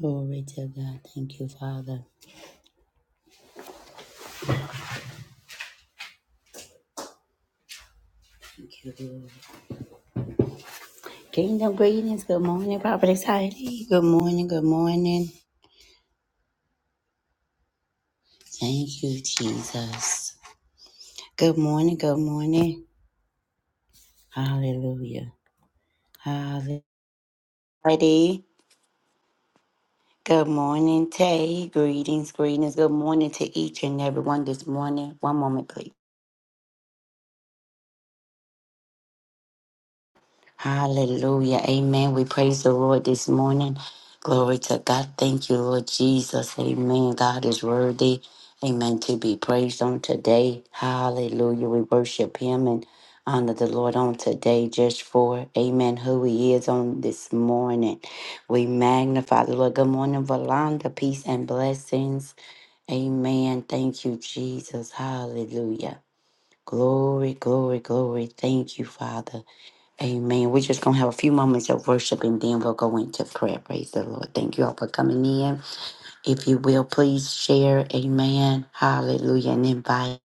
Glory to God. Thank you, Father. Thank you, Lord. Kingdom greetings. Good morning, Prophet Heidi. Good morning. Good morning. Thank you, Jesus. Good morning. Good morning. Hallelujah. Hallelujah. Heidi, Good morning, Tay. Greetings, greetings. Good morning to each and everyone this morning. One moment, please. Hallelujah. Amen. We praise the Lord this morning. Glory to God. Thank you, Lord Jesus. Amen. God is worthy. Amen. To be praised on today. Hallelujah. We worship Him and honor the Lord on today just for, Amen, who He is on this morning. We magnify the Lord. Good morning, Valanda. Peace and blessings. Amen. Thank you, Jesus. Hallelujah. Glory, glory, glory. Thank you, Father. Amen. We're just going to have a few moments of worship and then we'll go into prayer. Praise the Lord. Thank you all for coming in. If you will, please share. Amen. Hallelujah. And invite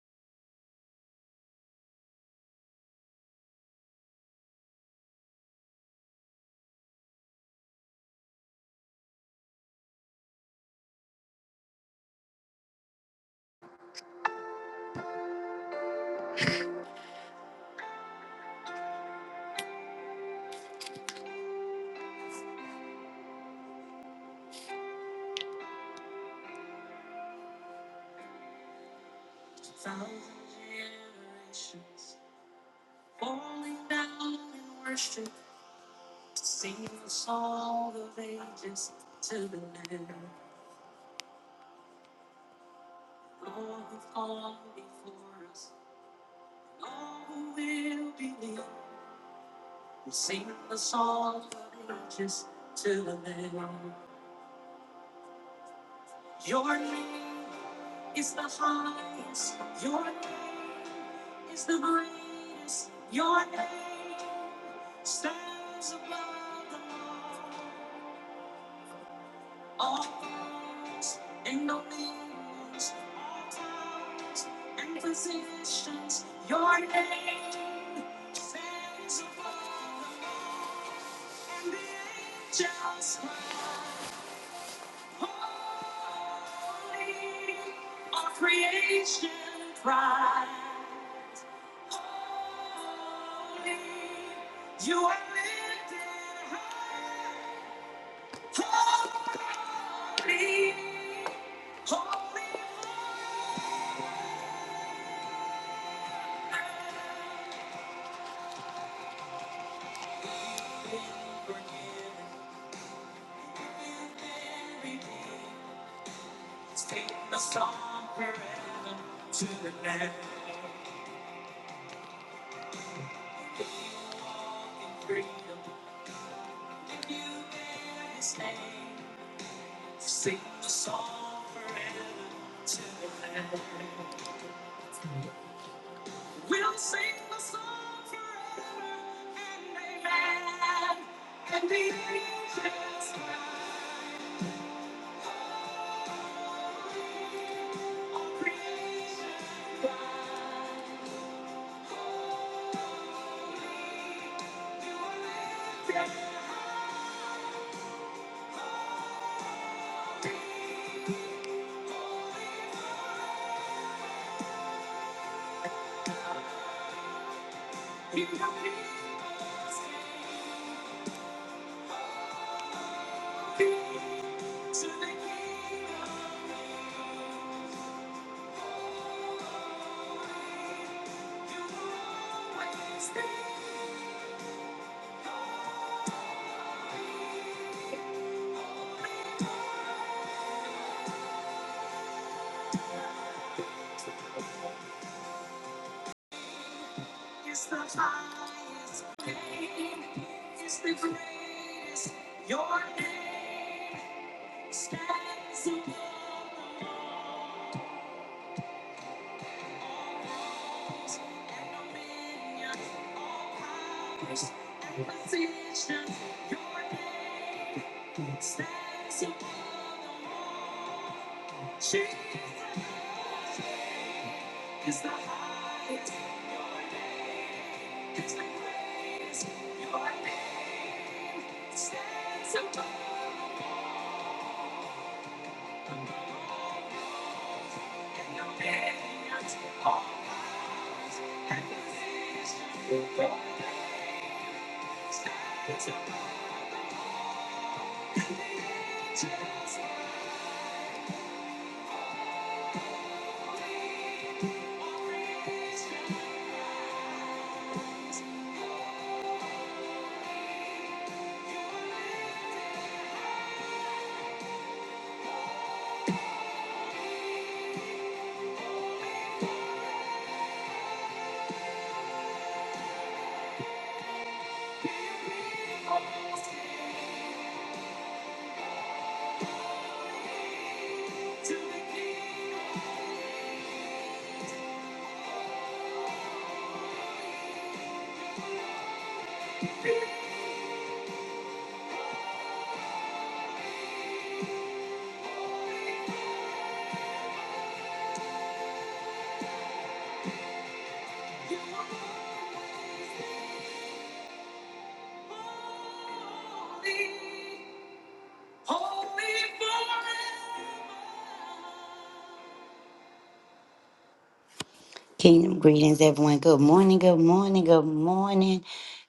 kingdom greetings, everyone. Good morning. Good morning. Good morning.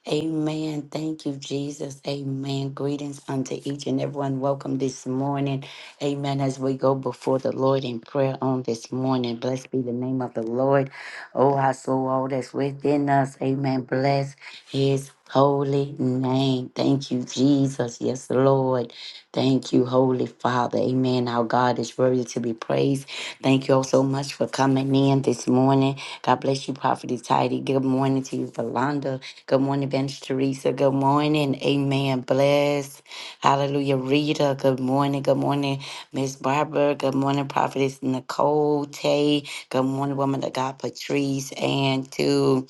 Amen. Thank you, Jesus. Amen. Greetings unto each and everyone. Welcome this morning. Amen. As we go before the Lord in prayer on this morning, blessed be the name of the Lord. Oh, our soul, all that's within us. Amen. Bless. His holy name. Thank you, Jesus. Yes, Lord. Thank you, Holy Father. Amen. Our God is worthy to be praised. Thank you all so much for coming in this morning. God bless you, Prophet Tidy. Good morning to you, Valanda. Good morning, Bench Teresa. Good morning. Amen. Bless. Hallelujah, Rita. Good morning. Good morning, Miss Barbara. Good morning, Prophetess Nicole Tay. Good morning, woman of God, Patrice. And to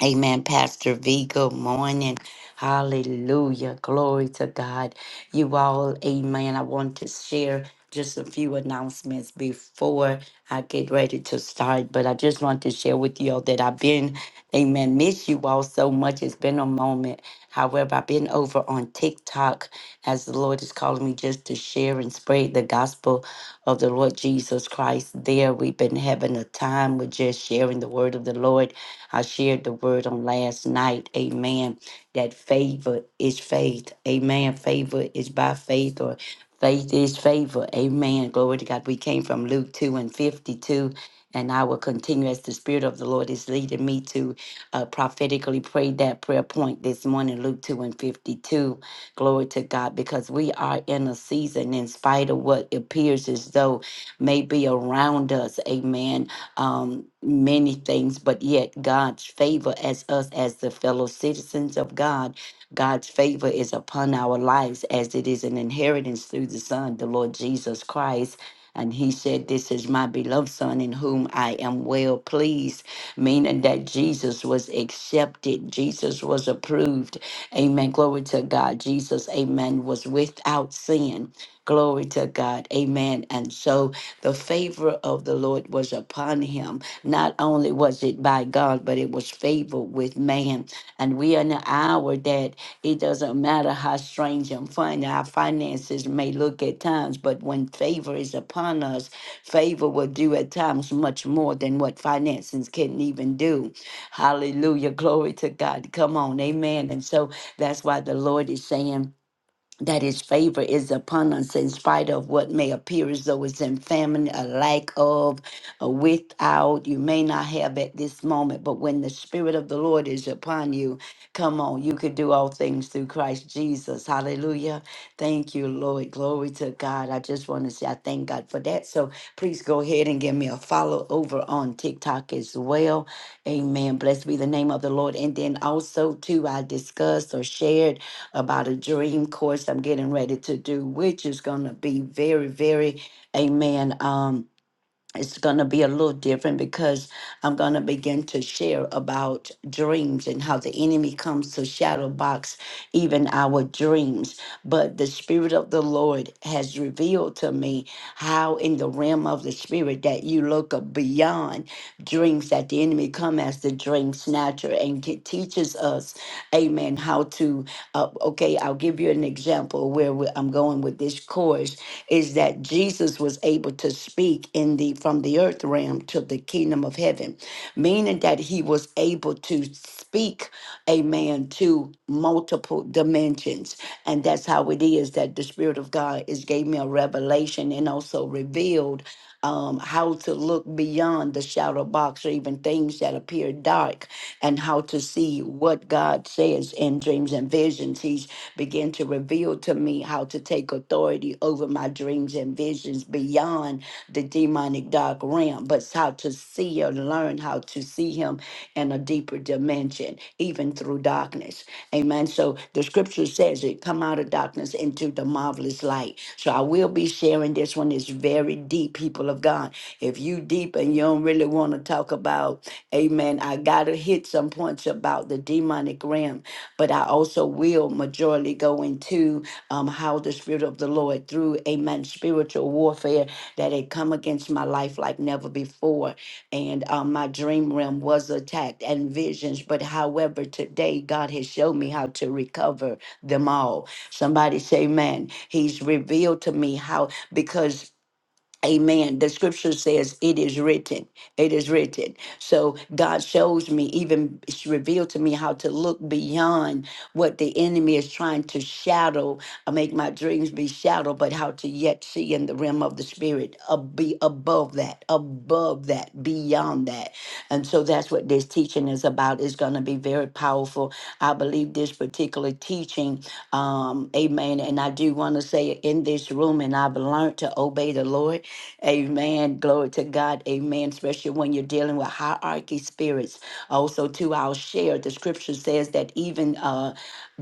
Amen, Pastor V. Good morning. Hallelujah. Glory to God. You all, amen. I want to share just a few announcements before I get ready to start, but I just want to share with you all that I've been, amen, miss you all so much. It's been a moment. However, I've been been over on TikTok as the Lord is calling me just to share and spread the gospel of the Lord Jesus Christ there. We've been having a time with just sharing the word of the Lord. I shared the word on last night. Amen. That favor is faith. Amen. Favor is by faith or faith is favor. Amen. Glory to God. We came from Luke 2 and 52. And I will continue as the Spirit of the Lord is leading me to uh, prophetically prayed that prayer point this morning, Luke 2 and 52. Glory to God, because we are in a season, in spite of what appears as though may be around us, amen. Um, many things, but yet God's favor as us, as the fellow citizens of God, God's favor is upon our lives as it is an inheritance through the Son, the Lord Jesus Christ. And he said, This is my beloved Son in whom I am well pleased meaning that Jesus was accepted, Jesus was approved. Amen. Glory to God. Jesus, amen, was without sin. Glory to God. Amen. And so the favor of the Lord was upon him. Not only was it by God, but it was favor with man. And we are in an hour that it doesn't matter how strange and funny our finances may look at times, but when favor is upon us, Favor will do at times much more than what finances can even do. Hallelujah. Glory to God. Come on. Amen. And so that's why the Lord is saying, that his favor is upon us in spite of what may appear as though it's in famine, a lack of, a without. You may not have at this moment, but when the Spirit of the Lord is upon you, come on, you can do all things through Christ Jesus. Hallelujah. Thank you, Lord. Glory to God. I just want to say I thank God for that. So please go ahead and give me a follow over on TikTok as well. Amen. Blessed be the name of the Lord. And then also, too, I discussed or shared about a dream course I'm getting ready to do, which is going to be very, very, amen. Um, it's going to be a little different because I'm going to begin to share about dreams and how the enemy comes to shadow box even our dreams. But the Spirit of the Lord has revealed to me how, in the realm of the Spirit, that you look up beyond dreams that the enemy come as the dream snatcher and get, teaches us, amen, how to. Uh, okay, I'll give you an example where we- I'm going with this course is that Jesus was able to speak in the from the earth realm to the kingdom of heaven, meaning that he was able to speak, amen, to multiple dimensions. And that's how it is that the Spirit of God is gave me a revelation and also revealed um, how to look beyond the shadow box or even things that appear dark, and how to see what God says in dreams and visions. He's began to reveal to me how to take authority over my dreams and visions beyond the demonic dark realm, but us how to see or learn how to see Him in a deeper dimension, even through darkness. Amen. So the scripture says it come out of darkness into the marvelous light. So I will be sharing this one. It's very deep, people of God. If you deep and you don't really want to talk about, amen, I gotta hit some points about the demonic realm, but I also will majorly go into um, how the spirit of the Lord through, amen, spiritual warfare that had come against my life like never before. And um, my dream realm was attacked and visions. But however, today God has shown me how to recover them all. Somebody say, man, he's revealed to me how, because Amen. The scripture says, It is written. It is written. So God shows me, even it's revealed to me how to look beyond what the enemy is trying to shadow, uh, make my dreams be shadow, but how to yet see in the realm of the spirit, uh, be above that, above that, beyond that. And so that's what this teaching is about. It's going to be very powerful. I believe this particular teaching um, amen. And I do want to say in this room, and I've learned to obey the Lord. Amen. Glory to God. Amen. Especially when you're dealing with hierarchy spirits. Also, too, I'll share the scripture says that even uh,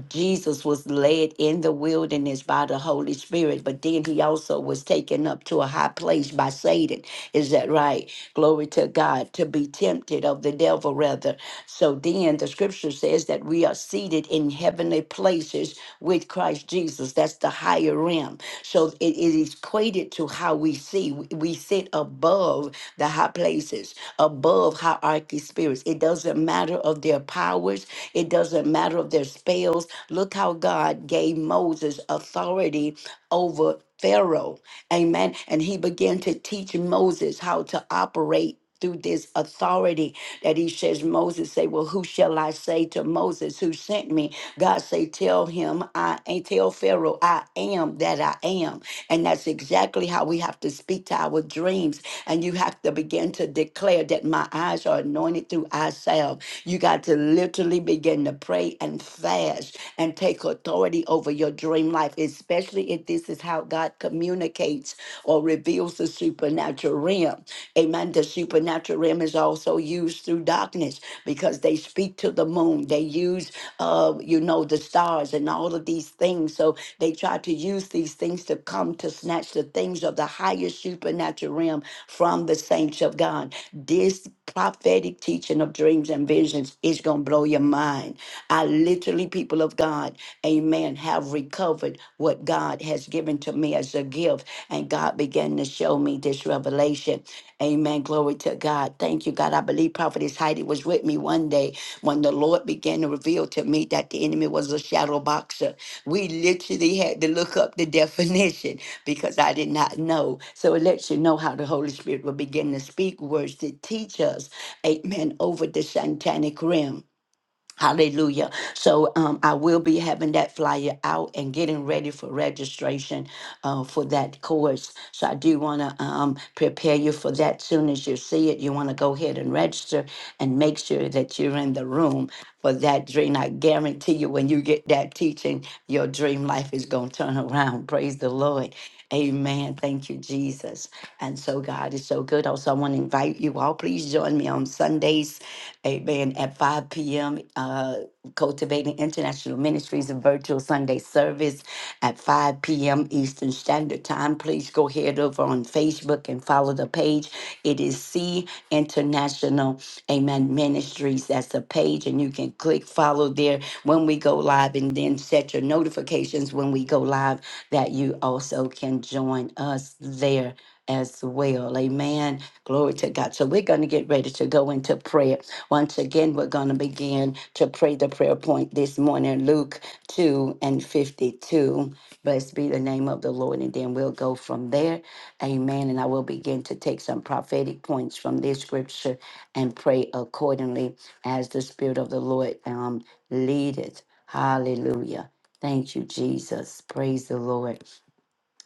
Jesus was led in the wilderness by the Holy Spirit, but then he also was taken up to a high place by Satan. Is that right? Glory to God be tempted of the devil, rather. So then the scripture says that we are seated in heavenly places with Christ Jesus. That's the higher realm. So it is equated to how we see. We we sit above the high places, above hierarchy spirits. It doesn't matter of their powers, it doesn't matter of their spells. Look how God gave Moses authority over Pharaoh. Amen. And he began to teach Moses how to operate through this authority that he says Moses say, well, who shall I say to Moses who sent me? God say, tell him I ain't tell Pharaoh I am that I am. And that's exactly how we have to speak to our dreams. And you have to begin to declare that my eyes are anointed through ourselves. You got to literally begin to pray and fast and take authority over your dream life, especially if this is how God communicates communicates or reveals the supernatural realm. Amen. The supernatural realm is also used through darkness because they speak to the moon. They use, uh, you know, the stars and all of these things. So they try to use these things to come to snatch the things of the higher supernatural realm from the saints of God. This prophetic teaching of dreams and visions is going to blow your mind. I literally, people of God, amen, have recovered what God has given to me as a gift. And God began to show me this revelation. Amen. Glory to God. Thank you, God. I believe Prophetess Heidi was with me one day when the Lord began to reveal to me that the enemy was a shadow boxer. We literally had to look up the definition because I did not know. So it lets you know how the Holy Spirit will begin to speak words to teach us, amen, over the satanic realm. Hallelujah. So um, I will be having that flyer out and getting ready for registration uh, for that course. So I do want to um, prepare you for that. Soon as you see it, you want to go ahead and register and make sure that you're in the room for that dream. I guarantee you, when you get that teaching, your dream life is going to turn around. Praise the Lord. Amen. Thank you, Jesus. And so God is so good. Also, I want to invite you all. Please join me on Sundays, amen, at 5 p.m. Uh, Cultivating International Ministries and Virtual Sunday Service at 5 p.m. Eastern Standard Time. Please go head over on Facebook and follow the page. It is C International, amen, Ministries. That's the page and you can click follow there when we go live and then set your notifications when we go live that you also can join us there as well. Amen. Glory to God. So we're going to get ready to go into prayer. Once again, we're going to begin to pray the prayer point this morning, Luke 2 and 52. Blessed be the name of the Lord. And then we'll go from there. Amen. And I will begin to take some prophetic points from this scripture and pray accordingly as the Spirit of the Lord um, leadeth. Hallelujah. Thank you, Jesus. Praise the Lord.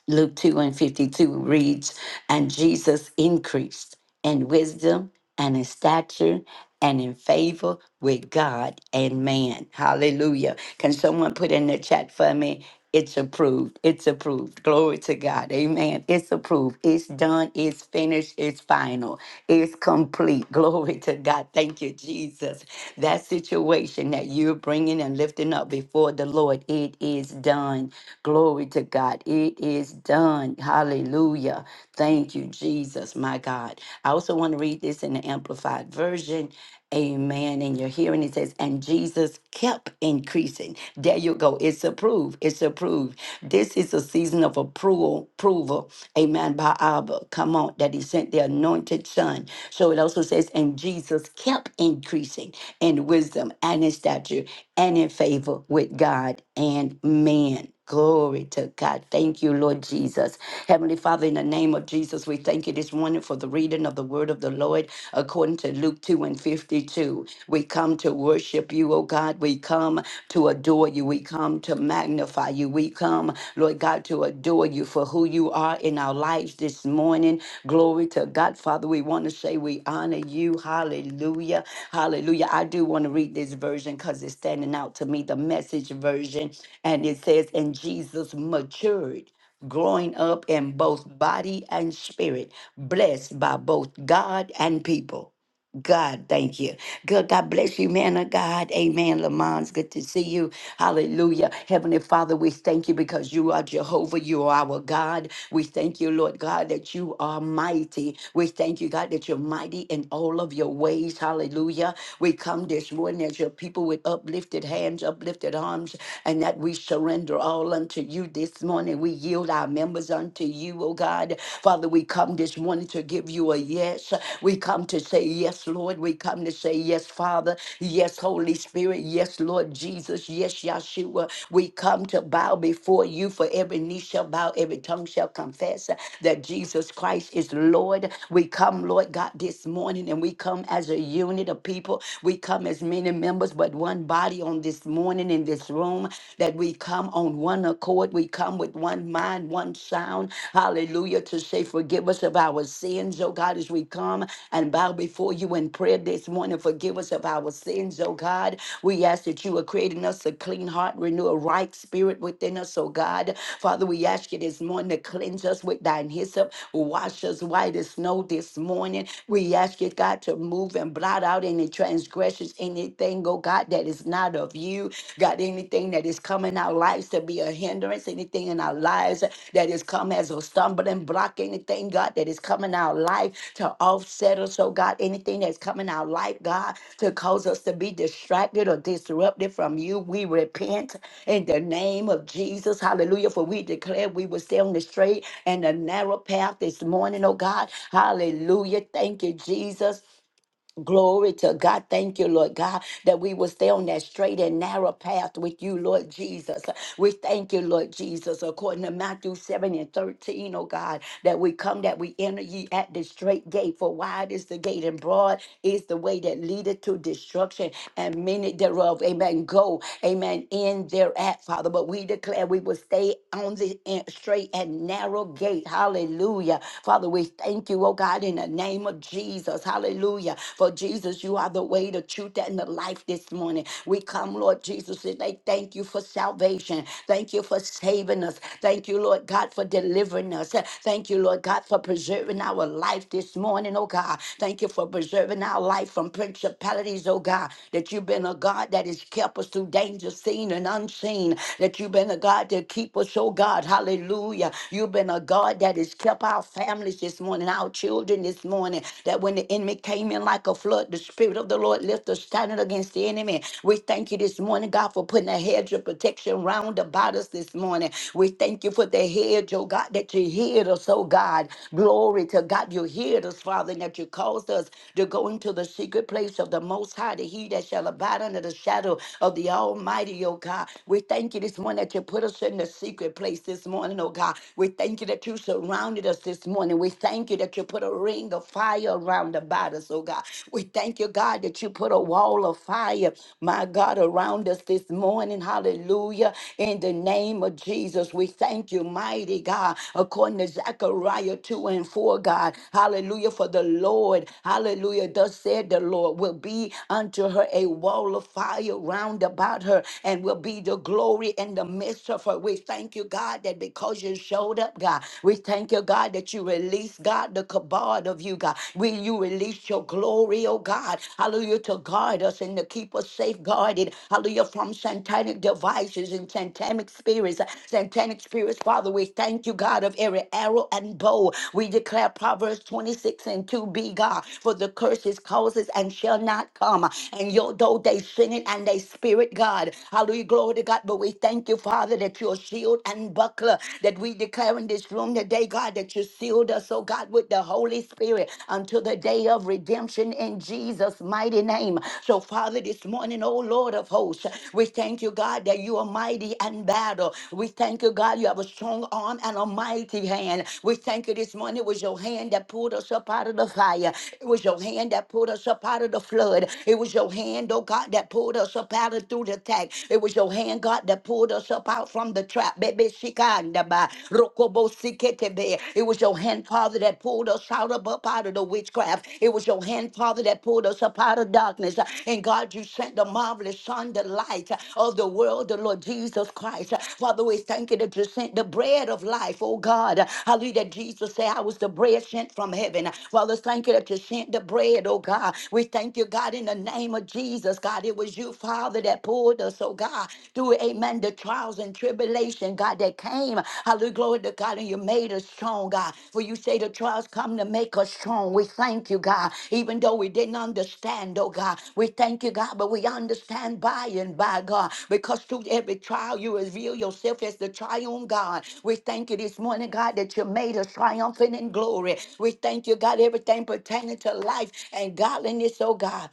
Luke 2 and 52 reads, And Jesus increased in wisdom and in stature and in favor with God and man. Hallelujah. Can someone put in the chat for me? It's approved. It's approved. Glory to God. Amen. It's approved. It's done. It's finished. It's final. It's complete. Glory to God. Thank you, Jesus. That situation that you're bringing and lifting up before the Lord, it is done. Glory to God. It is done. Hallelujah. Thank you, Jesus, my God. I also want to read this in the Amplified Version Amen. And you're hearing it says, and Jesus kept increasing. There you go. It's approved. It's approved. This is a season of approval, approval. Amen. By Abba. Come on. That he sent the anointed son. So it also says, and Jesus kept increasing in wisdom and in stature and in favor with God and man. Glory to God. Thank you, Lord Jesus. Heavenly Father, in the name of Jesus, we thank you this morning for the reading of the word of the Lord according to Luke 2 and 52. We come to worship you, O God. We come to adore you. We come to magnify magnify you. We come, Lord God, to adore you for who you are in our lives this morning. Glory to God, Father. We want to say we honor you. Hallelujah. Hallelujah. I do want to read this version because it's standing out to me, the message version. And it says, And Jesus matured growing up in both body and spirit, blessed by both God and people. God, thank you. Good. God bless you, man of God. Amen. Lamont's good to see you. Hallelujah. Heavenly Father, we thank you because you are Jehovah. You are our God. We thank you, Lord God, that you are mighty. We thank you, God, that you're mighty in all of your ways. Hallelujah. We come this morning as your people with uplifted hands, uplifted arms, and that we surrender all unto you this morning. We yield our members unto you, oh God. Father, we come come this morning to give you a yes. We come to say yes, Lord. We come to say yes, Father. Yes, Holy Spirit. Yes, Lord Jesus. Yes, Yahshua. We come to bow before you for every knee shall bow, every tongue shall confess that Jesus Christ is Lord. We come, Lord God, this morning and we come as a unit of people. We come as many members, but one body on this morning in this room that we come on one accord. We come come with one mind, one sound. Hallelujah. To say, forgive us of our sins, oh God, as we come and bow before you in prayer this morning. Forgive us of our sins, oh God. We ask that you are creating us a clean heart, renew a right spirit within us, oh God. Father, we ask you this morning to cleanse us with thine hyssop, wash us white as snow this morning. We ask you, God, to move and blot out any transgressions, anything, oh God, that is not of you. God, anything that is coming our lives to be a hindrance, anything in our lives that has come as a stumbling block, anything, God, that is coming our life to offset us, oh God, anything that's coming our life, God, to cause us to be distracted or disrupted from you, we repent in the name of Jesus. Hallelujah. For we declare we will stay on the straight and the narrow path this morning, oh God. Hallelujah. Thank you, Jesus. Glory to God. Thank you, Lord God, that we will stay on that straight and narrow path with you, Lord Jesus. We thank you, Lord Jesus, according to Matthew 7 and thirteen, O God, that we come, that we enter ye at the straight gate. For wide is the gate and broad is the way that leadeth to destruction, and many thereof, amen, go, amen, in thereat, Father. But we declare we will stay on the in- straight and narrow gate. Hallelujah. Father, we thank you, oh God, in the name of Jesus. Hallelujah. For Jesus, you are the way, the truth, and the life this morning. We come, Lord Jesus, and they thank you for salvation. Thank you for saving us. Thank you, Lord God, for delivering us. Thank you, Lord God, for preserving our life this morning, oh God. Thank you for preserving our life from principalities, oh God that you've been a God that has kept us through danger seen and unseen, that you've been a God that keep us, oh God, hallelujah. You've been a God that has kept our families this morning, our children this morning, that when the enemy came in like a flood, the Spirit of the Lord left us standing against the enemy. We thank you this morning, God, for putting a hedge of protection round about us this morning. We thank you for the hedge, oh God, that you healed us, oh God. Glory to God, you healed us, Father, and that you caused us to go into the secret place of the Most High to hear he that shall abide under the shadow of the Almighty, oh God. We thank you this morning that you put us in the secret place this morning, oh God. We thank you that you surrounded us this morning. We thank you that you put a ring of fire around about us, oh God. We thank you, God, that you put a wall of fire, my God, around us this morning. Hallelujah. In the name of Jesus, we thank you, mighty God, according to Zechariah 2 and 4, God. Hallelujah. For the Lord, hallelujah, thus said the Lord, will be unto unto her a wall of fire round about her and will be the glory in the midst of her. We thank you, God, that because you showed up, God, we thank you, God, that you released, God, the kabod of you, God. Will you release your glory, oh God. Hallelujah, to guard us and to keep us safeguarded. Hallelujah, from satanic devices and satanic spirits. Satanic spirits, Father, we thank you, God, of every arrow and bow. We declare Proverbs 26 and 2b, God, for the curses causes and shall not come. And yo, though they sin it and they spirit, God. Hallelujah. Glory to God. But we thank you, Father, that you're shield and buckler. That we declare in this room today, God, that you sealed us, oh God, with the Holy Spirit until the day of redemption in Jesus' mighty name. So, Father, this morning, oh Lord of hosts, we thank you, God, that you are mighty and battle. We thank you, God, you have a strong arm and a mighty hand. We thank you this morning. It was your hand that pulled us up out of the fire. It was your hand that pulled us up out of the flood. It was your hand, oh God, that pulled us up out of through the tag. It was your hand, God, that pulled us up out from the trap. Baby, shikandaba, rokobo siketebe. It was your hand, Father, that pulled us out of up out of the witchcraft. It was your hand, Father, that pulled us up out of darkness. And God, you sent the marvelous sun, the light of the world, the Lord Jesus Christ. Father, we thank you that you sent the bread of life, oh God. Hallelujah. that Jesus said, I was the bread sent from heaven. Father, thank you that you sent the bread, oh God. We thank you, God, in the in the name of Jesus, God. It was you, Father, that pulled us, oh God, through, amen, the trials and tribulation, God, that came. Hallelujah, glory to God, and you made us strong, God. For you say the trials come to make us strong. We thank you, God, even though we didn't understand, oh God. We thank you, God, but we understand by and by, God, because through every trial you reveal yourself as the triumph, God. We thank you this morning, God, that you made us triumphant in glory. We thank you, God, everything pertaining to life and godliness, oh God.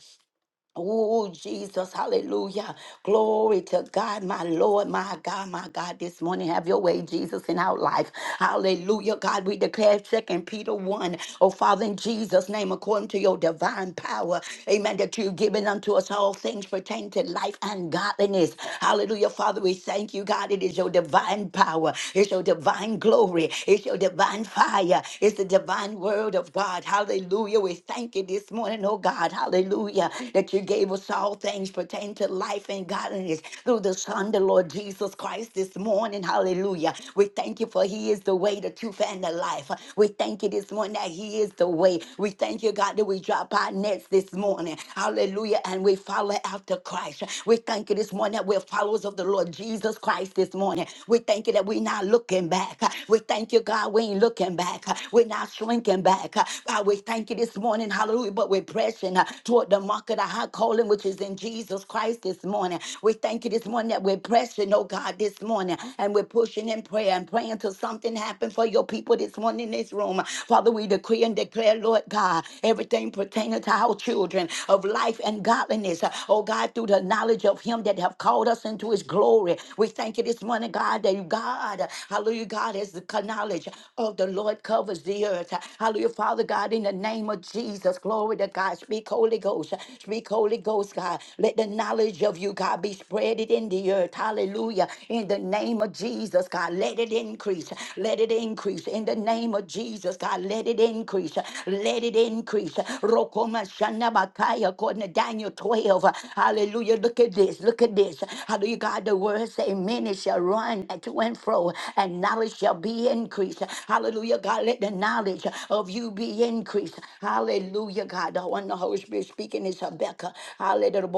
Oh, Jesus, hallelujah. Glory to God, my Lord, my God, my God. This morning, have your way, Jesus, in our life. Hallelujah, God. We declare Second Peter 1. Oh, Father, in Jesus' name, according to your divine power, amen, that you've given unto us all things pertaining to life and godliness. Hallelujah, Father, we thank you, God. It is your divine power, it's your divine glory, it's your divine fire, it's the divine word of God. Hallelujah. We thank you this morning, oh God. Hallelujah that you gave us all things pertaining to life and godliness through the Son, the Lord Jesus Christ, this morning. Hallelujah. We thank you for He is the way, the truth, and the life. We thank you this morning that He is the way. We thank you, God, that we drop our nets this morning. Hallelujah. And we follow after Christ. We thank you this morning that we're followers of the Lord Jesus Christ this morning. We thank you that we're not looking back. We thank you, God, we ain't looking back. We're not shrinking back. God, we thank you this morning. Hallelujah. But we're pressing uh, toward toward the mark of the high calling, which is in Jesus Christ this morning. We thank you this morning that we're pressing, oh God, this morning, and we're pushing in prayer and praying till something happens for your people this morning in this room. Father, we decree and declare, Lord God, everything pertaining to our children of life and godliness, oh God, through the knowledge of Him that have called us into His glory. We thank you this morning, God, that you, God, hallelujah, God, as the knowledge of the Lord covers the earth. Hallelujah, Father God, in the name of Jesus, glory to God. Speak, Holy Ghost. Speak, Holy Ghost, God. Let the knowledge of you, God, be spreaded in the earth. Hallelujah. In the name of Jesus, God, let it increase. Let it increase. In the name of Jesus, God, let it increase. Let it increase. Rokoma Shanabakaya, according to Daniel 12. Hallelujah. Look at this. Look at this. Hallelujah, God. The word say, many shall run to and fro, and knowledge shall be increased. Hallelujah, God. Let the knowledge of you be increased. Hallelujah, God when the Holy Spirit speaking is Rebecca. Hallelujah.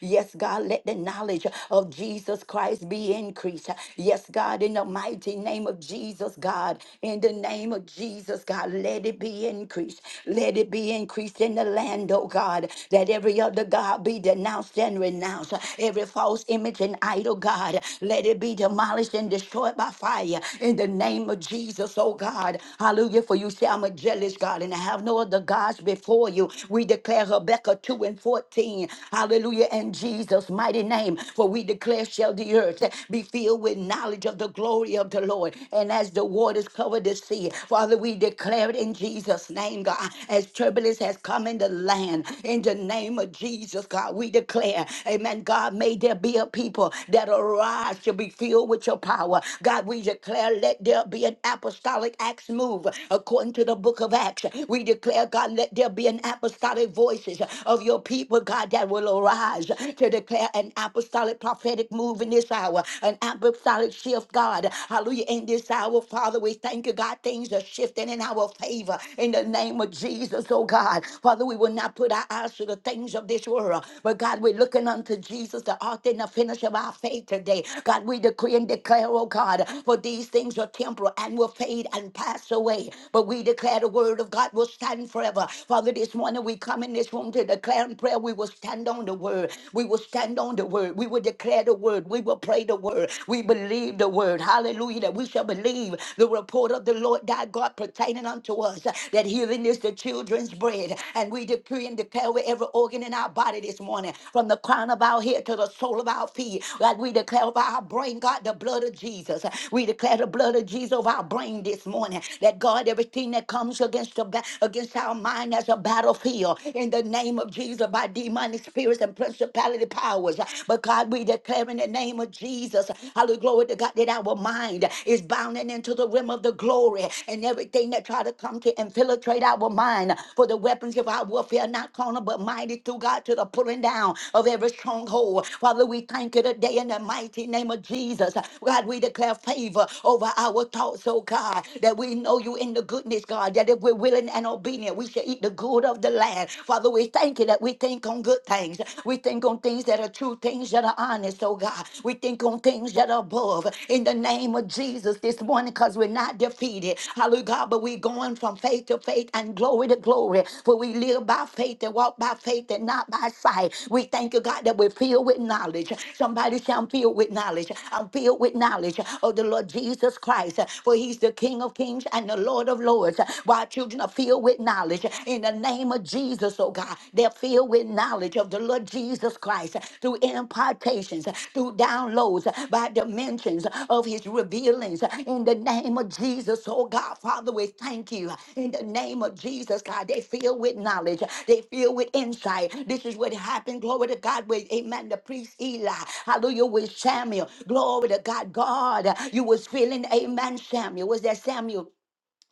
Yes, God, let the knowledge of Jesus Christ be increased. Yes, God, in the mighty name of Jesus, God, in the name of Jesus, God, let it be increased. Let it be increased in the land, oh God, that every other God be denounced and renounced. Every false image and idol, God, let it be demolished and destroyed by fire in the name of Jesus, oh God. Hallelujah. For you say, I'm a jealous God and I have have no other gods before you. We declare Habakkuk 2 and 14. Hallelujah. In Jesus' mighty name. For we declare, shall the earth be filled with knowledge of the glory of the Lord. And as the waters cover the sea, Father, we declare it in Jesus' name, God. As turbulence has come in the land, in the name of Jesus, God, we declare, Amen. God, may there be a people that arise to be filled with your power. God, we declare, let there be an apostolic acts move according to the book of Acts. We declare, God, let there be an apostolic voices of your people, God, that will arise to declare an apostolic prophetic move in this hour, an apostolic shift, God. Hallelujah. In this hour, Father, we thank you, God. Things are shifting in our favor in the name of Jesus, oh God. Father, we will not put our eyes to the things of this world, but God, we're looking unto Jesus, the author and the finisher of our faith today. God, we decree and declare, oh God, for these things are temporal and will fade and pass away, but we declare the word word of God will stand forever. Father, this morning we come in this room to declare in prayer. We will stand on the word. We will stand on the word. We will declare the word. We will pray the word. We believe the word. Hallelujah. That we shall believe the report of the Lord thy God pertaining unto us. That healing is the children's bread. And we decree and declare with every organ in our body this morning, from the crown of our head to the sole of our feet. God, we declare over our brain, God, the blood of Jesus. We declare the blood of Jesus over our brain this morning. That God, everything that that comes against the ba- against our mind as a battlefield. In the name of Jesus, by demonic spirits and principality powers. But God, we declare in the name of Jesus, hallelujah, glory to God, that our mind is bounding into the rim of the glory and everything that try to come to infiltrate our mind. For the weapons of our warfare are not carnal, but mighty through God to the pulling down of every stronghold. Father, we thank you today in the mighty name of Jesus. God, we declare favor over our thoughts, oh God, that we know you in the goodness, God, that if we're willing and obedient, we shall eat the good of the land. Father, we thank you that we think on good things. We think on things that are true, things that are honest, oh God. We think on things that are above. In the name of Jesus this morning, because we're not defeated. Hallelujah, God, but we're going from faith to faith and glory to glory. For we live by faith and walk by faith and not by sight. We thank you, God, that we're filled with knowledge. Somebody say, I'm filled with knowledge. I'm filled with knowledge of the Lord Jesus Christ. For he's the King of kings and the Lord Lord of Lords. While children are filled with knowledge in the name of Jesus, oh God, they're filled with knowledge of the Lord Jesus Christ through impartations, through downloads, by dimensions of his revealings in the name of Jesus, oh God. Father, we thank you in the name of Jesus, God. They filled with knowledge, they filled with insight. This is what happened, glory to God, with amen. The priest Eli, hallelujah, with Samuel, glory to God. God, you was feeling, amen, Samuel. Was that Samuel?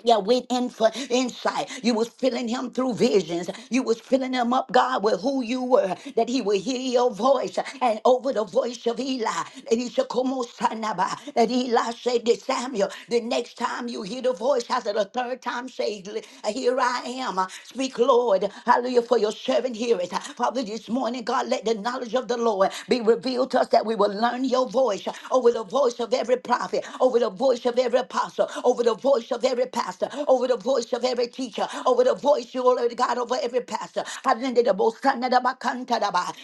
yeah, with info, insight. You was filling him through visions. You was filling him up, God, with who you were, that he would hear your voice. And over the voice of Eli, that he said, "Como on, son that Eli said to Samuel, the next time you hear the voice, I said, the third time, say, here I am. Speak, Lord. Hallelujah, for your servant heareth. Father, this morning, God, let the knowledge of the Lord be revealed to us that we will learn your voice over the voice of every prophet, over the voice of every apostle, over the voice of every every pastor, over the voice of every teacher, over the voice, you Lord God, over every pastor.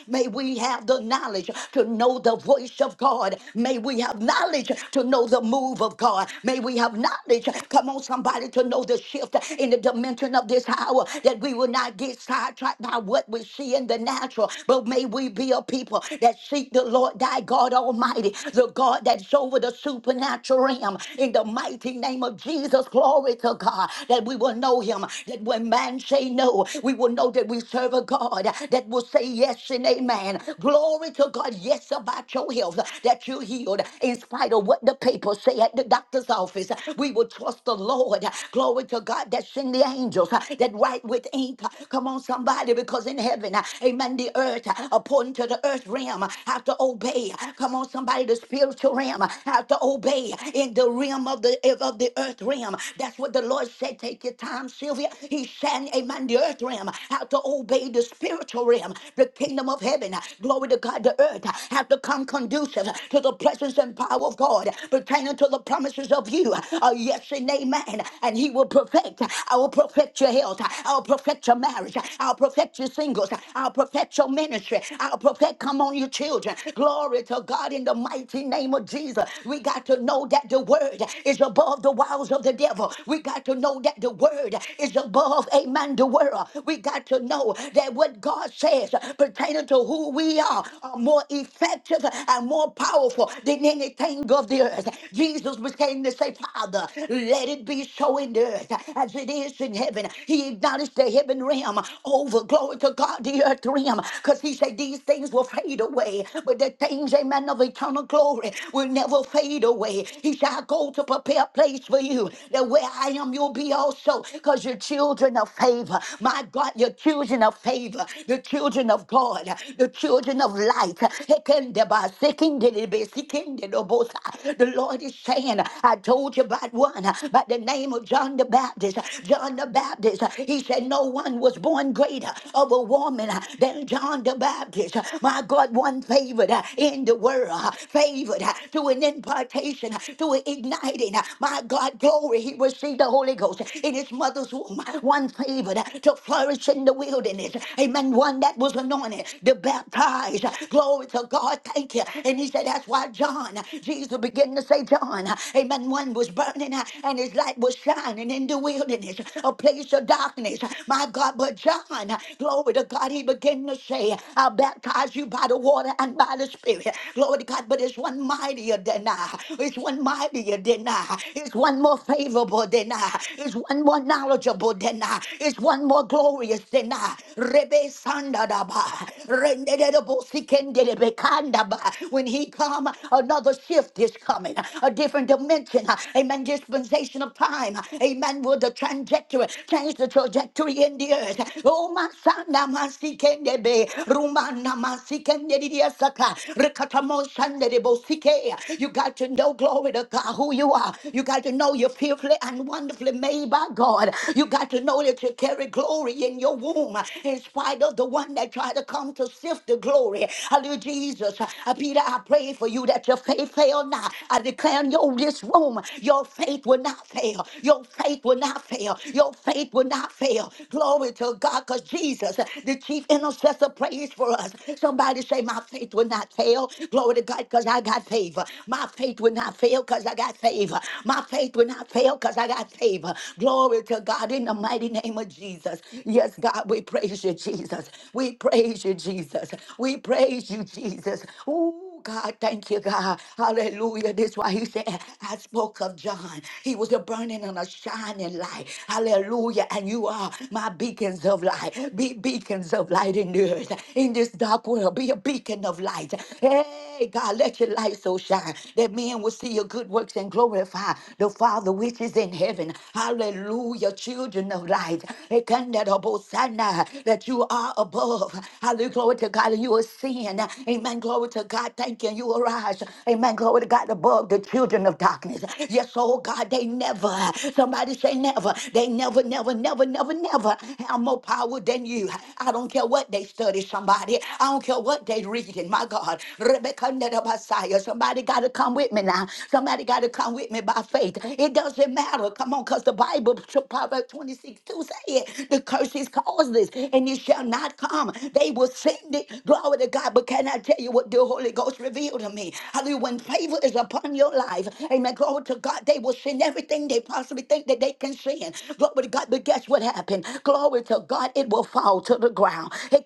May we have the knowledge to know the voice of God. May we have knowledge to know the move of God. May we have knowledge, come on, somebody, to know the shift in the dimension of this hour that we will not get sidetracked by what we see in the natural, but may we be a people that seek the Lord thy God Almighty, the God that's over the supernatural realm. In the mighty name of Jesus, Jesus. glory to God, that we will know him, that when man say no, we will know that we serve a God that will say yes and amen. Glory to God, yes, about your health, that you're healed in spite of what the papers say at the doctor's office. We will trust the Lord. Glory to God that send the angels that write with ink. Come on, somebody, because in heaven, amen, the earth, according to the earth realm, have to obey. Come on, somebody, the spiritual realm have to obey in the realm of the of the earth realm realm. That's what the Lord said. Take your time, Sylvia. He's saying, Amen, the earth realm, how to obey the spiritual realm, the kingdom of heaven. Glory to God, the earth, have to come conducive to the presence and power of God, pertaining to the promises of you. Uh, yes and amen. And He will perfect. I will perfect your health. I'll perfect your marriage. I'll perfect your singles. I'll perfect your ministry. I'll perfect, come on, your children. Glory to God in the mighty name of Jesus. We got to know that the word is above the wiles wiles of the devil. We got to know that the word is above, amen, the world. We got to know that what God says pertaining to who we are are more effective and more powerful than anything of the earth. Jesus was came to say, Father, let it be so in the earth as it is in heaven. He acknowledged the heaven realm over glory to God, the earth realm, because he said these things will fade away, but the things, amen, of eternal glory will never fade away. He said, I go to prepare places for you that where I am, you'll be also because you're children of favor. My God, you're children of favor, the children of God, the children of light. Hekendeba, sekindedebe, sekindedobosa. The Lord is saying, I told you about one by the name of John the Baptist. John the Baptist, he said, No one was born greater of a woman than John the Baptist. My God, one favored in the world, favored to an impartation, to an igniting. My my God, glory, he received the Holy Ghost in his mother's womb, one favored to flourish in the wilderness. Amen. One that was anointed to baptize. Glory to God. Thank you. And he said, That's why John, Jesus began to say, John, amen. One was burning uh, and his light was shining in the wilderness, a place of darkness. My God, but John, glory to God, he began to say, I'll baptize you by the water and by the spirit. Glory to God, but it's one mightier than I. It's one mightier than I. It's one more favorable than I. It's one more knowledgeable than I. It's one more glorious than I. Rebe sandadaba. Rendedebo sikendelebe kandaba. When he come, another shift is coming. A different dimension. Amen. Dispensation of time. Amen. Will the trajectory change the trajectory in the earth? Oh my son, Namasikendebe. Rumana Masikendediasaka. Rekatamo Shandedebo Sike. You got to know glory to God who you are. You got to know you're fearfully and wonderfully made by God. You got to know that you carry glory in your womb in spite of the one that tried to come to sift the glory. Hallelujah, Jesus. Uh, Peter, I pray for you that your faith fail not. I declare in your this room, your faith will not fail. Your faith will not fail. Your faith will not fail. Glory to God, because Jesus, uh, the chief intercessor, prays for us. Somebody say, My faith will not fail. Glory to God, because I got favor. My faith will not fail because I got favor favor. My faith will not fail because I got favor. Glory to God in the mighty name of Jesus. Yes, God, we praise you, Jesus. We praise you, Jesus. We praise you, Jesus. Ooh, God, thank you, God. Hallelujah. This why he said, I spoke of John. He was a burning and a shining light. Hallelujah. And you are my beacons of light. Be beacons of light in the earth. In this dark world, be a beacon of light. Hey, God, let your light so shine that men will see your good works and and glorify the Father which is in heaven. Hallelujah, children of light. Ekandarabosana, That you are above. Hallelujah, glory to God, and you are seeing. Amen, glory to God. Thank you. You arise. Amen, glory to God, above the children of darkness. Yes, oh God, they never, somebody say never, they never, never, never, never, never have more power than you. I don't care what they study, somebody. I don't care what they reading, my God. Rebecca, Messiah. Somebody got to come with me now. Somebody got got to come with me by faith. It doesn't matter. Come on, because the Bible, Proverbs 26 2 say it. The curse is causeless and it shall not come. They will send it. Glory to God. But can I tell you what the Holy Ghost revealed to me? Hallelujah. When favor is upon your life, amen. Glory to God. They will send everything they possibly think that they can send. Glory to God. But guess what happened? Glory to God. It will fall to the ground. It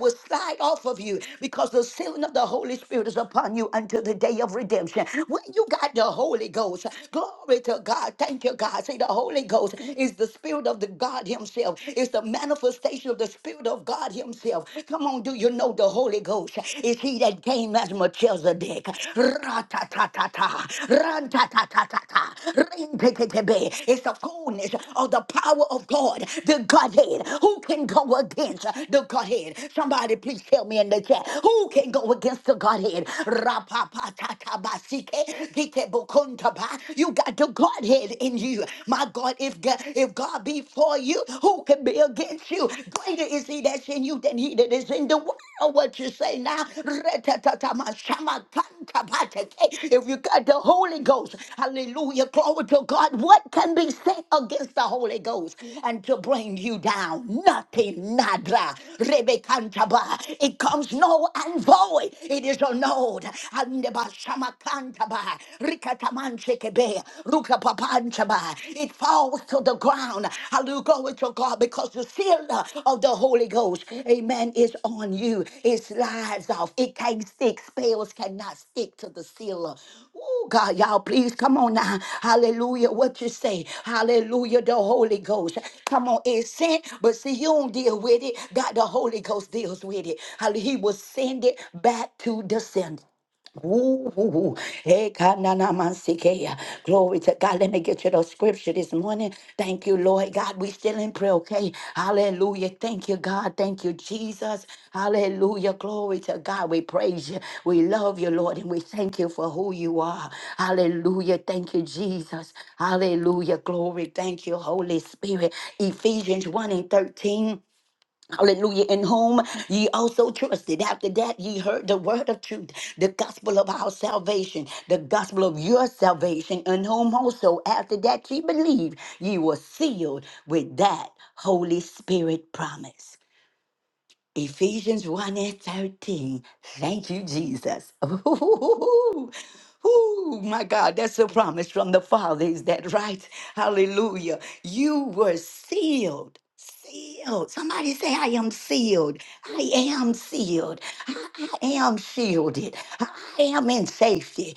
will slide off of you because the sealing of the Holy Spirit is upon you unto the day of redemption. When you got the Holy Ghost, glory to God. Thank you, God. See, the Holy Ghost is the Spirit of the God Himself. It's the manifestation of the Spirit of God Himself. Come on, do you know the Holy Ghost is He that came as Melchizedek? Ra-ta-ta-ta-ta, ran-ta-ta-ta-ta-ta, ring-ti-ti-ti-bi. It's the fullness of the power of God, the Godhead. Who can go against the Godhead? Somebody please tell me in the chat. Who can go against the Godhead? You got the Godhead in you. My God, if God, if God be for you, who can be against you? Greater is he that's in you than he that is in the world. What you say now? If you got the Holy Ghost, hallelujah, glory to God. What can be said against the Holy Ghost and to bring you down? Nothing, nada. Rebekantaba. It comes null and void. It is annulled. Andeba shamakantaba. Rikatamanchekebe. Rukapapanchaba. It falls to the ground. Hallelujah. Glory to God because the seal of the Holy Ghost, amen, is on you. It slides off. It can't stick. Spells cannot stick to the seal. Oh, God, y'all, please come on now. Hallelujah. What you say? Hallelujah. The Holy Ghost. Come on, it's sent, but see, you don't deal with it. God, the Holy Ghost deals with it. Hallelujah. He will send it back to the sender. Ooh, hey, kananamansikea. Glory to God. Let me get you the scripture this morning. Thank you, Lord God. We still in prayer, okay? Hallelujah. Thank you, God. Thank you, Jesus. Hallelujah. Glory to God. We praise you. We love you, Lord, and we thank you for who you are. Hallelujah. Thank you, Jesus. Hallelujah. Glory. Thank you, Holy Spirit. Ephesians 1 and 13. Hallelujah. In whom ye also trusted. After that, ye heard the word of truth, the gospel of our salvation, the gospel of your salvation, in whom also, after that, ye believed, ye were sealed with that Holy Spirit promise. Ephesians 1 and 13. Thank you, Jesus. Ooh, my God, that's a promise from the Father. Is that right? Hallelujah. You were sealed. Sealed. Somebody say, I am sealed. I am sealed. I, I am shielded. I am in safety.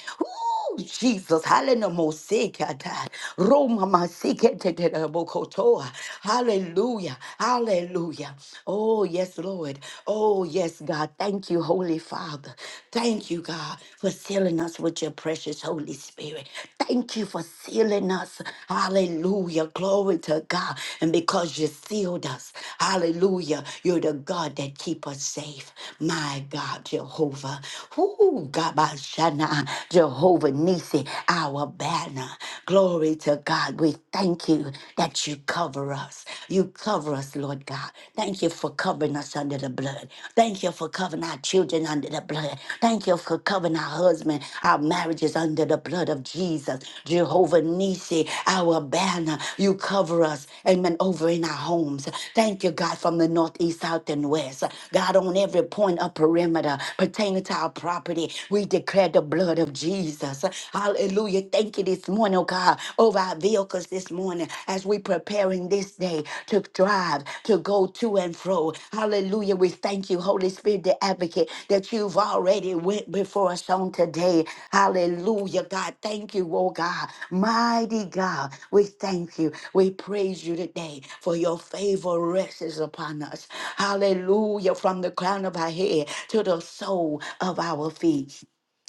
Oh, Jesus, hallelujah. Mosika, dad. Roma masiketetetebokotoa. Hallelujah. Hallelujah. Oh, yes, Lord. Oh, yes, God. Thank you, Holy Father. Thank you, God, for sealing us with your precious Holy Spirit. Thank you for sealing us. Hallelujah. Glory to God. And because you sealed us, hallelujah, you're the God that keep us safe. My God, Jehovah. Ooh, Gabashana. Jehovah Nisi, our banner. Glory to God. We thank you that you cover us. You cover us, Lord God. Thank you for covering us under the blood. Thank you for covering our children under the blood. Thank you for covering our husband, our marriages under the blood of Jesus. Jehovah Nisi, our banner. You cover us, amen, over in our homes. Thank you, God, from the north, east, south, and west. God, on every point of perimeter pertaining to our property, we declare declare the blood of Jesus. Hallelujah. Thank you this morning, oh God, over our vehicles this morning as we preparing this day to drive, to go to and fro. Hallelujah. We thank you, Holy Spirit, the advocate, that you've already went before us on today. Hallelujah, God. Thank you, oh God. Mighty God, we thank you. We praise you today for your favor rests upon us. Hallelujah. From the crown of our head to the sole of our feet.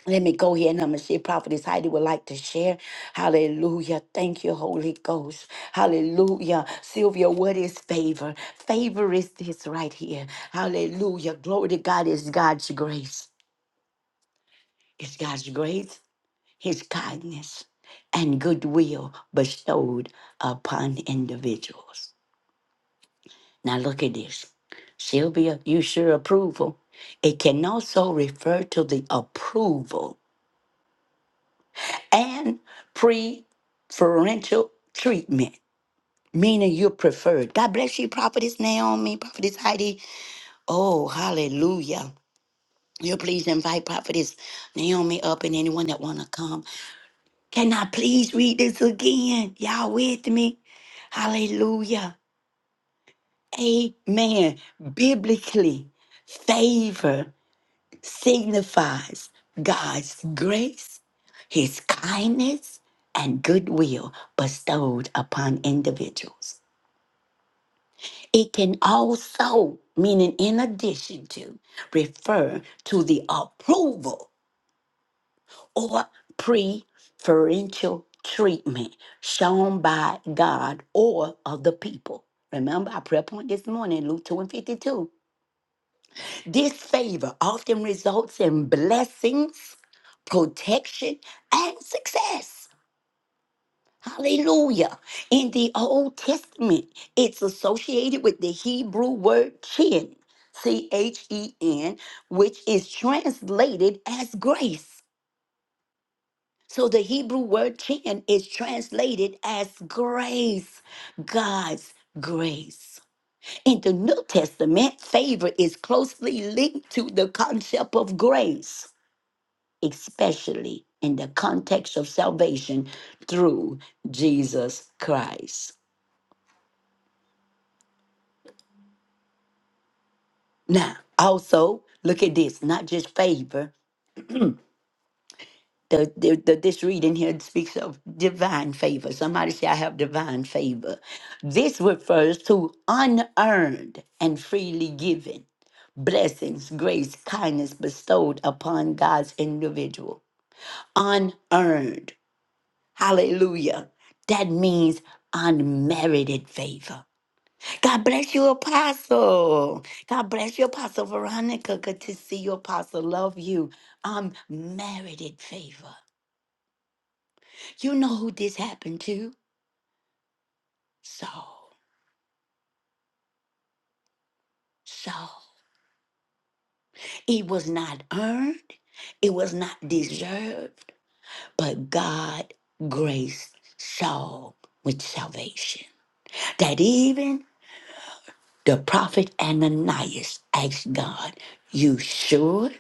Let me go here and I'm going to see if Prophetess Heidi would like to share. Hallelujah. Thank you, Holy Ghost. Hallelujah. Sylvia, what is favor? Favor is this right here. Hallelujah. Glory to God is God's grace. It's God's grace, His kindness, and goodwill bestowed upon individuals. Now look at this. Sylvia, you sure approval. It can also refer to the approval and preferential treatment, meaning you're preferred. God bless you, Prophetess Naomi, Prophetess Heidi. Oh, hallelujah. You please invite Prophetess Naomi up and anyone that wanna come. Can I please read this again? Y'all with me? Hallelujah. Amen. Biblically, favor. signifies God's grace, his kindness, and goodwill bestowed upon individuals. It can also, meaning in addition to, refer to the approval or preferential treatment shown by God or other people. Remember our prayer point this morning, Luke 2 and 52. This favor often results in blessings, protection, and success. Hallelujah. In the Old Testament, it's associated with the Hebrew word kin, C H E N, which is translated as grace. So the Hebrew word kin is translated as grace, God's grace. In the New Testament, favor is closely linked to the concept of grace. especially in the context of salvation through Jesus Christ. Now, also, look at this, not just favor. The, the, the, this reading here speaks of divine favor. Somebody say, I have divine favor. This refers to unearned and freely given blessings, grace, kindness bestowed upon God's individual. Unearned. Hallelujah. That means unmerited favor God bless you, Apostle. God bless you, Apostle Veronica. Good to see you, Apostle. Love you. I'm married in favor. You know who this happened to? Saul. Saul. It was not earned, it was not deserved, but God graced Saul with salvation. That even the prophet Ananias asked God, You sure?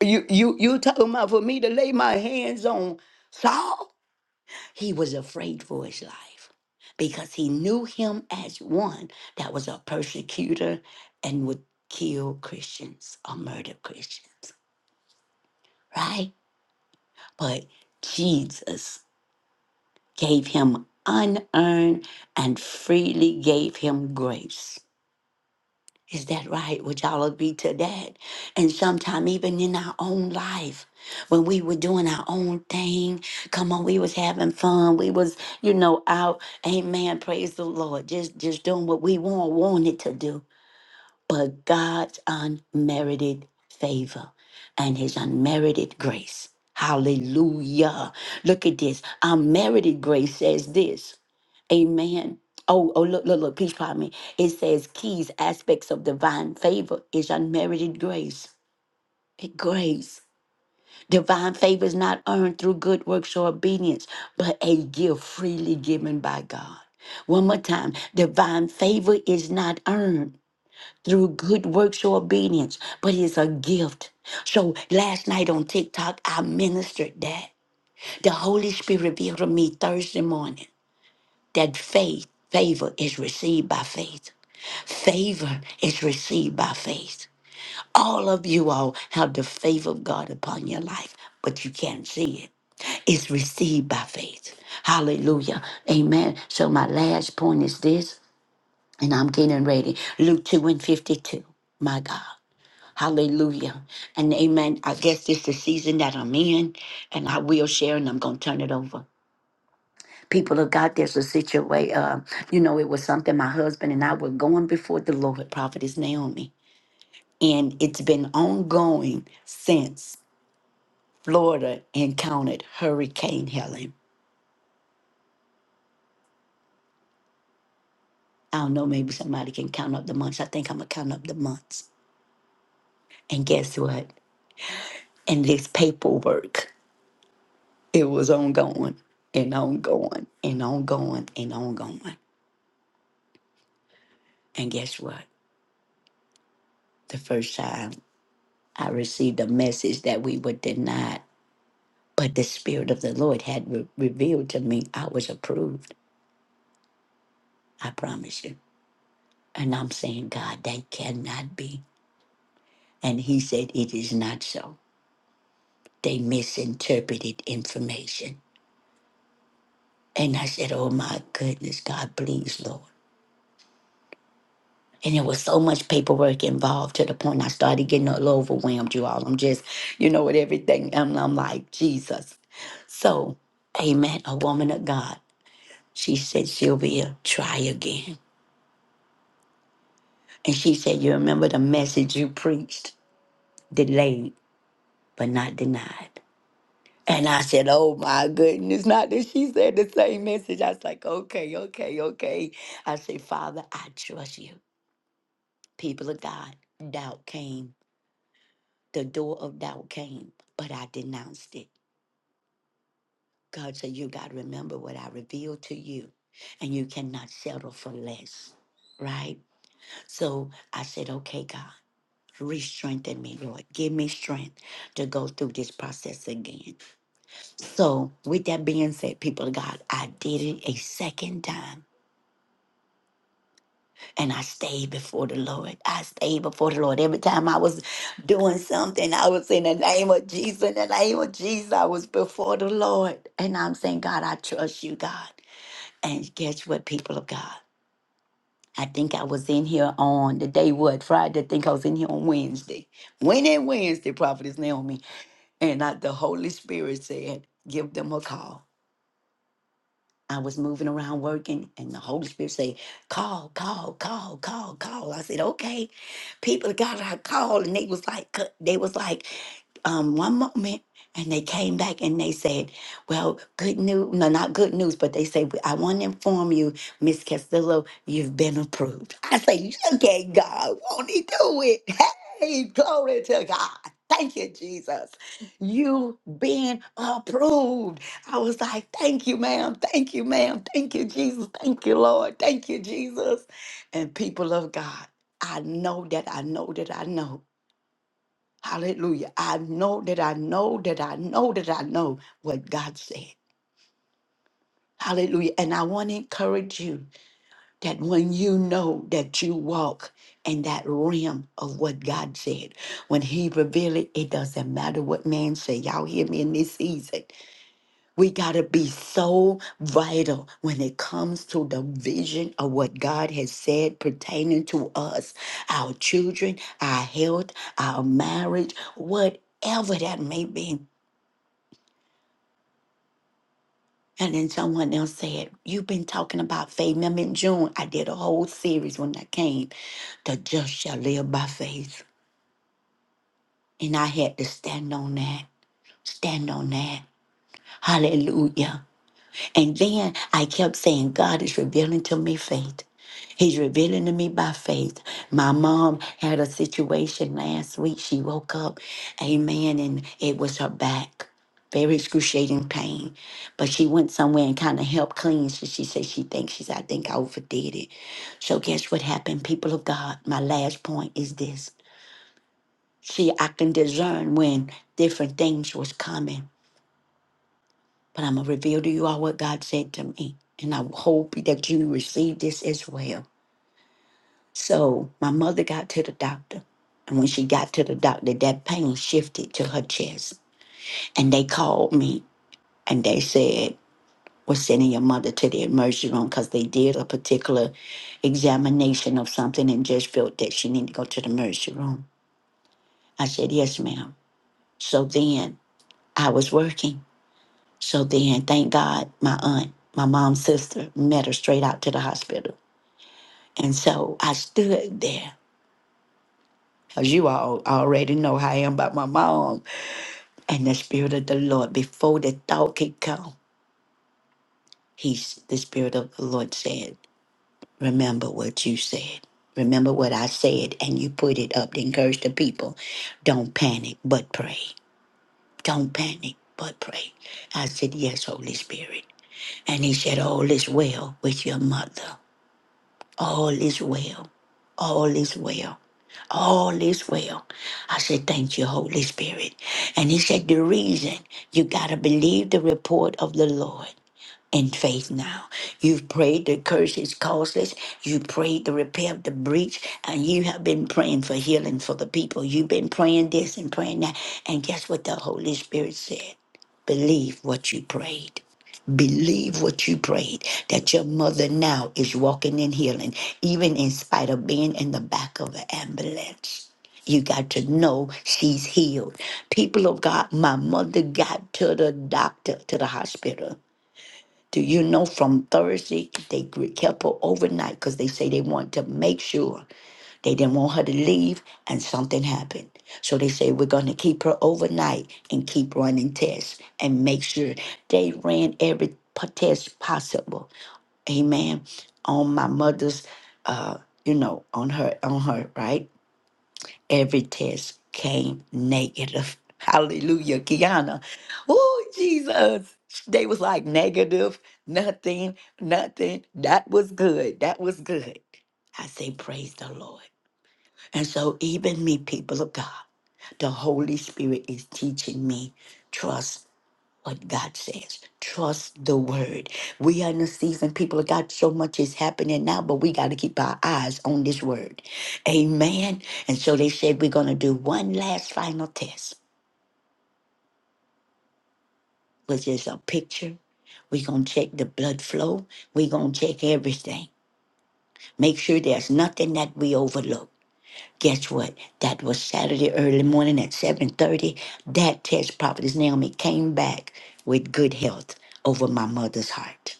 You you you talking about for me to lay my hands on Saul? He was afraid for his life because he knew him as one that was a persecutor and would kill Christians or murder Christians, right? But Jesus gave him unearned and freely gave him grace. Is that right? Would y'all agree to that? And sometime even in our own life, when we were doing our own thing, come on, we was having fun. We was, you know, out, amen, praise the Lord, just just doing what we want, wanted to do but God's unmerited favor and his unmerited grace. Hallelujah. Look at this. Unmerited grace says this. Amen. Oh, oh, look, look, look, please pardon me. It says keys, aspects of divine favor is unmerited grace. Eh, Grace. Divine favor is not earned through good works or obedience, but a gift freely given by God. One more time. Divine favor is not earned through good works or obedience, but it's a gift. So last night on TikTok, I ministered that. The Holy Spirit revealed to me Thursday morning that faith, favor is received by faith. Favor is received by faith. All of you all have the favor of God upon your life, but you can't see it. It's received by faith. Hallelujah. Amen. So my last point is this, and I'm getting ready. Luke 2 and 52. My God. Hallelujah. And amen. I guess this is the season that I'm in, and I will share, and I'm going to turn it over. People of God, there's a situation. Uh, you know, it was something my husband and I were going before the Lord, Prophetess Naomi. And it's been ongoing since Florida encountered Hurricane Helen. I don't know, maybe somebody can count up the months. I think I'm going to count up the months. And guess what? And this paperwork, it was ongoing and ongoing and ongoing and ongoing. And guess what? The first time I received a message that we were denied, but the Spirit of the Lord had re- revealed to me I was approved. I promise you. And I'm saying, God, that cannot be. And He said, It is not so. They misinterpreted information. And I said, Oh my goodness, God, please, Lord. And there was so much paperwork involved to the point I started getting a little overwhelmed, you all. I'm just, you know, with everything. And I'm like, Jesus. So, amen. A woman of God. She said, Sylvia, try again. And she said, You remember the message you preached? Delayed, but not denied. And I said, Oh my goodness. Not that she said the same message. I was like, Okay, okay, okay. I said, Father, I trust you. People of God, doubt came the door of doubt came, but I denounced it. God said, You got to remember what I revealed to you, and you cannot settle for less, right? So I said, Okay, God, re strengthen me, Lord. Give me strength to go through this process again. So, with that being said, people of God, I did it a second time. And I stayed before the Lord. I stayed before the Lord. Every time I was doing something, I was in the name of Jesus. In the name of Jesus, I was before the Lord. And I'm saying, God, I trust you, God. And guess what, people of God? I think I was in here on the day what? Friday. I think I was in here on Wednesday. When and Wednesday, Prophetess Naomi. And I, the Holy Spirit said, give them a call. I was moving around working, and the Holy Spirit say, "Call, call, call, call, call." I said, "Okay." People of God, I called, and they was like, c- they was like, um, one moment, and they came back and they said, "Well, good news, no, not good news, but they said I want to inform you, Miss Castillo, you've been approved." I say, "Look at God, won't He do it?" Hey, glory to God. Thank you, Jesus. You been approved. I was like, thank you, ma'am. Thank you, ma'am. Thank you, Jesus. Thank you, Lord. Thank you, Jesus. And people of God, I know that I know that I know. Hallelujah. I know that I know that I know that I know what God said. Hallelujah. And I want to encourage you that when you know that you walk in that realm of what God said, when He revealed it, it doesn't matter what man say. Y'all hear me in this season. We got to be so vital when it comes to the vision of what God has said pertaining to us, our children, our health, our marriage, whatever that may be. And then someone else said, You've been talking about faith. Remember in June, I did a whole series when I came, The Just Shall Live by Faith. And I had to stand on that, stand on that. Hallelujah. And then I kept saying, God is revealing to me faith. He's revealing to me by faith. My mom had a situation last week. She woke up, amen, and it was her back. Very excruciating pain. But she went somewhere and kind of helped clean. So she said she thinks she said, I think I overdid it. So guess what happened, people of God? My last point is this. See, I can discern when different things was coming. But I'm going to reveal to you all what God said to me. And I hope that you receive this as well. So my mother got to the doctor. And when she got to the doctor, that pain shifted to her chest. And they called me and they said, We're sending your mother to the emergency room because they did a particular examination of something and just felt that she needed to go to the emergency room. I said, Yes, ma'am. So then I was working So then, thank God, my aunt, my mom's sister, met her straight out to the hospital. And so I stood there. As you all already know how I am about my mom. And the Spirit of the Lord, before the thought could come, he's, the Spirit of the Lord said, Remember what you said. Remember what I said. And you put it up to encourage the people. Don't panic, but pray. Don't panic, but pray. I said, Yes, Holy Spirit. And he said, All is well with your mother. All is well. All is well. All is well. I said, Thank you, Holy Spirit. And he said, The reason you got to believe the report of the Lord in faith now. You've prayed the curse is causeless. You prayed the repair of the breach, and you have been praying for healing for the people. You've been praying this and praying that. And guess what the Holy Spirit said? Believe what you prayed. Believe what you prayed that your mother now is walking in healing, even in spite of being in the back of an ambulance. You got to know she's healed. People of God, my mother got to the doctor, to the hospital. Do you know from Thursday they gr- kept her overnight because they say they want to make sure they didn't want her to leave and something happened. So they say we're going to keep her overnight and keep running tests and make sure they ran every p- test possible. Amen. On my mother's, uh, you know, on her, on her, right? Every test came negative. Hallelujah, Kiana. Oh, Jesus. They was like negative, nothing, nothing. That was good. That was good. I say, praise the Lord. And so, even me, people of God, the Holy Spirit is teaching me trust what God says. Trust the word. We are in a season, people of God, so much is happening now, but we got to keep our eyes on this word. Amen. And so they said, we're going to do one last final test, which is a picture. We're going to check the blood flow. We're going to check everything. Make sure there's nothing that we overlook. Guess what? That was Saturday early morning at 7.30. That test prophetess Naomi came back with good health over my mother's heart.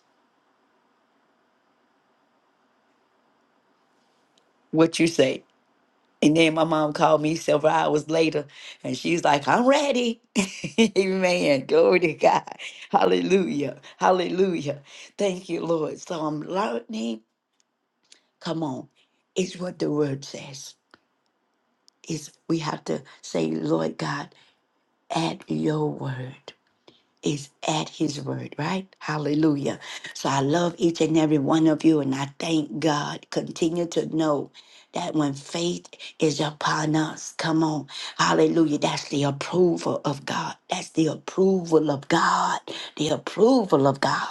What you say? And then my mom called me several hours later and she's like, I'm ready. Amen. Glory to God. Hallelujah. Hallelujah. Thank you, Lord. So I'm learning. Come on. It's what the word says. It's we have to say, Lord God, at your word. is at his word, right? Hallelujah. So I love each and every one of you, and I thank God. Continue to know that when faith is upon us, come on, hallelujah, that's the approval of God. That's the approval of God, the approval of God.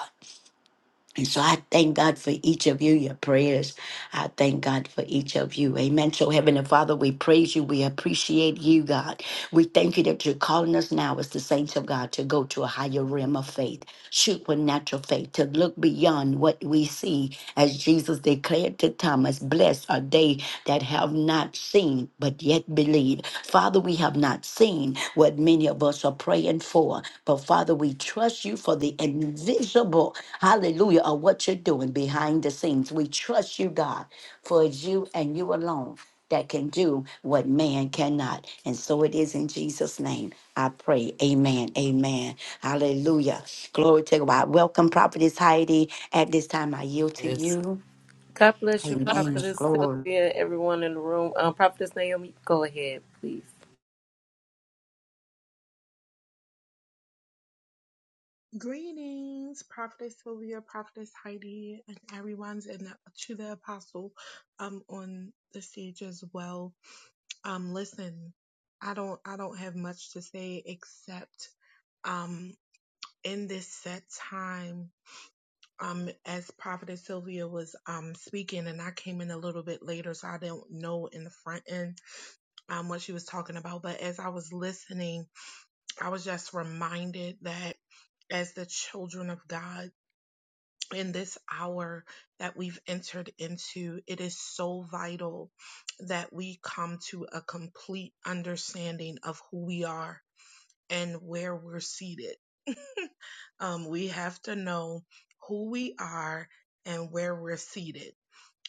And so I thank God for each of you, your prayers. I thank God for each of you. Amen. So, Heavenly Father, we praise you. We appreciate you, God. We thank you that you're calling us now as the saints of God to go to a higher realm of faith, supernatural faith, to look beyond what we see. As Jesus declared to Thomas, Blessed are they that have not seen, but yet believe. Father, we have not seen what many of us are praying for, but Father, we trust you for the invisible, hallelujah, of what you're doing behind the scenes. We trust you, God, for it's you and you alone that can do what man cannot. And so it is in Jesus' name. I pray. Amen. Amen. Hallelujah. Glory to God. Welcome, Prophetess Heidi. At this time, I yield to Yes. you. God bless you, Amen. Prophetess Glory. Sylvia, everyone in the room. Um, Prophetess Naomi, go ahead, please. Greetings, Prophetess Sylvia, Prophetess Heidi, and everyone's and to the apostle um on the stage as well. Um listen, I don't I don't have much to say except um in this set time um as Prophetess Sylvia was um speaking and I came in a little bit later so I don't know in the front end um what she was talking about. But as I was listening, I was just reminded that as the children of God. in this hour that we've entered into, it is so vital that we come to a complete understanding of who we are and where we're seated. um, we have to know who we are and where we're seated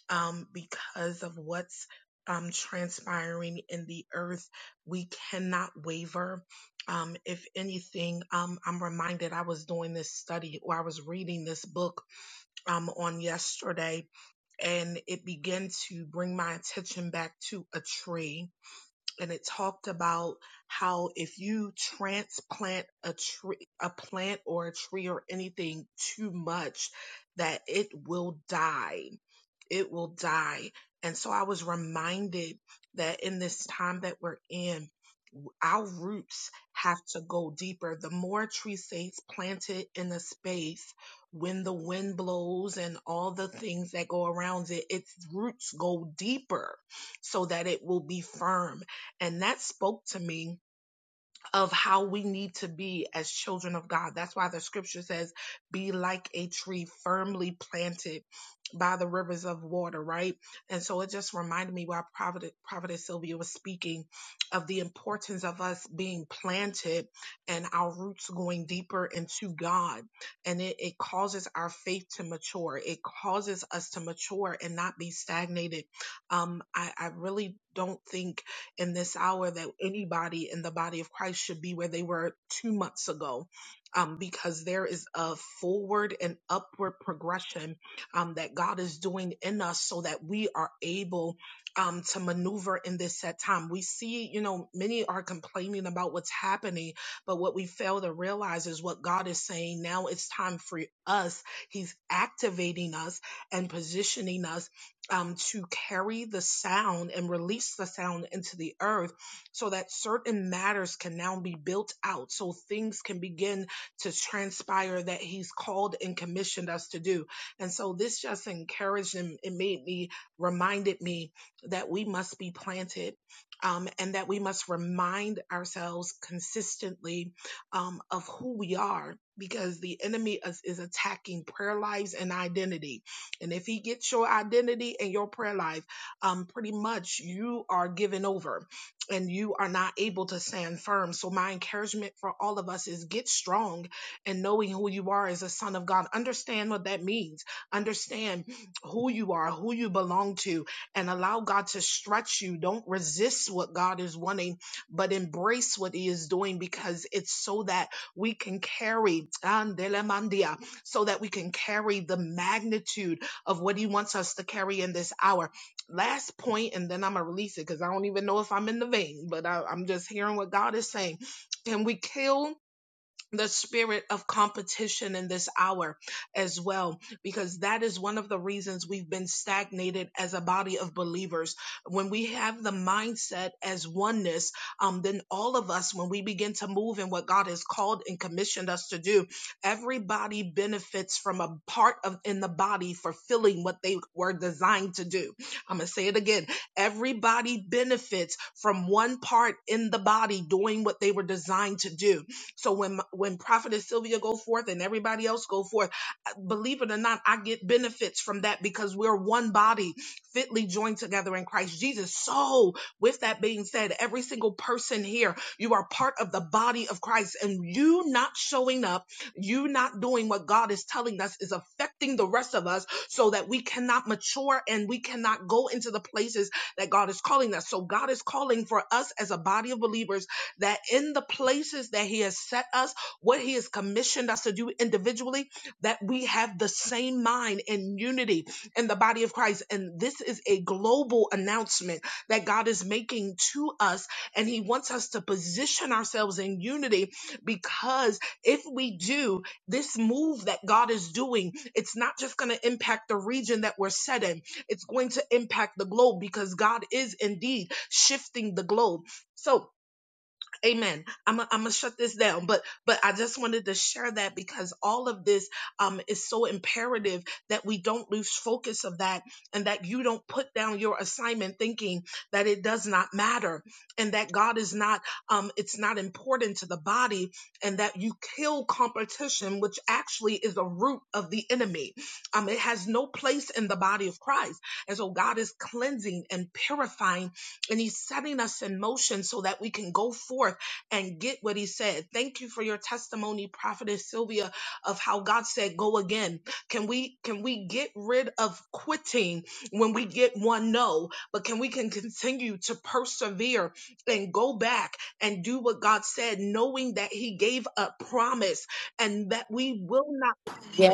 um, because of what's um, transpiring in the earth. We cannot waver. Um, if anything, um, I'm reminded I was doing this study or I was reading this book um, on yesterday, and it began to bring my attention back to a tree. And it talked about how if you transplant a tree, a plant or a tree or anything too much, that it will die. It will die. And so I was reminded that in this time that we're in, our roots have to go deeper. The more tree states planted in a space, when the wind blows and all the things that go around it, its roots go deeper so that it will be firm. And that spoke to me of how we need to be as children of God. That's why the scripture says, be like a tree firmly planted by the rivers of water, right? And so it just reminded me while Prophet, Prophet Sylvia was speaking of the importance of us being planted and our roots going deeper into God. And it, it causes our faith to mature. It causes us to mature and not be stagnated. Um, I, I really don't think in this hour that anybody in the body of Christ should be where they were two months ago. Um, because there is a forward and upward progression um, that God is doing in us so that we are able um, to maneuver in this set time. We see, you know, many are complaining about what's happening, but what we fail to realize is what God is saying now it's time for us. He's activating us and positioning us um, to carry the sound and release the sound into the earth so that certain matters can now be built out, so things can begin to transpire that He's called and commissioned us to do. And so this just encouraged and it made me, reminded me that we must be planted um, and that we must remind ourselves consistently um, of who we are because the enemy is, is attacking prayer lives and identity and if he gets your identity and your prayer life, um, pretty much you are given over and you are not able to stand firm. So my encouragement for all of us is get strong and knowing who you are as a son of God. Understand what that means. Understand who you are, who you belong to, and allow God to stretch you. Don't resist what God is wanting, but embrace what he is doing because it's so that we can carry, so that we can carry the magnitude of what He wants us to carry in this hour. Last point, and then I'm going to release it because I don't even know if I'm in the vein, but I, I'm just hearing what God is saying. Can we kill? the spirit of competition in this hour as well, because that is one of the reasons we've been stagnated as a body of believers. When we have the mindset as oneness, um, then all of us, when we begin to move in what God has called and commissioned us to do, everybody benefits from a part of in the body fulfilling what they were designed to do. I'm gonna say it again. Everybody benefits from one part in the body doing what they were designed to do so when my- when Prophetess Sylvia go forth and everybody else go forth, uh, believe it or not, I get benefits from that because we're one body, fitly joined together in Christ Jesus. So with that being said, every single person here, you are part of the body of Christ, and you not showing up, you not doing what God is telling us is affecting the rest of us, so that we cannot mature and we cannot go into the places that God is calling us. So God is calling for us as a body of believers that in the places that He has set us, what He has commissioned us to do individually, that we have the same mind and unity in the body of Christ. And this is a global announcement that God is making to us. And He wants us to position ourselves in unity because if we do, this move that God is doing, it's not just going to impact the region that we're set in, it's going to impact the globe because God is indeed shifting the globe. So, Amen. I'm i I'm gonna shut this down, but but I just wanted to share that because all of this um is so imperative that we don't lose focus of that and that you don't put down your assignment thinking that it does not matter and that God is not um it's not important to the body and that you kill competition which actually is a root of the enemy. Um it has no place in the body of Christ. And so God is cleansing and purifying and he's setting us in motion so that we can go forth and get what he said. Thank you for your testimony, Prophetess Sylvia, of how God said, go again. Can we, can we get rid of quitting when we get one no, but can we can continue to persevere and go back and do what God said, knowing that he gave a promise and that we will not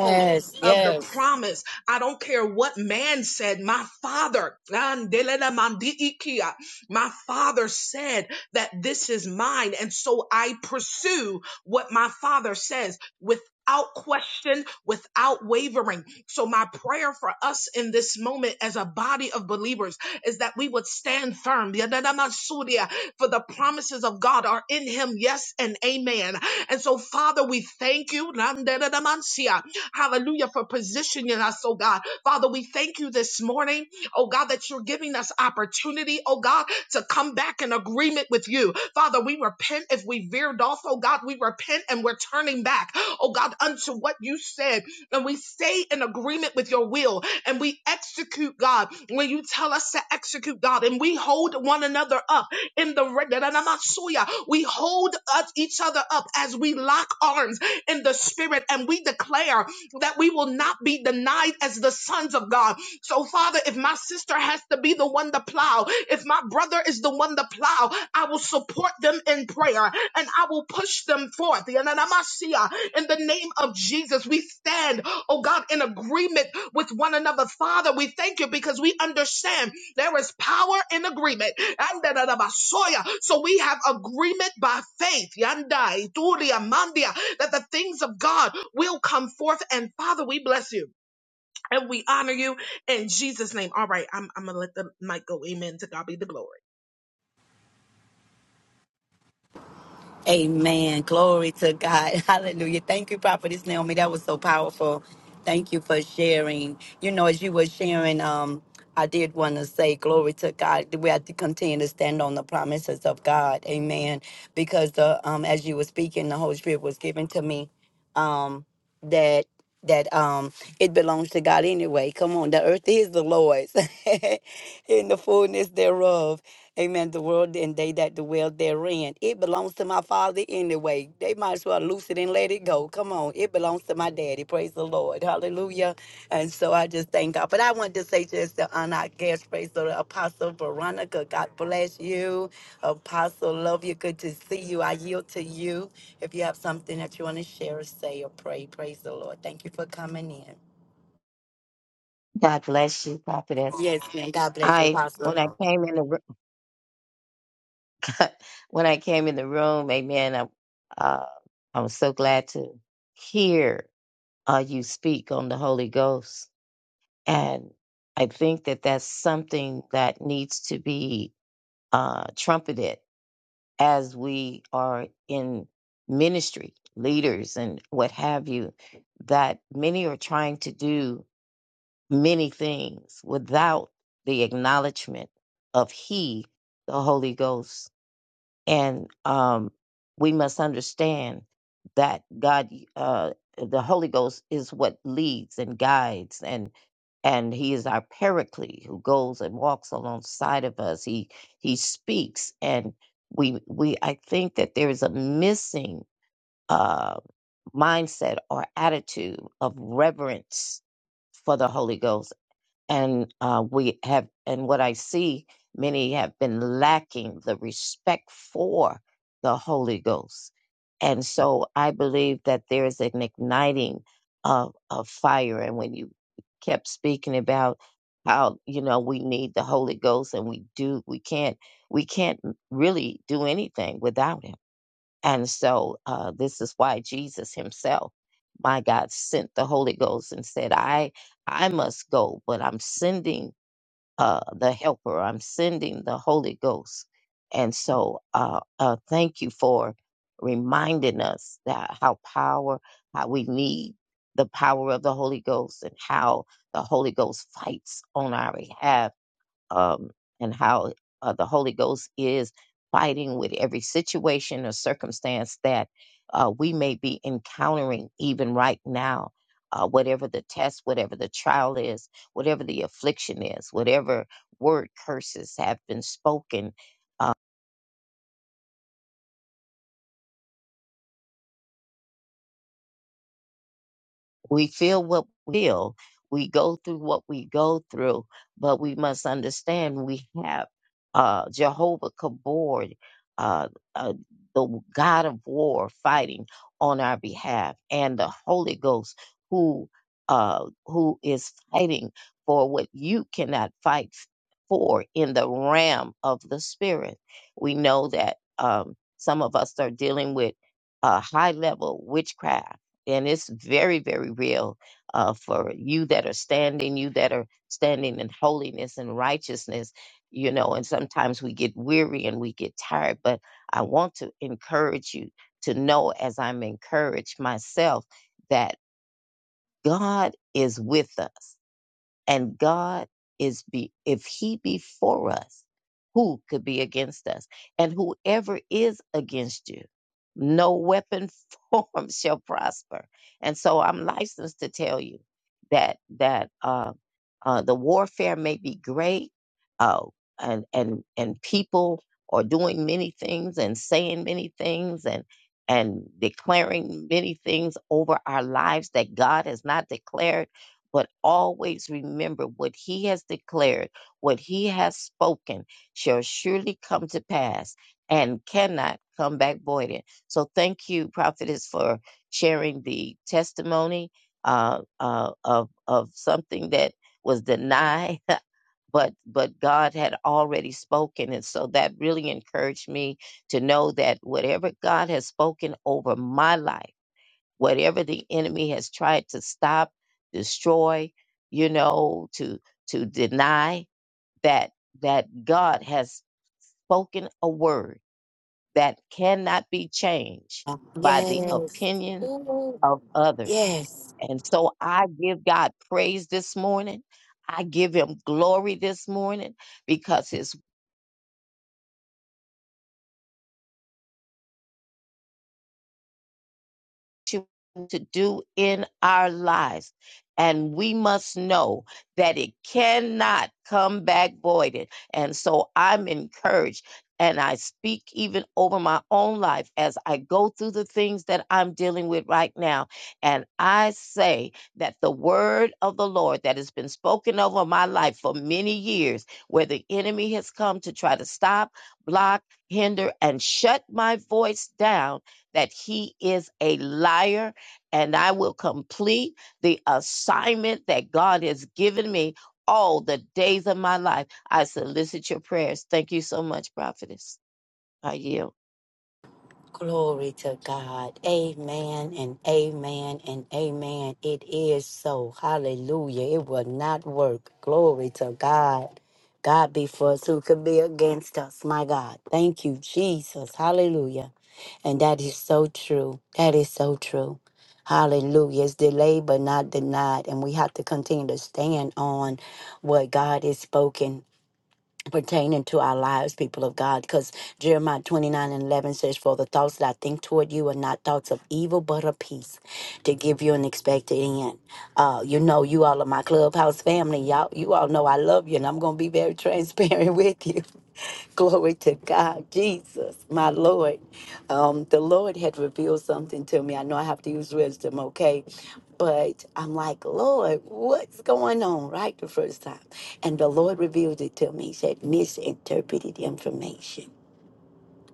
hold of the yes. promise. I don't care what man said. My father, my father said that this is mine. And so I pursue what my father says without question, without wavering. So my prayer for us in this moment as a body of believers is that we would stand firm for the promises of God are in him. Yes and amen. And so, Father, we thank you. Hallelujah for positioning us, oh God. Father, we thank you this morning, oh God, that you're giving us opportunity, oh God, to come back in agreement with you. Father, we repent if we veered off, oh God. We repent and we're turning back, oh God, unto what you said, and we stay in agreement with your will and we execute, God, when you tell us to execute, God, and we hold one another up in the Masuya. We hold us each other up as we lock arms in the spirit and we declare that we will not be denied as the sons of God. So, Father, if my sister has to be the one to plow, plow. If my brother is the one to plow, I will support them in prayer and I will push them forth. Yananamasia. In the name of Jesus, we stand, oh God, in agreement with one another. Father, we thank you because we understand there is power in agreement. Andananabasoya. So we have agreement by faith. Yandai, Turia, Mandia, that the things of God will come forth. And Father, we bless you. And we honor you in Jesus' name. All right, I'm, I'm gonna let the mic go. Amen. To God be the glory. Amen. Glory to God. Hallelujah. Thank you, Prophetess Naomi. That was so powerful. Thank you for sharing. You know, as you were sharing, um, I did want to say glory to God. We have to continue to stand on the promises of God. Amen. Because the um as you were speaking, the Holy Spirit was given to me um that that um it belongs to God anyway. Come on, the earth is the Lord's. in the fullness thereof. Amen. The world and they that dwell therein. It belongs to my father anyway. They might as well loose it and let it go. Come on. It belongs to my daddy. Praise the Lord. Hallelujah. And so I just thank God. But I wanted to say just to honor our guest, praise the Lord, Apostle Veronica. God bless you. Apostle, love you. Good to see you. I yield to you. If you have something that you want to share or say or pray, praise the Lord. Thank you for coming in. God bless you, prophetess. Yes, man. God bless you, I Apostle. when I came in the ro- when I came in the room, Amen. I uh, I was so glad to hear uh, you speak on the Holy Ghost, and I think that that's something that needs to be uh, trumpeted as we are in ministry, leaders, and what have you. That many are trying to do many things without the acknowledgement of He, the Holy Ghost. And um, we must understand that God, uh, the Holy Ghost, is what leads and guides, and and He is our Paraclete who goes and walks alongside of us. He He speaks, and we we I think that there is a missing uh, mindset or attitude of reverence for the Holy Ghost and uh, we have and what i see many have been lacking the respect for the holy ghost and so i believe that there is an igniting of, of fire and when you kept speaking about how you know we need the holy ghost and we do we can't we can't really do anything without him and so uh, this is why Jesus himself, my God, sent the Holy Ghost and said, I I must go, but I'm sending uh, the helper, I'm sending the Holy Ghost. And so uh, uh, thank you for reminding us that how power, how we need the power of the Holy Ghost and how the Holy Ghost fights on our behalf um, and how uh, the Holy Ghost is fighting with every situation or circumstance that uh, we may be encountering even right now. Uh, whatever the test, whatever the trial is, whatever the affliction is, whatever word curses have been spoken We feel what we feel. We go through what we go through, but we must understand we have uh, Jehovah Kabod, uh, uh, the God of war, fighting on our behalf, and the Holy Ghost who uh, who is fighting for what you cannot fight for in the realm of the spirit. We know that um, some of us are dealing with uh, high level witchcraft and it's very very real uh, for you that are standing you that are standing in holiness and righteousness you know and sometimes we get weary and we get tired but i want to encourage you to know as i'm encouraged myself that god is with us and God is be if he be for us, who could be against us? And whoever is against you, no weapon formed shall prosper. And so I'm licensed to tell you that that uh, uh, the warfare may be great, uh, and and and people are doing many things and saying many things and and declaring many things over our lives that God has not declared but always remember what he has declared, what he has spoken shall surely come to pass and cannot come back voided. So thank you, prophetess, for sharing the testimony uh, uh, of of something that was denied, but but God had already spoken, and so that really encouraged me to know that whatever God has spoken over my life whatever the enemy has tried to stop, destroy, you know, to to deny that that God has spoken a word that cannot be changed by the Yes. opinion of others. Yes. And so I give God praise this morning. I give him glory this morning because his to to do in our lives. And we must know that it cannot come back voided. And so I'm encouraged and I speak even over my own life as I go through the things that I'm dealing with right now. And I say that the word of the Lord that has been spoken over my life for many years, where the enemy has come to try to stop, block, hinder, and shut my voice down that he is a liar, and I will complete the assignment that God has given me all the days of my life. I solicit your prayers. Thank you so much, prophetess. I yield. Glory to God. Amen and amen and amen. It is so. Hallelujah. It will not work. Glory to God. God be for us who could be against us. My God. Thank you, Jesus. Hallelujah. And that is so true. That is so true. Hallelujah. It's delayed but not denied. And we have to continue to stand on what God has spoken pertaining to our lives, people of God, because Jeremiah 29 and 11 says, For the thoughts that I think toward you are not thoughts of evil, but of peace, to give you an expected end. Uh, you know, you all are my clubhouse family. Y'all, you all know I love you, and I'm going to be very transparent with you. Glory to God, Jesus, my Lord. Um, the Lord had revealed something to me. I know I have to use wisdom, okay? But I'm like, Lord, what's going on, right? The first time. And the Lord revealed it to me. He said, misinterpreted information.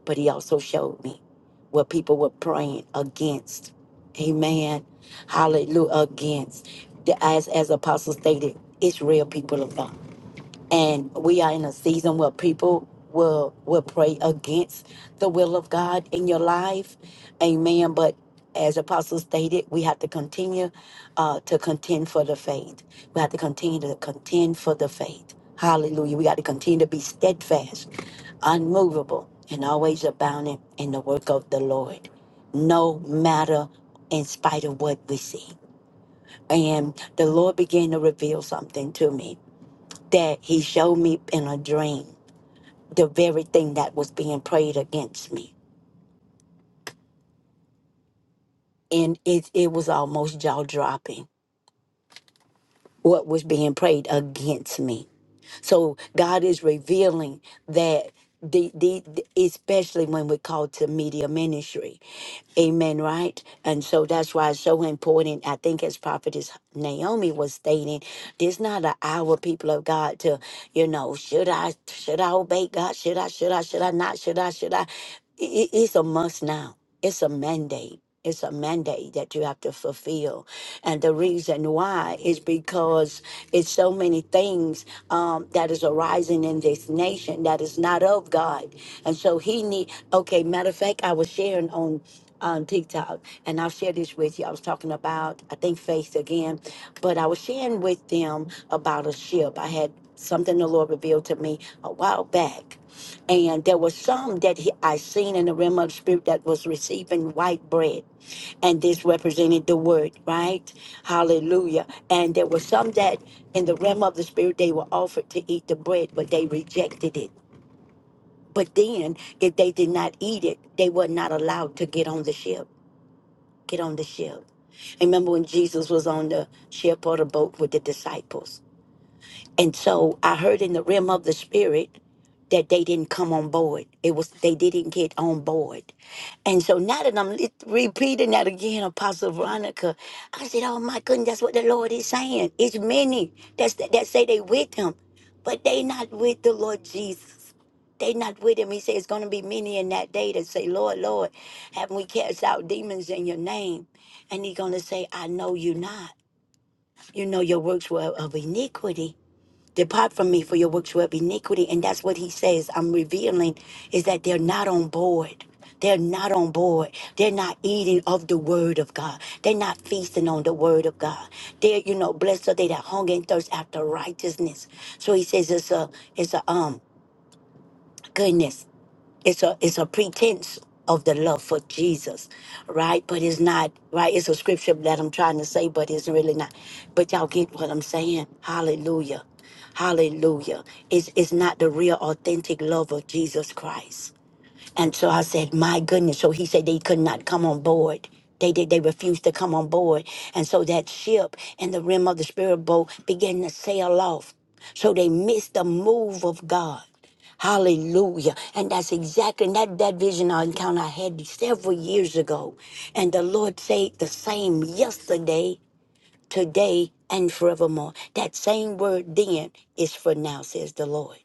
But He also showed me what people were praying against. Amen. Hallelujah. Against. The- As, as Apostle stated, it's real people of God and we are in a season where people will will pray against the will of God in your life. Amen. But as apostle stated, we have to continue uh, to contend for the faith. We have to continue to contend for the faith. Hallelujah. We got to continue to be steadfast, unmovable, and always abounding in the work of the Lord, no matter in spite of what we see. And the Lord began to reveal something to me that he showed me in a dream the very thing that was being prayed against me. And it, it was almost jaw dropping what was being prayed against me So God is revealing that. The, the, the- especially when we call to media ministry amen right and so that's why it's so important i think as prophetess naomi was stating there's not an hour people of god to you know should i should i obey god should i should i should i not should i should i I- i- it's a must now it's a mandate it's a mandate that you have to fulfill and the reason why is because it's so many things um, that is arising in this nation that is not of God. And so he need, okay, matter of fact, I was sharing on on TikTok, and I'll share this with you. I was talking about, I think, faith again, but I was sharing with them about a ship. I had something the Lord revealed to me a while back, and there was some that he, I seen in the realm of the spirit that was receiving white bread and this represented the word, right? Hallelujah. And there were some that in the realm of the spirit they were offered to eat the bread, but they rejected it. But then if they did not eat it, they were not allowed to get on the ship. Get on the ship. And remember when Jesus was on the ship or the boat with the disciples and so I heard in the realm of the spirit that they didn't come on board. It was they didn't get on board. And so now that I'm li- repeating that again, Apostle Veronica, I said, "Oh my goodness, that's what the Lord is saying. It's many that's, that say they with Him, but they not with the Lord Jesus. They not with Him. He said it's going to be many in that day that say, 'Lord, "Lord, Lord, haven't we cast out demons in Your name?" And He's going to say, "I know you not. You know your works were of iniquity." Depart from me for your works were of iniquity. And that's what he says. I'm revealing is that they're not on board. They're not on board. They're not eating of the word of God. They're not feasting on the word of God. They're, you know, blessed are they that hunger and thirst after righteousness. So he says it's a it's a um goodness it's a it's a pretense of the love for Jesus, right? But it's not right. It's a scripture that I'm trying to say, but it's really not. But y'all get what I'm saying? Hallelujah, Hallelujah. It's it's not the real authentic love of Jesus Christ. And so I said, My goodness. So he said they could not come on board. They did they refused to come on board. And so that ship and the rim of the spirit boat began to sail off. So they missed the move of God. Hallelujah. And that's exactly and that, that vision or encounter I had several years ago. And the Lord said the same yesterday today and forevermore. That same word then is for now, says the Lord.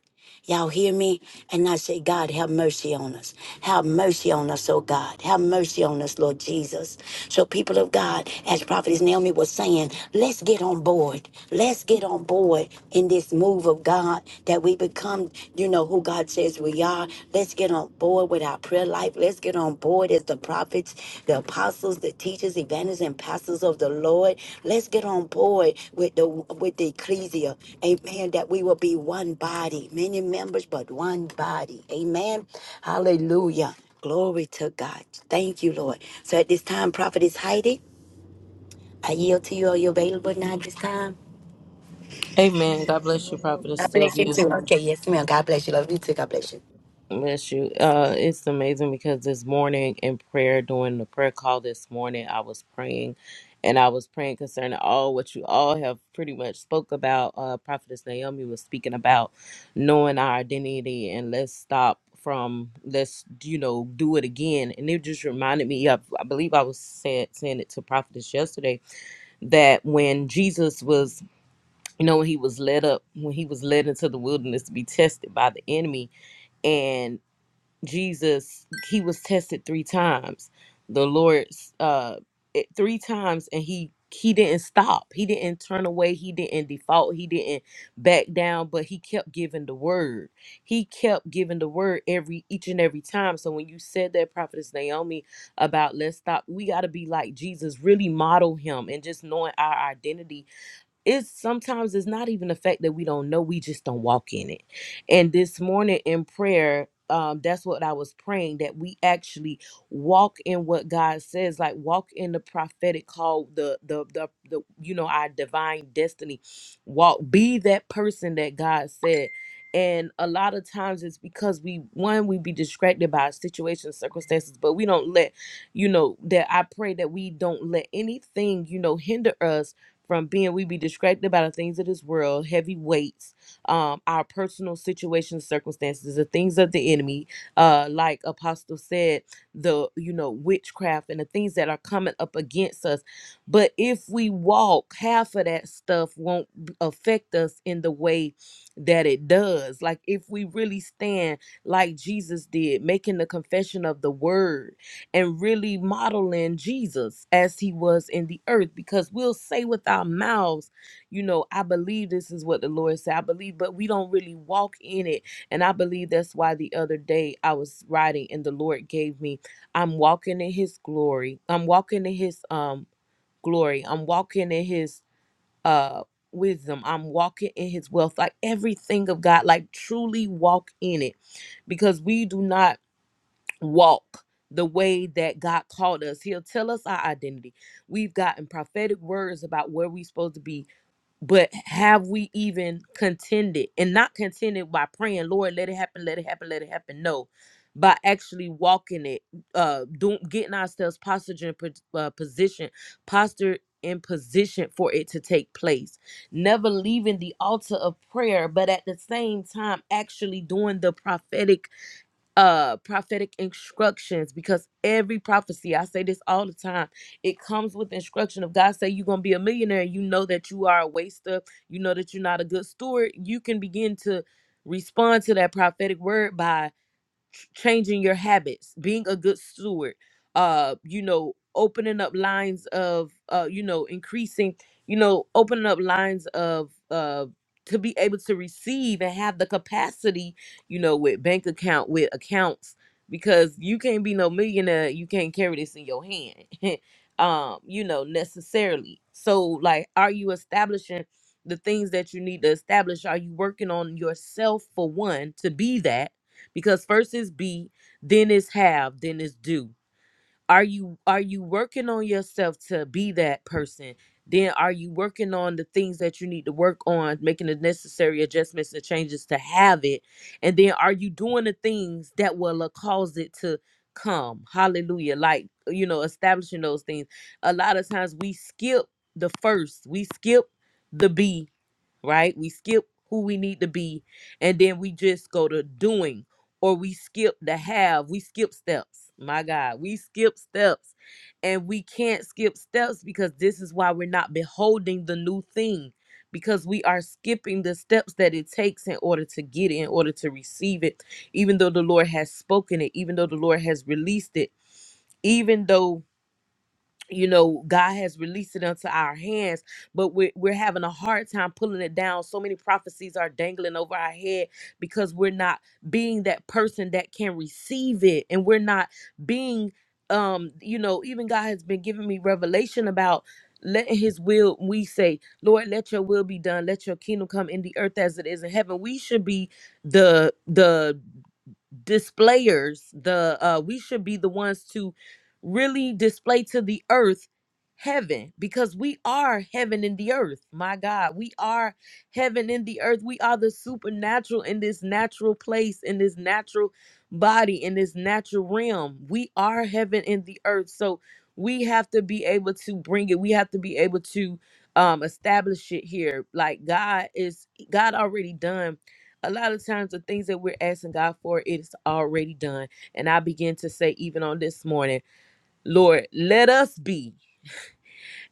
Y'all hear me? And I say, God, have mercy on us. Have mercy on us, oh God. Have mercy on us, Lord Jesus. So, people of God, as Prophetess Naomi was saying, let's get on board. Let's get on board in this move of God that we become, you know, who God says we are. Let's get on board with our prayer life. Let's get on board as the prophets, the apostles, the teachers, evangelists, and pastors of the Lord. Let's get on board with the with the ecclesia. Amen. That we will be one body, many members, but one body. Amen. Hallelujah. Glory to God. Thank you, Lord. So at this time, Prophetess Heidi, I yield to you. Are you available now at this time? Amen. God bless you, Prophetess God bless you Sylvia. too. Okay, yes, ma'am. God bless you. Love you too. God bless you. Bless you. Uh, it's amazing because this morning in prayer, during the prayer call this morning, I was praying, and I was praying concerning all what you all have pretty much spoke about. Uh, Prophetess Naomi was speaking about knowing our identity, and let's stop from let's you know do it again. And it just reminded me of I believe I was saying saying it to Prophetess yesterday that when Jesus was you know when he was led up when he was led into the wilderness to be tested by the enemy Jesus, he was tested three times. The Lord, uh it- three times and he he didn't stop. He didn't turn away, he didn't default, he didn't back down, but he kept giving the word. He kept giving the word every each and every time. So when you said that prophetess Naomi about let's stop, we got to be like Jesus, really model him and just knowing our identity it's sometimes it's not even the fact that we don't know we just don't walk in it and this morning in prayer um that's what i was praying that we actually walk in what god says like walk in the prophetic call the the the, the you know our divine destiny walk be that person that god said and a lot of times it's because we one we be distracted by situations circumstances but we don't let you know that i pray that we don't let anything you know hinder us from being we be distracted by the things of this world, heavy weights, um, our personal situations, circumstances, the things of the enemy, uh, like Apostle said, the you know witchcraft and the things that are coming up against us. But if we walk, half of that stuff won't b- affect us in the way that it does. Like if we really stand like Jesus did, making the confession of the word and really modeling Jesus as he was in the earth because we'll say with our mouths, you know, I believe this is what the Lord said, I believe, but we don't really walk in it. And I believe that's why the other day I was riding and the Lord gave me, I'm walking in his glory. I'm walking in his um glory. I'm walking in his uh wisdom. I'm walking in his wealth. Like everything of God, like truly walk in it because we do not walk the way that God called us. He'll tell us our identity. We've gotten prophetic words about where we're supposed to be, but have we even contended and not contended by praying, Lord, let it happen, let it happen, let it happen? No, by actually walking it, uh, doing, getting ourselves postured in pos- uh, position, postured in position for it to take place. Never leaving the altar of prayer, but at the same time, actually doing the prophetic uh prophetic instructions because every prophecy i say this all the time it comes with instruction if god say you're gonna be a millionaire you know that you are a waster you know that you're not a good steward you can begin to respond to that prophetic word by ch- changing your habits being a good steward uh you know opening up lines of uh you know increasing you know opening up lines of uh to be able to receive and have the capacity you know with bank account with accounts because you can't be no millionaire you can't carry this in your hand um you know necessarily so like are you establishing the things that you need to establish are you working on yourself for one to be that because first is be then is have then is do are you are you working on yourself to be that person then are you working on the things that you need to work on making the necessary adjustments and changes to have it and then are you doing the things that will uh, cause it to come hallelujah like you know establishing those things a lot of times we skip the first we skip the be right? We skip who we need to be and then we just go to doing or we skip the have. We skip steps. My God, we skip steps and we can't skip steps because this is why we're not beholding the new thing because we are skipping the steps that it takes in order to get it, in order to receive it, even though the Lord has spoken it, even though the Lord has released it, even though you know god has released it unto our hands but we're, we're having a hard time pulling it down so many prophecies are dangling over our head because we're not being that person that can receive it and we're not being um you know even god has been giving me revelation about letting his will we say lord let your will be done let your kingdom come in the earth as it is in heaven we should be the the displayers the uh we should be the ones to really display to the earth heaven because we are heaven in the earth my god we are heaven in the earth we are the supernatural in this natural place in this natural body in this natural realm we are heaven in the earth so we have to be able to bring it we have to be able to um establish it here like god is god already done a lot of times the things that we're asking God for, it's already done. And I begin to say, even on this morning, Lord, let us be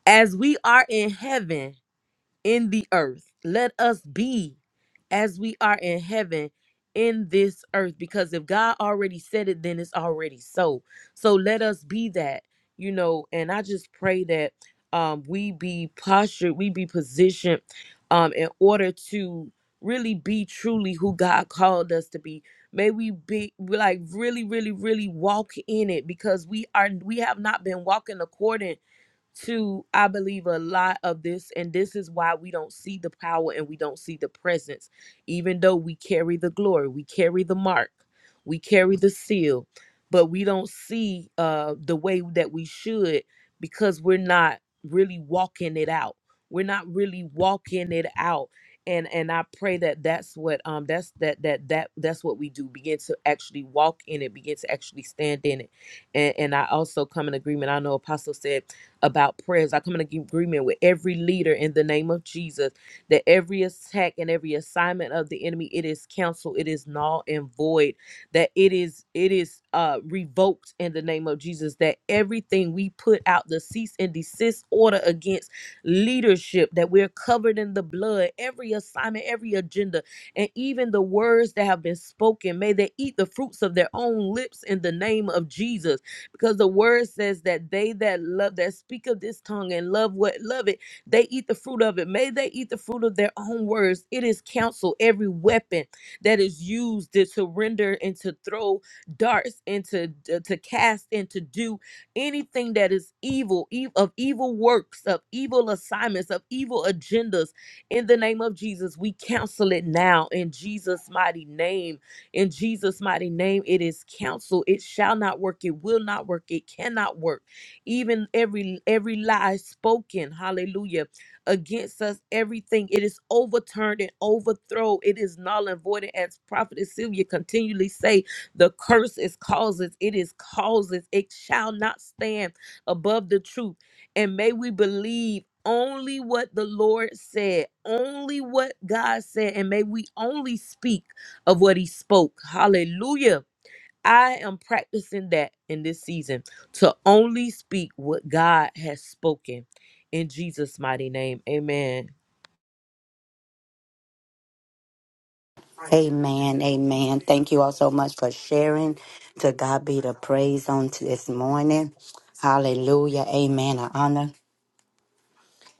as we are in heaven in the earth. Let us be as we are in heaven in this earth. Because if God already said it, then it's already so. So let us be that, you know. And I just pray that um, we be postured, we be positioned um, in order to really be truly who God called us to be. May we be like really, really, really walk in it because we are we have not been walking according to i believe a lot of this and this is why we don't see the power and we don't see the presence even though we carry the glory we carry the mark we carry the seal but we don't see uh the way that we should because we're not really walking it out we're not really walking it out and and i pray that that's what um that's that that that that's what we do begin to actually walk in it begin to actually stand in it and and i also come in agreement i know apostle said about prayers. I come in agreement with every leader in the name of Jesus that every attack and every assignment of the enemy it is canceled, it is null and void, that it is it is uh revoked in the name of Jesus. That everything we put out the cease and desist order against leadership, that we're covered in the blood, every assignment, every agenda, and even the words that have been spoken, may they eat the fruits of their own lips in the name of Jesus because the word says that they that love that speak of this tongue and love what love it they eat the fruit of it may they eat the fruit of their own words it is counsel every weapon that is used to, to render and to throw darts and to, to to cast and to do anything that is evil e- of evil works of evil assignments of evil agendas in the name of jesus we counsel it now in jesus mighty name in Jesus' mighty name, it is counsel. It shall not work. It will not work. It cannot work. Even every every lie spoken, hallelujah, against us, everything, it is overturned and overthrown. It is null and void. And As Prophet Sylvia continually say, the curse is causes. It is causes. It shall not stand above the truth. And may we believe only what the Lord said, only what God said, and may we only speak of what he spoke. Hallelujah. I am practicing that in this season to only speak what God has spoken in Jesus' mighty name. Amen. Amen. Amen. Thank you all so much for sharing. To God be the praise on to this morning. Hallelujah. Amen. I honor.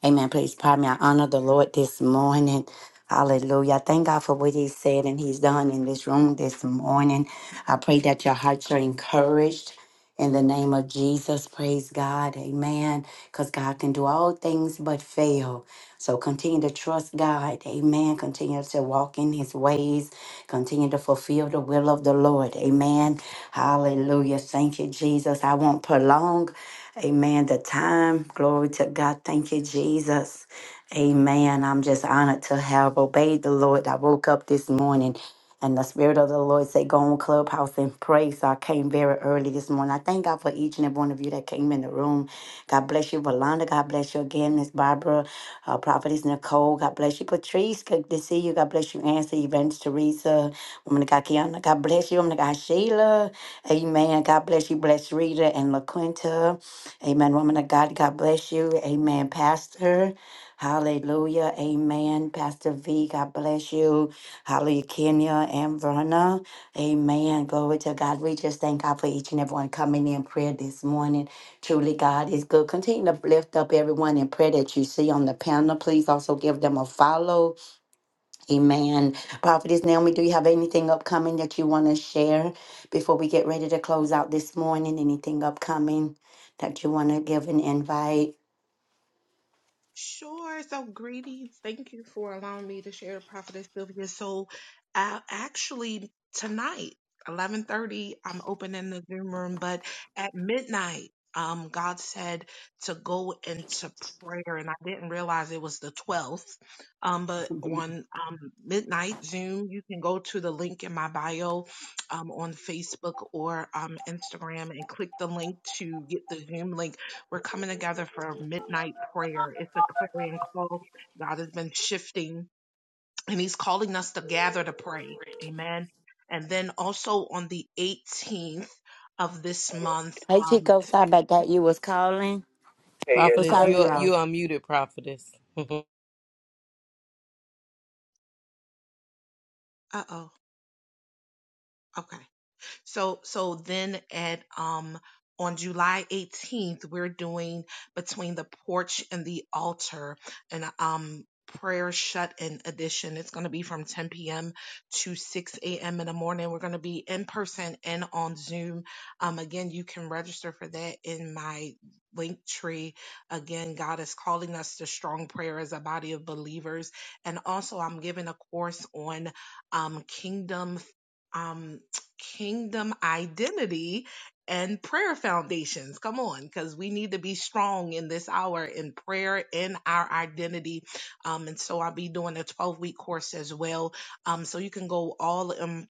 Amen. Please pardon me. I honor the Lord this morning. Hallelujah. I Thank God for what He said and He's done in this room this morning. I pray that your hearts are encouraged in the name of Jesus. Praise God. Amen. Because God can do all things but fail. So continue to trust God. Amen. Continue to walk in His ways. Continue to fulfill the will of the Lord. Amen. Hallelujah. Thank you, Jesus. I won't prolong. Amen. The time. Glory to God. Thank you, Jesus. Amen. I'm just honored to have obeyed the Lord. I woke up this morning and the Spirit of the Lord said, Go on Clubhouse and pray. So I came very early this morning. I thank God for each and every one of you that came in the room. God bless you, Valanda. God bless you again, Miss Barbara, uh, Prophetess Nicole. God bless you, Patrice. Good to see you. God bless you, Ansley, Evangelist Teresa, Woman of God, Kiana. God bless you, Woman of God, Sheila. Amen. God bless you, Bless Rita and LaQuinta. Amen. Woman of God, God bless you. Amen, Pastor. Hallelujah. Amen. Pastor V, God bless you. Hallelujah, Kenya and Verna. Amen. Glory to God. We just thank God for each and everyone coming in prayer this morning. Truly, God is good. Continue to lift up everyone in prayer that you see on the panel. Please also give them a follow. Amen. Prophetess Naomi, do you have anything upcoming that you want to share before we get ready to close out this morning? Anything upcoming that you want to give an invite? Sure. So, greetings. Thank you for allowing me to share, Prophetess Sylvia. So, uh, actually, tonight, eleven thirty, I'm opening the Zoom room, but at midnight, um, God said to go into prayer, and I didn't realize it was the twelfth. Um, but on um midnight Zoom, you can go to the link in my bio, um, on Facebook or um Instagram, and click the link to get the Zoom link we're coming together for midnight prayer. It's a clarion call. God has been shifting and he's calling us to gather to pray. Amen. And then also on the 18th of this month, Hey um, Chico, sorry about that. You was calling. Yes, Oh, Prophetess, oh, sorry, you you are- all. you are muted, prophetess. uh oh, okay. So so then at um on July 18th, we're doing between the porch and the altar and um prayer shut in edition. It's going to be from 10 p.m. to 6 a.m. in the morning. We're going to be in person and on Zoom. Um, again, you can register for that in my link tree. Again, God is calling us to strong prayer as a body of believers. And also I'm giving a course on um kingdom um kingdom identity and prayer foundations. Come on, because we need to be strong in this hour in prayer, in our identity. Um, and so I'll be doing a 12 week course as well. Um, so you can go all in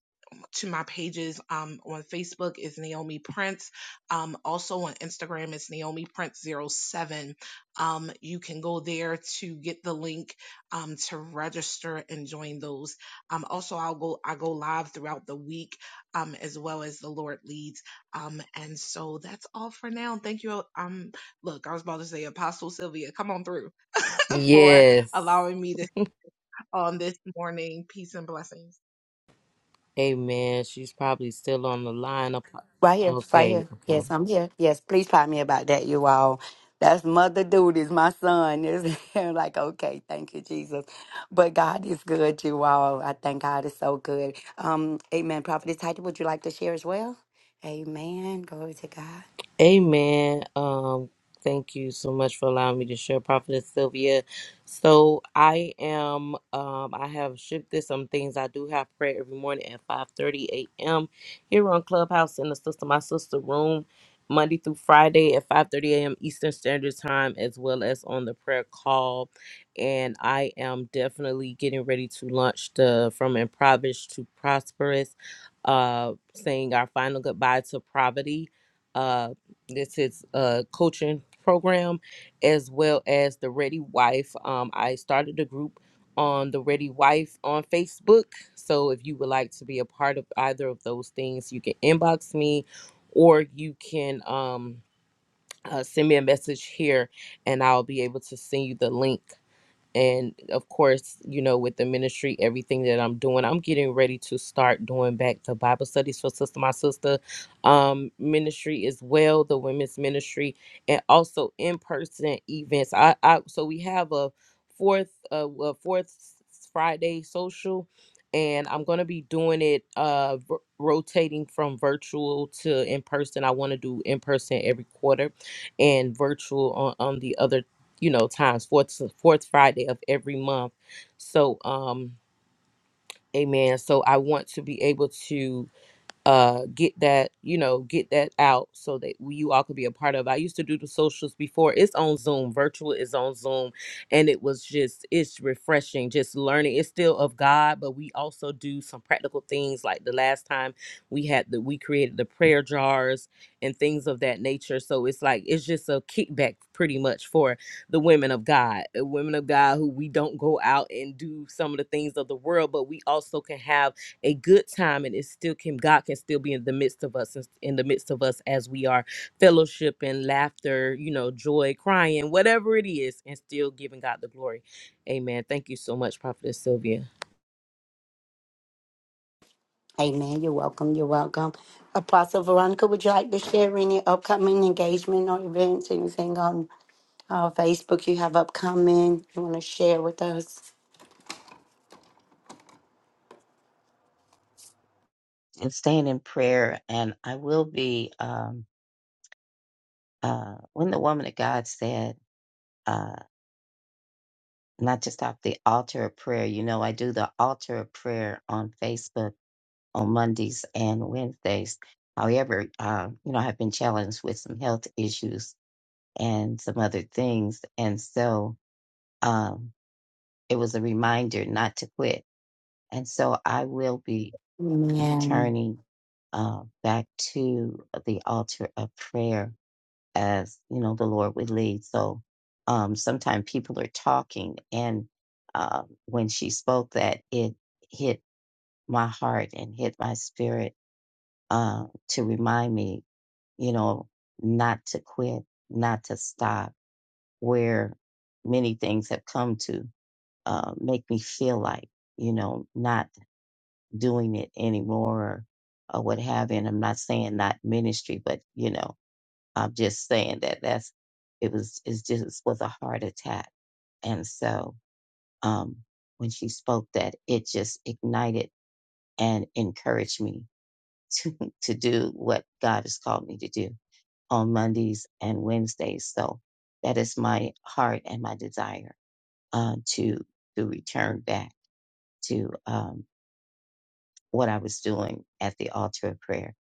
to my pages um, on Facebook is Naomi Prince. Um, also on Instagram is Naomi prince zero seven. Um, you can go there to get the link um, to register and join those. Um, also, I'll go I go live throughout the week um, as well as the Lord leads. Um, and so that's all for now. Thank you. Um, look, I was about to say Apostle Sylvia, come on through for yes. allowing me this on this morning. Peace and blessings. Amen. She's probably still on the line. Apo- Right here, right Okay, here. okay. Yes, I'm here. Yes, please try me about that, you all. That's mother duties. My son is like, okay, thank you, Jesus. But God is good, you all. I thank God is so good. Um, Amen. Prophetess Title, would you like to share as well? Amen. Glory to God. Amen. Um, thank you so much for allowing me to share, Prophetess Sylvia. So I am. Um, I have shifted some things. I do have prayer every morning at five thirty a.m. here on Clubhouse in the sister my sister room, Monday through Friday at five thirty a.m. Eastern Standard Time, as well as on the prayer call. And I am definitely getting ready to launch the from impoverished to prosperous, uh, saying our final goodbye to poverty uh, this is a coaching program as well as the Ready Wife. Um, I started a group on the Ready Wife on Facebook. So if you would like to be a part of either of those things, you can inbox me or you can um, uh, send me a message here and I'll be able to send you the link and of course you know with the ministry everything that i'm doing i'm getting ready to start doing back the bible studies for sister my sister um ministry as well the women's ministry and also in-person events i, I so we have a fourth uh a fourth friday social and i'm going to be doing it uh v- rotating from virtual to in person i want to do in person every quarter and virtual on, on the other you know times fourth fourth friday of every month so um amen so i want to be able to uh get that you know get that out so that we, you all could be a part of i used to do the socials before it's on zoom virtual is on zoom and it was just it's refreshing just learning it's still of god but we also do some practical things like the last time we had the we created the prayer jars and things of that nature so it's like it's just a kickback pretty much for the women of god uh, women of god who we don't go out and do some of the things of the world but we also can have a good time and it still can god can still be in the midst of us and in the midst of us as we are fellowship laughter you know joy crying whatever it is and still giving god the glory amen thank you so much prophetess sylvia Amen. You're welcome. You're welcome. Apostle Veronica, would you like to share any upcoming engagement or events? Anything on? Oh, Facebook you have upcoming. You want to share with us? and staying in prayer. And I will be, um, uh, when the woman of God said, uh, not just off the altar of prayer, you know, I do the altar of prayer on Facebook on Mondays and Wednesdays. However, uh, you know, I've been challenged with some health issues and some other things. And so um, it was a reminder not to quit. And so I will be Amen. returning uh, back to the altar of prayer as, you know, the Lord would lead. So um, sometimes people are talking. And uh, when she spoke that, it hit my heart and hit my spirit uh, to remind me, you know, not to quit, not to stop where many things have come to uh, make me feel like, you know, not doing it anymore or, or what have you. And I'm not saying not ministry, but, you know, I'm just saying that that's, it was, it's just was a heart attack. And so um, when she spoke that, it just ignited and encouraged me to, to do what God has called me to do on Mondays and Wednesdays. So that is my heart and my desire uh, to to return back to um, what I was doing at the altar of prayer.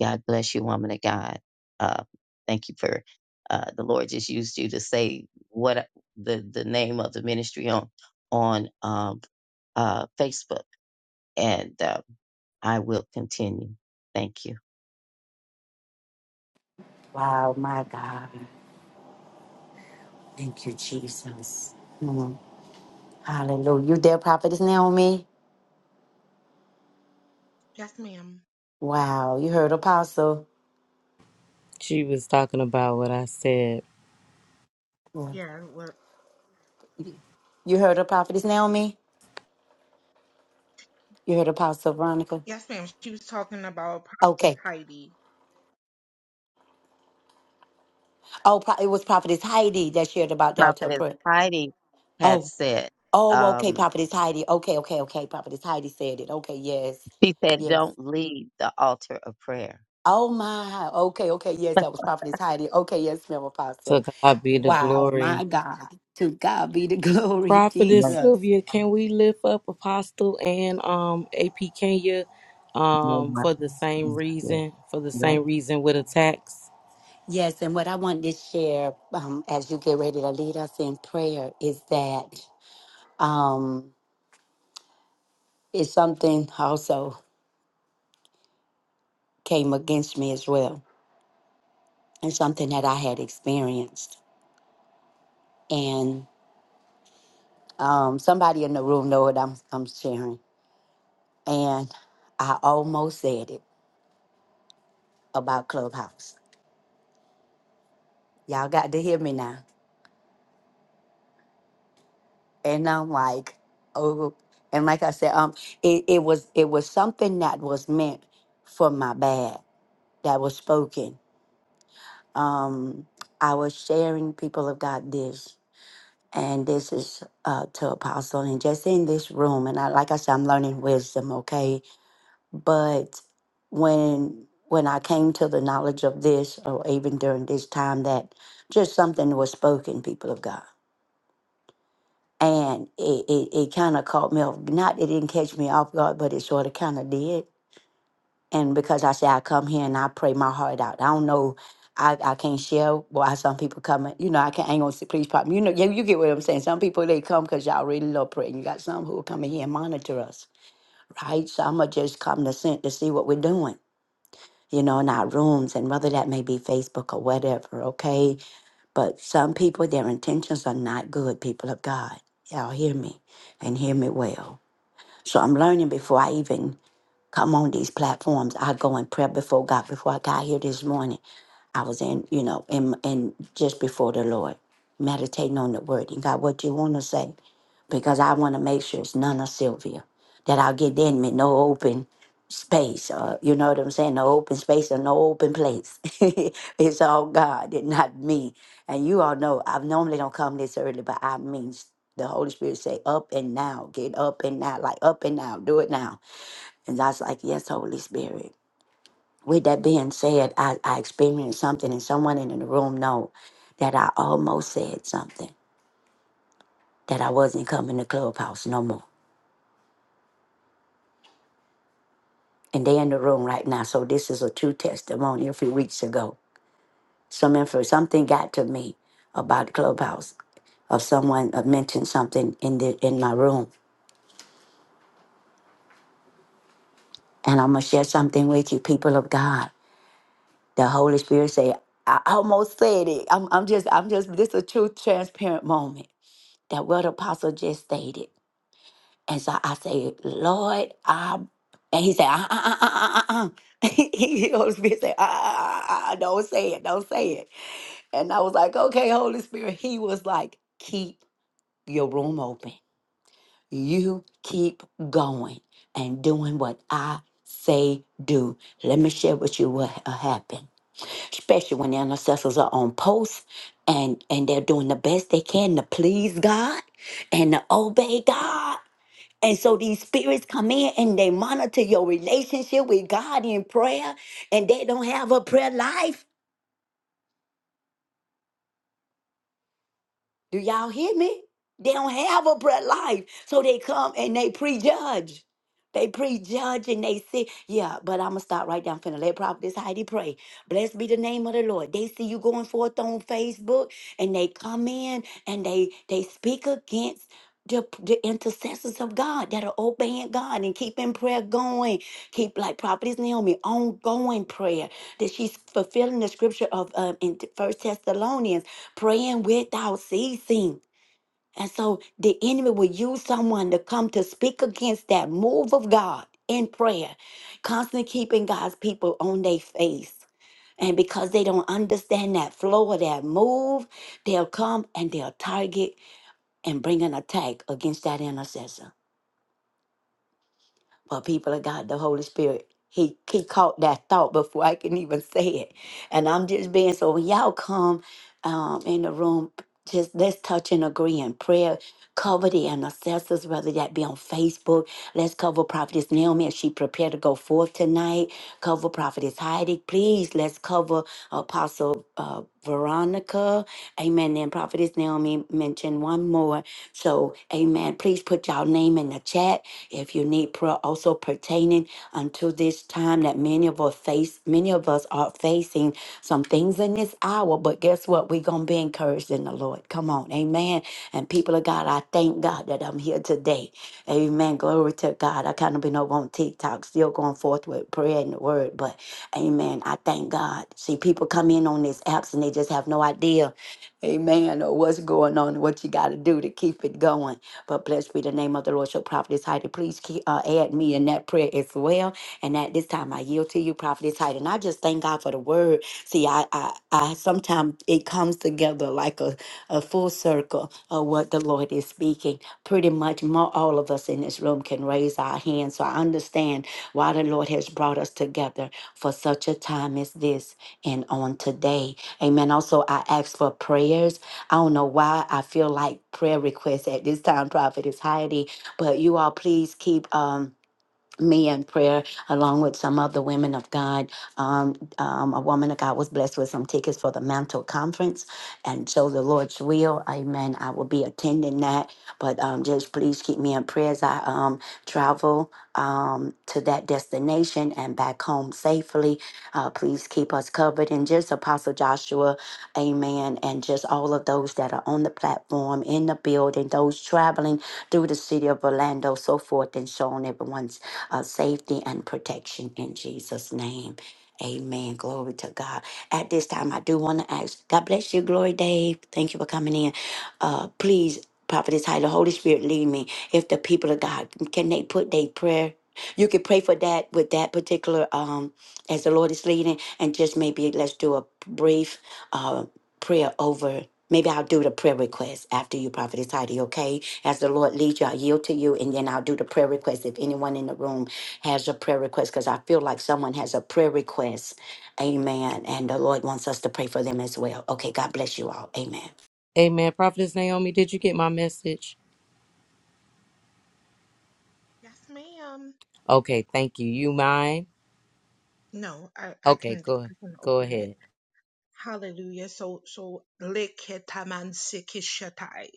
God bless you, woman of God. Uh, thank you for uh, the Lord just used you to say what the the name of the ministry on on um, uh, Facebook, and uh, I will continue. Thank you. Wow, my God. Thank you, Jesus. Mm. Hallelujah. You there, Prophetess Naomi? Yes, ma'am. Wow, you heard Apostle. she was talking about what i said Yeah. Yeah. Well. You heard a Prophetess Naomi? You heard Apostle Veronica? Yes, ma'am. She was talking about Prophetess Okay. Heidi. Oh, pro- it was Prophetess Heidi that shared about Delta Prophetess Print. Heidi had Oh, said, oh, okay, um, Prophetess Heidi. Okay, okay, okay. Prophetess Heidi said it. Okay, yes. she said, Yes. don't leave the altar of prayer. Oh my. Okay, okay. Yes, that was Prophetess Heidi. Okay, yes, ma'am, Apostle. to god be the Wow, glory my God. To God be the glory, prophetess Yes, Jesus. sylvia can we lift up apostle and um ap kenya um for the same reason for the Lord. same reason with attacks Yes, and what I wanted to share um, as you get ready to lead us in prayer is that um, it's something also came against me as well, and something that I had experienced, and um, somebody in the room know what I'm I'm sharing, and I almost said it about Clubhouse. Y'all got to hear me now. and I'm like, oh, and like I said, um, it, it was it was something that was meant for my bad that was spoken. Um, I was sharing people of God this, and this is uh, to Apostle, and just in this room, and I like I said, I'm learning wisdom, okay, but when when I came to the knowledge of this, or even during this time, that just something was spoken, people of God and it, it, it kind of caught me off. Not it didn't catch me off guard, but it sort of kind of did. And because I say I come here and I pray my heart out. I don't know. I, I can't share why some people come. and- You know, I can't. I ain't gonna say please pop. me." You know, you, you get what I'm saying. Some people they come because y'all really love praying you got some who will come in here and monitor us, right? So I'ma just come to sent to see what we're doing. You know, in our rooms and whether that may be Facebook or whatever. Okay but some people, their intentions are not good, people of God. Y'all hear me and hear me well. So I'm learning before I even come on these platforms. I go and pray before God. Before I got here this morning, I was in, you know, in, in just before the Lord, meditating on the word. And God, what you want to say? because I want to make sure it's none of Sylvia that I'll get in me no open space or you know what I'm saying no open space or no open place it's all God and not me and you all know I normally don't come this early but I mean s- the Holy Spirit say up and now get up and now like up and now do it now and I was like yes Holy Spirit with that being said I, I experienced something and someone in the room know that I almost said something that I wasn't coming to clubhouse no more and they're in the room right now. So this is a true testimony. A few weeks ago, some info, something got to me about Clubhouse, of someone uh, mentioned something in the in my room, and I'm gonna share something with you, people of God. The Holy Spirit say, I almost said it. I'm, I'm just, I'm just. This is a true, transparent moment that what Apostle just stated, and so I say, Lord, I. And he said, uh, uh, uh, uh, uh, uh. He- he- Holy Spirit said, uh, uh, uh, uh, uh, don't say it, don't say it. And I was like, okay, Holy Spirit. He was like, keep your room open. You keep going and doing what I say do. Let me share with you what uh, happened, especially when the intercessors are on post and, and they're doing the best they can to please God and to obey God. And so these spirits come in and they monitor your relationship with God in prayer, and they don't have a prayer life Do y'all hear me? They don't have a prayer life. So they come and they prejudge. They prejudge and they say, yeah, but I'm going to stop right down. I'm finna let Prophetess Heidi pray. Blessed be the name of the Lord. They see you going forth on Facebook and they come in and they they speak against the, the intercessors of God that are obeying God and keeping prayer going. Keep, like Prophetess Naomi, ongoing prayer that she's fulfilling the scripture of um, in 1 Thessalonians praying without ceasing. And so the enemy will use someone to come to speak against that move of God in prayer, constantly keeping God's people on their face. And because they don't understand that flow or that move, they'll come and they'll target and bring an attack against that intercessor. But people of God, the Holy Spirit, he, he caught that thought before I can even say it. And I'm just being so when y'all come um, in the room, just let's touch and agree in prayer. Cover the intercessors, whether that be on Facebook. Let's cover Prophetess Naomi as she prepared to go forth tonight. Cover Prophetess Heidi. Please, let's cover Apostle uh, Veronica. Amen. And Prophetess Naomi mentioned one more. So, amen. Please put y'all name in the chat if you need prayer also pertaining unto this time that many of us face, many of us are facing some things in this hour, but guess what? We're gonna be encouraged in the Lord. Come on, amen. And people of God, I thank God that I'm here today. Amen. Glory to God. I kind of been over on TikTok, still going forth with prayer and the word, but amen. I thank God. See, people come in on these apps and they just have no idea, amen, or what's going on and what you gotta do to keep it going. But blessed be the name of the Lord. So, Prophetess Heidi, please keep, uh, add me in that prayer as well. And at this time, I yield to you, Prophetess Heidi. And I just thank God for the word. See, I, I, I sometimes it comes together like a, a full circle of what the Lord is speaking. Pretty much more, all of us in this room can raise our hands. So, I understand why the Lord has brought us together for such a time as this and on today. Amen. Also, I ask for prayers I don't know why I feel like prayer requests at this time, Prophetess Heidi, but you all please keep um me in prayer along with some other women of God. Um, um, a woman of God was blessed with some tickets for the Mantle Conference, and so the Lord's will, Amen. I will be attending that, but um, just please keep me in prayer as I um travel um to that destination and back home safely. Uh, please keep us covered, and just Apostle Joshua. Amen. And just all of those that are on the platform, in the building, those traveling through the city of Orlando, so forth, and showing everyone's uh, safety and protection in Jesus' name. Amen. Glory to God. At this time, I do want to ask God bless you, Glory Dave. Thank you for coming in. Uh, please, Prophetess High, the Holy Spirit, lead me. If the people of God, can they put their prayer? You could pray for that with that particular, um, as the Lord is leading, and just maybe let's do a brief uh, prayer over. Maybe I'll do the prayer request after you, Prophetess Heidi, okay? As the Lord leads you, I yield to you, and then I'll do the prayer request if anyone in the room has a prayer request, because I feel like someone has a prayer request. Amen. And the Lord wants us to pray for them as well. Okay, God bless you all. Amen. amen prophetess naomi did you get my message Yes, ma'am. Okay, thank you. You mind? No, I, I can Okay, go I can go open it. ahead. Hallelujah. So so leketaman sekishatai.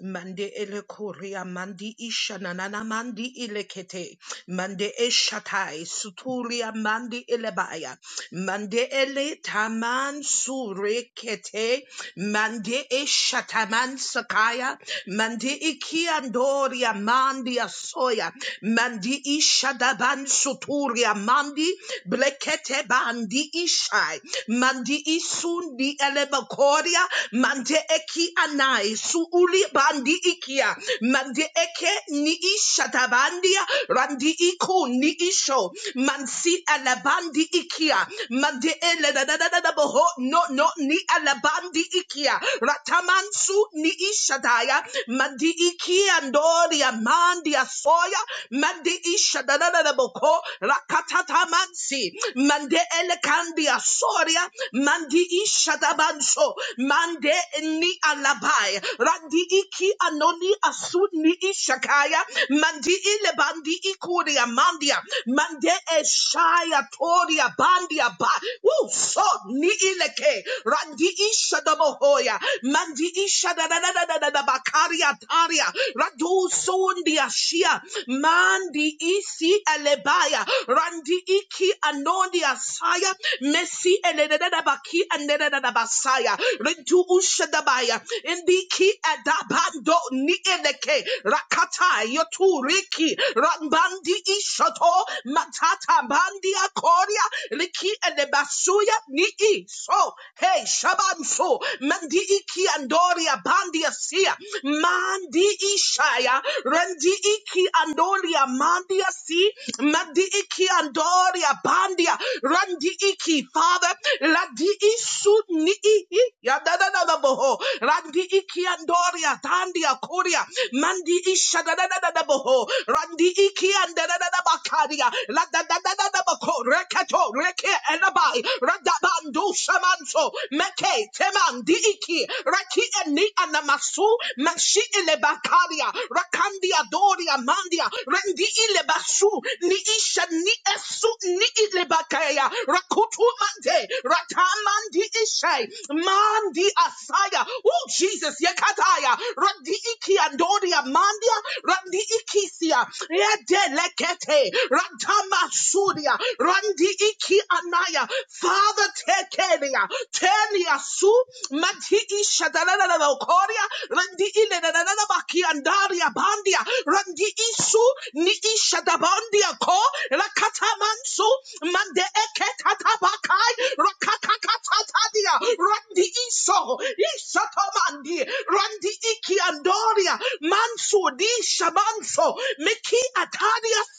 Mande elekoria mandi ishananana mandi ilekete. Mande eshatai suturia mandi elebaya. Mande eletaman surekete. Mande eshataman sakaya. Mande ikiandoria mandi asoya. Mandi Ishadaban Soturia Mandi Blekete Bandi Ishai Mandi Isundi Elebakoria Mande Eki Anai Suuli Bandi Ikia Mande Eke Ni Ishadabandia Randi Iku Ni Isho Mansi Alabandi Ikia Mande Ele da da da da da boho no no ni Alabandi Ikia Ratamansu Ni isha daya. Mandi Ikia Iandori amandi soya, mandi isha da da da da boko rakatata mansi mande elekandi asoria mandi isha da banso mande ni alabai randi iki anoni asuni ishakaya mandi ile bandi ikuri amandia mande eshaya toria bandia ba Woo, so ni ileke randi isha da bohoya mandi isha bakaria taria radu sondia shia mandi isi elebaya randi iki anondia saya mesi elebada baki anedada basaya rentu ushadabaya indiki adabando ni eleke rakata yotu riki rambandi ishoto matata Bandia Koria, liki elebasuya ni iso hey Shaba. Manfo, Mandi Iki Andoria Bandia Sia, Mandi Ishaya, Rendi Iki Andoria Mandia Si, Mandi Iki Andoria Bandia, Randi Iki, Father, Ladi Isu Ni Ihi, Yadadada Boho, Randi Iki Andoria, Tandia Korea, Mandi Isha Dadada Boho, Randi Iki and Dadada Bakaria, La Dadada Bako, Rekato, Reke Elabai, Radabando Shamanso, Meke, Teman, Diiki, Raki and Ni Anamasu, Mashi Ilebakaria, Rakandia Doria Mandia, Rendi Ilebasu, Ni Isha Ni Esu Ni Ilebakaya, Rakutu Mante, Ratamandi Ishai, Mandi Asaya, Oh Jesus, Yekataya, Randi Iki Andoria Mandia, Randi Ikisia, Yede Lekete, Ratama Suria, Randi iki anaya. Father, take Kenya. Tenya su mati isha dalala koria. Randi ile dalala baki andaria bandia. Randi isu ni isha dabandia ko. Rakata mansu mande eke tatabakai. Rakakakatatadia. Randi iso. Isha tomandi. Randi iki andoria. Mansu di shamanso. Miki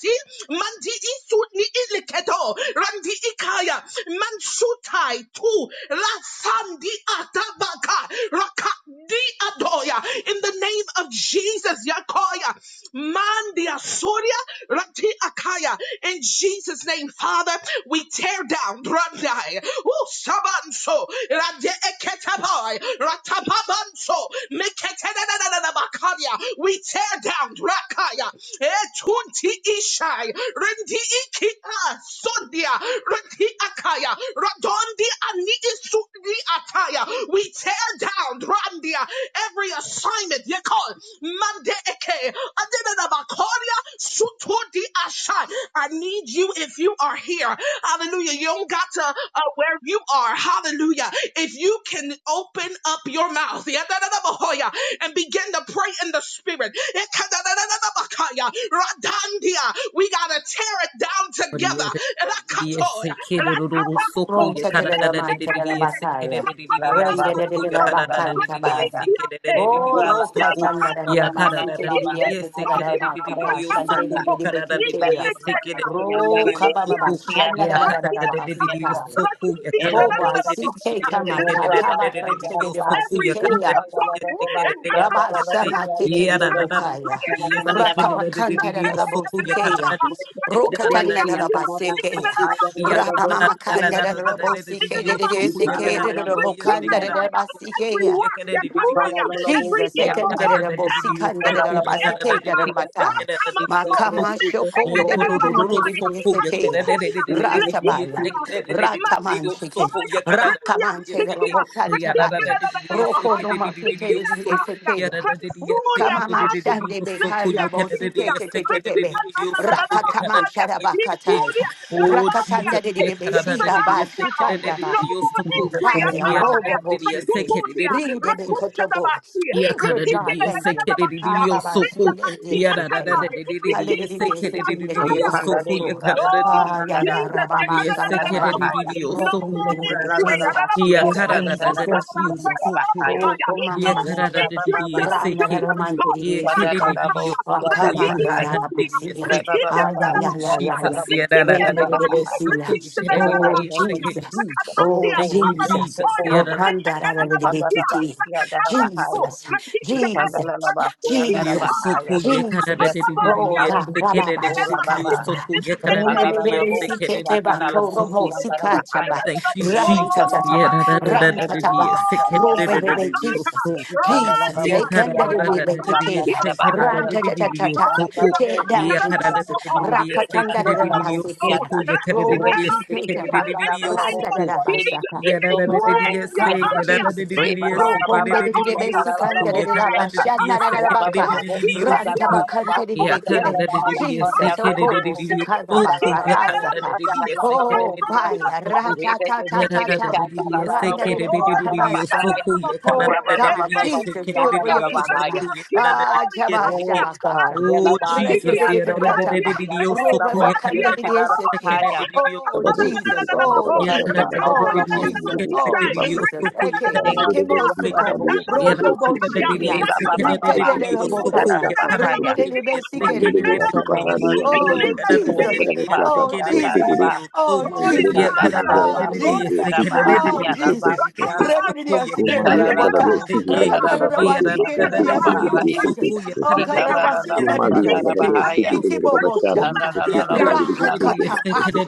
si mandi isut ni iliketo randi ikaya mansutai tu la sandi atabaka rakadi adoya in the name of Jesus yakoya mandi asuria rati akaya in Jesus name Father we tear down randai u sabanso radi eketabai ratababanso meketenenenenenabakaria. we tear down down. Rakaya. Etunti ishai. Rendi ikita. Sondia. Rendi akaya. Radondi ani isuni ataya. We tear down. Randia. Every assignment. Yekol. Mande eke. Adenabakoria. Sutudi ashai. I need you if you are here. Hallelujah. You don't got to uh, where you are. Hallelujah. If you can open up your mouth and begin to pray in the spirit. Ikadadadadabakaya, Radandia. We got to tear it down Yeah, together. Rome said the little man said the Basaya. Rain Thank the little Basanta Oh, roka chanda da da da ba suke di di di ase ta da da ba kapa shande di di di beke te ya. Roka ba ba ba shanda da da da da da ba sita. Hoba CK Kama Kataba Kantede Every work Basukea. of darkness, and Ooh, Rabba Katata, Sama Ketedi Rakikistana, Bukaya. Rakatanato, Rakapakanta Rabosikea. Nakatanabaha, Rokatana Kutundia, Rabasekea. Yosoku, Ikanabaka, Rabba Mama Yakarayosoku, Kanda Yakarayosku, Rabosike de Rakikistana, de Seke Yakarayosku, Rabokanda de Yakarayosku, Every Basikea. work, yakataya, Ooh, every Jesus, evil second de work, down, Bosikanda down, Yakarayosku, Rabasike yakata, you. Rabatai. In rakamaso, Makama Shoko de meksekataya, Bekinted Yakorororosoku, Sekea. Yakarayosku, rakuturia, Rasabaya. lepisekaya, mandia, Rataman chicken. oya, rendia, Rakaman say the sikia, Bokan Yakarayosku, rekikia, Chabayan. Roko no lalalalalabahaya, mountain take it in Yakarayosku, rekiantaya, Oh Esetea. remsuria, Kamama shande bekanda bosike te te te te be rakataman sharabakatai rakatanda Jesus, de de yeah, it's be just Canada, si the aba DDS, allowed the now. Canada, shitanda the ba No DDS, more so Ooh, cool. entry. fire Yeah, the robo Akabaya. DDS, the boshite Canada, Rekutundia. the DDS, rinde be so kotobo Rekushadabasi. yeah, Ooh, Canada, good the God DDS, thank the you Canada, Rekitedadadadabaki. the DDS, ababa so cool. Yeah, the DDS, Rita the shinde Canada, the DDS, so cool. de andi de Yeah, se te Canada, ya the akatai. DDS, the DDS, the hallelujah se kende de Rekishundia. de bakoto Oh, Ah, yeah, yeah, Jesus, you Rababa could have done another Canada, Sandaya. before. the DDS, No so Broken cool. more little bit entry. another Hiya before. Yes, karada da Oh, Jesus, da da yes, God, I yo pray. Jesus. another soko. Oh, before. Koma Hiya No more karada Mamasika. da da da entry to the Rana yeseke. children of God. Hiya Ramandiri kere da City. da yo Rakataya. Let soko. Hiya his Wakamanda karada da da fully. da Ramasia. Let yese. his Ah, yeah, another Oh yeah, yeah, yeah, yeah. Jesus, hiya da before. da In da Great da little yo bit soko. Hiya kere da the da mighty Oh, name of yeseke. Jesus. Jesus, Oh, Thank Sokoro, you Jesus. Jesus, Sokoro, Oh, hiya da da da Kandara little bit Ikanda, Bahaya, Jesus, Jesus, Ikanda, yo Jesus, Bahaya, soko. Hiya karada Jesus. Yes, da da da Lord. da Oh, God, Hallelujah. yeseke. Da da da Rababa da Oh, yo Abba, Sikadaba. soko. Hiya Jesus, the name karada da of da da Jesus. Kalbo, yeseke. Da da da yo Kialamo, soko. Sarahaya. Thank you Eve Jesus, hiya Kandaraba, da da da da da da Suriandaraba, yeseke. Da da da da Sandarabahai. yo soko. Jesus, Ye Ikandarabo, hey, kara da da da da da Siandaraba, da ye se ke da da da run, da Sandarabahai. cha da cha cha da cha yo cha, soko Ikandarabo, tear down, ye kara da Jesus, da da da Siandaraba, da da ye se rakatanda ke da da da da da da Sandarabo, yo basete, Siata. soko ye kara da da da robo ye Rebe, se ke Sile, sikete da da ba, da da da yo Kandarabo, randa da soko da Sianeri, basaka. ye da da da da da ye Oh God, se Sianda. ye da da da da da Jesus, da Reba, ye Baba, se ke da Rokonde da de da da de da yo soko Besicanda Siatarabo, ye de kara la da da Siata. da da Vashana ye da da Rabba, Baca, se Bobo, Ranta Siandaraba, Bacante Jesus, oh, ke da da da kobo da da yo sikada Oh soko ye God, kara da da Rakita, basarasaka. Rakata da da ye se ke da da da da yo soko ye kara da da da da ye se ke da Oh, da da da yo fire, soko rata ta Oh ta ta ta. Randa de mokabashana. Oh God, Jesus, do it for your people, God. Ah, jaba shaba kata. in Rete Jesus, de de be ba. Roba ba de de Oh yeah, Kabadoski Jesus, Kitangara oh Ye Bashata karada Jesus, da da oh da Bafoski ye Dengiri Jesus, seke da da oh da Bishiki da yo Bafoski Jesus. soko ye Eke, karada da da ye Bandiribuski seke kemosuko. Mahadiyam ye da da Kabadoski Rokobo da da da Dengiri Shikia, ye Bishiki seke da da da Bafoski da Rikadela yo Kitangara soko Bokata, ye Bashata karada da Bafoski da da ye Rinelebe Sikerio in Mandiribuski the Sokoa. name the Pahadiyam Oh, name of Kabadoski of Jesus. Jesus. Kitangara Bashata Oh, seke da da da Bafoski da Jesus. Jesus, Kiri yo Oh, soko ye Jesus. Mandiribuski karada da Mujana Oh, da da Jesus. ye Mandiribuski seke da da da da Dengiri Oh, Bishiki Jesus. yo Bafoski so Reverendia ye karada da da da da ye seke da da da da yo soko ye karada da Sikende da da Kumadiyam ye Boka, Kabadoski seke Kitangara ye Randaraba Bashiki da da da Bafoski Sikedia da Dengiri Sika, yo Ikandarabasandarabaha. Bishiki Jesus. soko ye Oh, Bafoski karada da da da ye Karabasina seke Dia da Kumadiyam da da Siki, Kabadoski da yo Kitangara soko Kikibobo Bashata Shaka, Ye Bafoski kara Yeah, Dengiri Bishiki Bafoski Rakatapaya,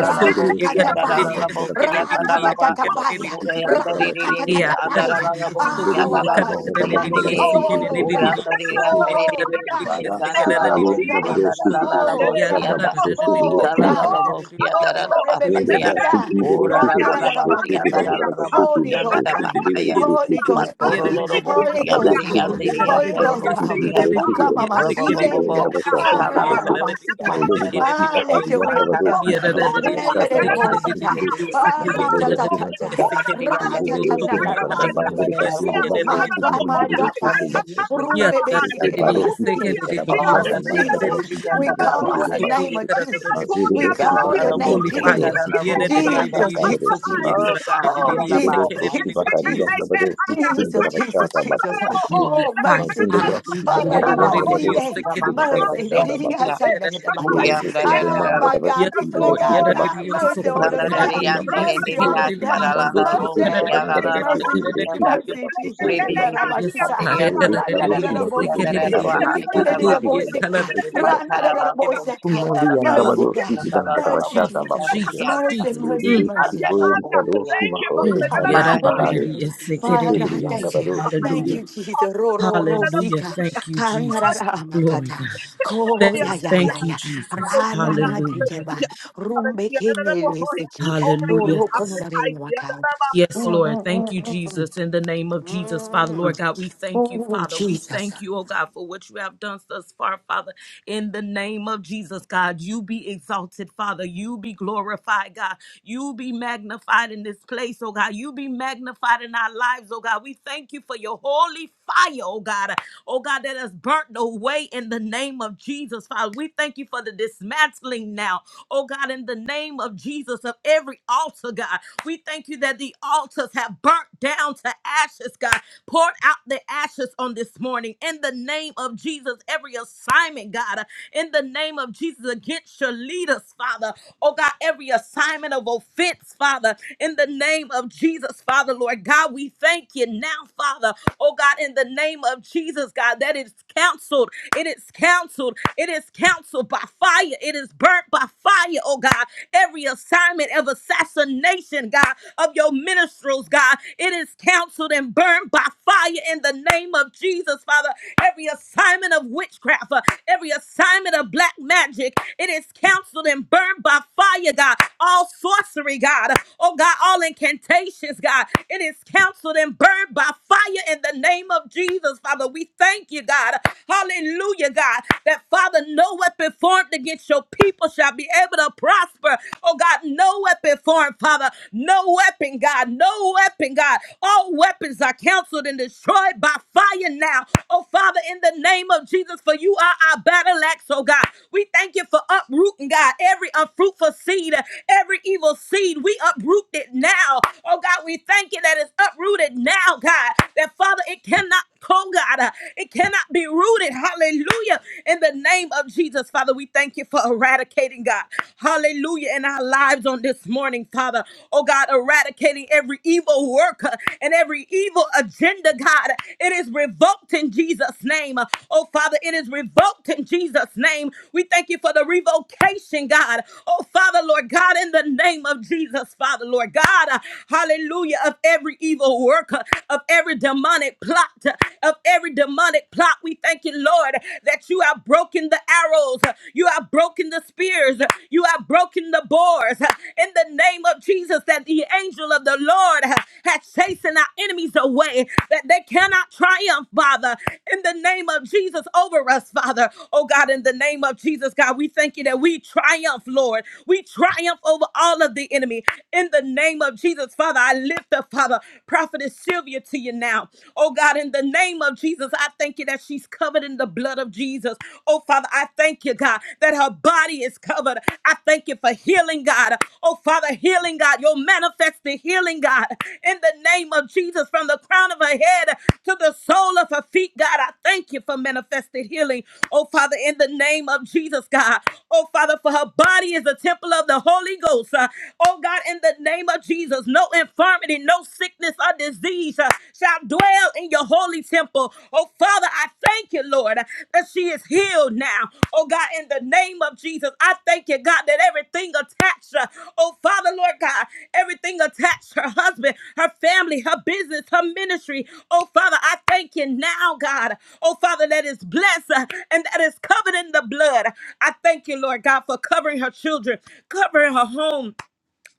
Mandiri Roshki Nazada Bandara andalalabosi, Bashiki akadalaba, Roshki the Rakatatapaya, Bafoski Ure the Bandara Bashiki andariririn, Bafoski Rakatatapaya. andalalabosi, Mandiri Oh, Abba, Roshki Abba, andalalabosi, Nazada God. Bandara andiririn, Bashiki Oh, Ure da Roshki God. the Bafoski Oh, andaririn, God. Bada Oh, Stikari and indalalabosi, Thank you. God. Gavaroski Bandara Oh, andalalabosi, God. Bashaka anda, Bafoski Oh, God. Ikalalabosi, Oh, andalalabosi, baby, Kere andaya, see that. Bashiki Ura Roshki Run, na, na, na, na, my lalalabasi, Bafoski Bandara andalalabosi, Bashiki Holy Ghost Bafoski fire, Bandara andalabahaya, Bashiki Holy Ghost Holy Bafoski power, Patorolobo, Holy Ghost Yadari Kabadoski and power, was in a Diri and Holy mandara Ghost Derolo, Kashi power. Yata, Kidoski, the Ukama Masoski, mashinde, the Robobobo, Rabashata, ah ra ra Masoski, ra Picalalabo, basika, Mandiri Boski Yadanabaki, ah let Pahari, your and will be done, Navadoski, God. the Patanabo, Yadanabobo, Re re Yanadi Rabashata, re Masoski, and bosika, See the ah ra ta ta Zibidoski, ta and ta, Sanda, Mortify Yadanabakianta, ra of ta ta Zibidoski, people. na na and ra Sanda, basike. Bangari Kasi, the Oh my Basoski, God, the my God, fire. fire. Vishiki Basoski, Rumbe be Siki sikeri Baroski, the yasuke. Oh Karabashanda, Jesus, Bangarabashi, we the Roski, call on the the name of Basoski, Jesus. Maziri We Boski call your Pahari, name and Jesus. Navadoski, the Jesus, Rabashaka, Jesus, Vadoski, Jesus. Oh God, Oh you're the Manzede Jesus, Bible. Bofroski Jesus, Bakari Jesus. Yangabadoski Jesus, Jesus, Bingarabashata Jesus. Bafroski Kiri Holy Oh fire, mercy, Manzundo God. Bafski hallelujah. Ora Yeah, Bakari that la it is, Ararabasine. so Yangabadoski get it, it is. Mercy. Bingarabashanda Oh, Thank you. Bafroski yeah, that it Ririyasandarebaka. Ere is. Busundo Oh my God, Yes, Mangarabashi people of Lord. Kibidoski Yeah, God, that it God, is, Bafroski so mercy cool. on us, Yeah, Bangarabashi that God. it is, Bafroski so Mercy get Kiri on it, us, it God. is, so cool. Bandoski Yeah, Kiri that it is, Mercy, yes, Kabangarabashi mercy, get it, it mercy, is, Kibidoski so mercy, Bafroski Jesus, cool. eh, Kiri Bafroski Yes, Karabasika, God. Yeah, Bede that Randa it da da Karoski da is, so Bazundo get Bosika, it, it is, Mangarabashi Rinda so da da da cool. Kibidoski Yeah, color Bosika, Bafroski that Kiri it is, Randa so da Bafroski da da get it, it Bosika, is, so cool. mercy, Kumaliangabadovsky God, mercy, Hidangabashata Jesus, Jesus, Baposi, Jesus, mercy, Jesus. mercy, Mm. Lilivitsky mercy. Purikadovsky Ooh, Oh, Thank you, God, yeah, Mahodikadovsky that Father. it Holy Bahari, Ghost, is, so get my it, it God, is, thank so you, Sitibiriangabadovsky thank hallelujah. Hallelujah, you, Jesus, Ro Ro Ro Hallelujah. Sika, Thank you, Kanara Jesus. Glory, Makata, God. Ko Thank hallelujah, Ya us. Ya Ya Thank you, Ya, Jesus. Rana Hallelujah. Madikeba, Rumbe Kinele Over Oh, you, Hallelujah. Prophet rokandarere Isaiah. wakai. Yes, Mm, Lord. mm, Thank mm, you, mm, mm. Jesus. In the name of Jesus, Father, Mm. Lord God, we thank you, Oh, Father. We Jesus. thank you, oh God, for what you have done thus far, Father. In the name of Jesus, God, you be exalted, Father. You be glorified, God. You be magnified in this place, oh God. You be magnified in our lives, oh God. We thank you for your holy fire, oh God. Oh God, that has burnt away in the name of Jesus, Father. We thank you for the dismantling now, oh God, in the name of Jesus, of every altar, God. We thank you that the altars have burnt down to ashes, God. Poured out the ashes on this morning in the name of Jesus. Every assignment, God, uh, in the name of Jesus, against your leaders, Father. Oh God, every assignment of offense, Father, in the name of Jesus, Father, Lord God, we thank you now, Father. Oh God, in the name of Jesus, God, that is counseled. It is counseled. It is counseled by fire. It is burnt by fire, oh God. Every assignment of assassination, God, of your ministers, God, it is counseled and burned by fire in the name of Jesus, Father. Every assignment of witchcraft, uh, uh, every assignment of black magic. It is canceled and burned by fire, God. All sorcery, God. Oh, God, all incantations, God. It is canceled and burned by fire in the name of Jesus, Father. We thank you, God. Hallelujah, God. That, Father, no weapon formed against your people shall be able to prosper. Oh, God, no weapon formed, Father. No weapon, God. No weapon, God. All weapons are canceled in the been destroyed by fire now. Oh, Father, in the name of Jesus, for you are our battle axe, oh God. We thank you for uprooting, God, every unfruitful seed, every evil seed. We uproot it now. Oh, God, we thank you that it's uprooted now, God. That, Father, it cannot Oh God, uh, it cannot be rooted. Hallelujah. In the name of Jesus, Father, we thank you for eradicating God. Hallelujah. In our lives on this morning, Father. Oh God, eradicating every evil worker and every evil agenda, God. It is revoked in Jesus' name. Oh Father, it is revoked in Jesus' name. We thank you for the revocation, God. Oh Father, Lord God, in the name of Jesus, Father, Lord God. uh, Hallelujah. Of every evil worker, of every demonic plot, of every demonic plot. We thank you, Lord, that you have broken the arrows, you have broken the spears, you have broken the boars. In the name of Jesus, that the angel of the Lord has chasing our enemies away, that they cannot triumph, Father. In the name of Jesus, over us, Father. Oh God, in the name of Jesus, God, we thank you that we triumph, Lord. We triumph over all of the enemy. In the name of Jesus, Father, I lift up. Father. Prophetess Sylvia to you now. Oh God, in the name of Jesus, I thank you that she's covered in the blood of Jesus. Oh Father, I thank you, God, that her body is covered. I thank you for healing, God. Oh Father, healing, God. You'll manifest the healing, God, in the name of Jesus, from the crown of her head to the sole of her feet, God. I thank you for manifested healing. Oh Father, in the name of Jesus, God. Oh Father, for her body is the temple of the Holy Ghost. Uh, oh God, in the name of Jesus. No infirmity, no sickness or disease uh, shall dwell in your holy temple. Oh, Father, I thank you, Lord, uh, that she is healed now. Oh, God, in the name of Jesus, I thank you, God, that everything attached her. Oh, Father, Lord God, everything attached her husband, her family, her business, her ministry. Oh, Father, I thank you now, God. Oh, Father, that is blessed uh, and that is covered in the blood. I thank you, Lord God, for covering her children, covering her home,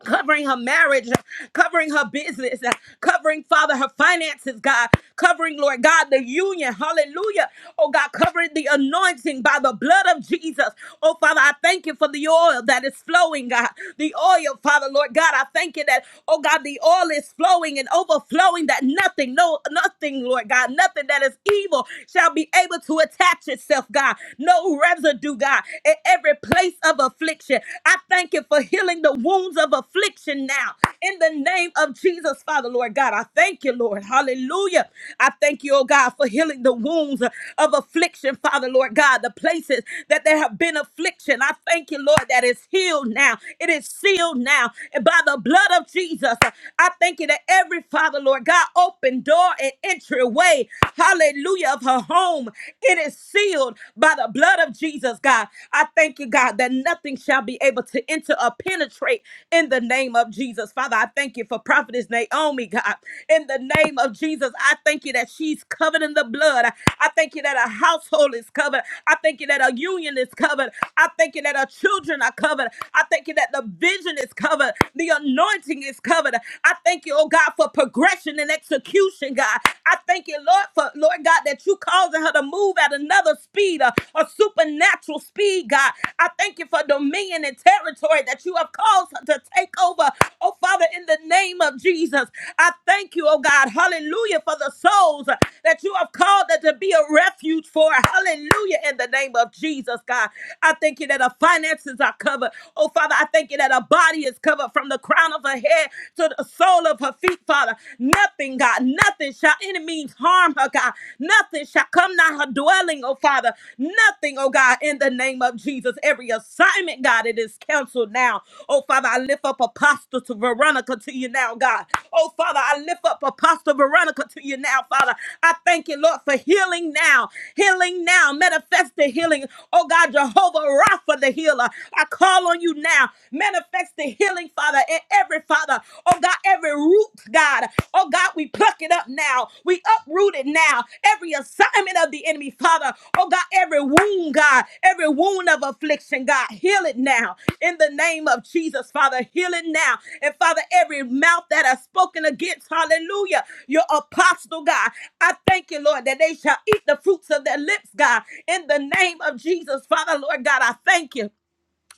covering her marriage, covering her business, covering, Father, her finances, God, covering, Lord God, the union, hallelujah. Oh, God, covering the anointing by the blood of Jesus. Oh, Father, I thank you for the oil that is flowing, God. The oil, Father, Lord God, I thank you that, oh, God, the oil is flowing and overflowing that nothing, no, nothing, Lord God, nothing that is evil shall be able to attach itself, God. No residue, God, in every place of affliction. I thank you for healing the wounds of affliction now. In the name of Jesus, Father, Lord God, I thank you, Lord. Hallelujah. I thank you, oh God, for healing the wounds of affliction, Father, Lord God, the places that there have been affliction. I thank you, Lord, that it's healed now. It is sealed now. And by the blood of Jesus, I thank you that every Father, Lord God, open door and entryway, hallelujah, of her home, it is sealed by the blood of Jesus, God. I thank you, God, that nothing shall be able to enter or penetrate in the name of Jesus. Father, I thank you for Prophetess Naomi, God. In the name of Jesus, I thank you that she's covered in the blood. I thank you that her household is covered. I thank you that her union is covered. I thank you that her children are covered. I thank you that the vision is covered. The anointing is covered. I thank you, oh God, for progression and execution, God. I thank you, Lord Lord, for Lord God, that you causing her to move at another speed, a, a supernatural speed, God. I thank you for dominion and territory that you have caused her to take over. Oh, Father, in the name of Jesus, I thank you, oh God, hallelujah, for the souls that you have called that to be a refuge for. Hallelujah, in the name of Jesus, God. I thank you that her finances are covered. Oh, Father, I thank you that her body is covered from the crown of her head to the sole of her feet, Father. Father. Nothing, God, nothing shall any means harm her, God. Nothing shall come nigh her dwelling, oh Father. Nothing, oh God, in the name of Jesus. Every assignment, God, it is canceled now. Oh Father, I lift up Apostle to Veronica to you now, God. Oh Father, I lift up Apostle Veronica to you now, Father. I thank you, Lord, for healing now. Healing now. Manifest the healing. Oh God, Jehovah Rapha, the healer. I call on you now. Manifest the healing healing, Father, and every Father, oh God, every root, God, oh God, we pluck it up now. We uproot it now. Every assignment of the enemy, Father, oh God, every wound, God, every wound of affliction, God, heal it now. In the name of Jesus, Father, heal it now. And Father, every mouth that has spoken against, hallelujah, your apostle, God, I thank you, Lord, that they shall eat the fruits of their lips, God. In the name of Jesus, Father, Lord God, I thank you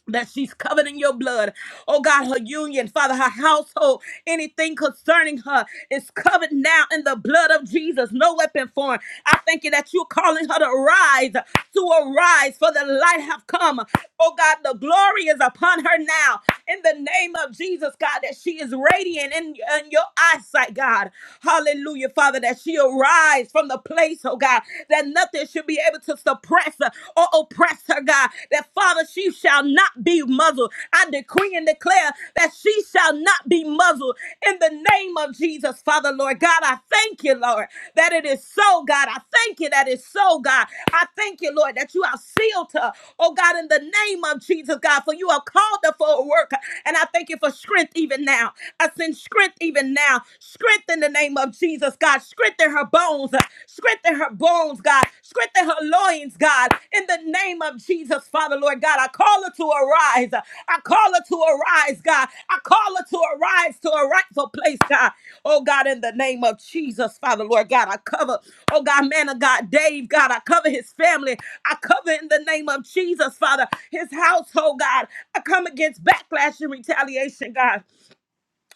that she's covered in your blood. Oh God, her union, Father, her household, anything concerning her is covered now in the blood of Jesus. No weapon formed. I thank you that you're calling her to rise, to arise, for the light have come. Oh God, the glory is upon her now. In the name of Jesus, God, that she is radiant in, in your eyesight, God. Hallelujah, Father, that she'll rise from the place, oh God, that nothing should be able to suppress her or oppress her, God. That Father, she shall not be muzzled. I decree and declare that she shall not be muzzled in the name of Jesus, Father, Lord God. I thank you, Lord, that it is so, God. I thank you that it's so, God. I thank you, Lord, that you are sealed altar. Oh God, in the name of Jesus, God, for you are called her for a work. And I thank you for strength even now. I send strength even now. Strength in the name of Jesus, God. Strengthen her bones. Strengthen her bones, God. Strengthen her loins, God. In the name of Jesus, Father, Lord God, I call her to arise. I call her to arise, God. I call her to arise to a rightful place, God. Oh God, in the name of Jesus, Father, Lord God, I cover, oh God, man of God, Dave, God, I cover his family. I cover in the name of Jesus, Father, his household, God. I come against backlash and retaliation, God.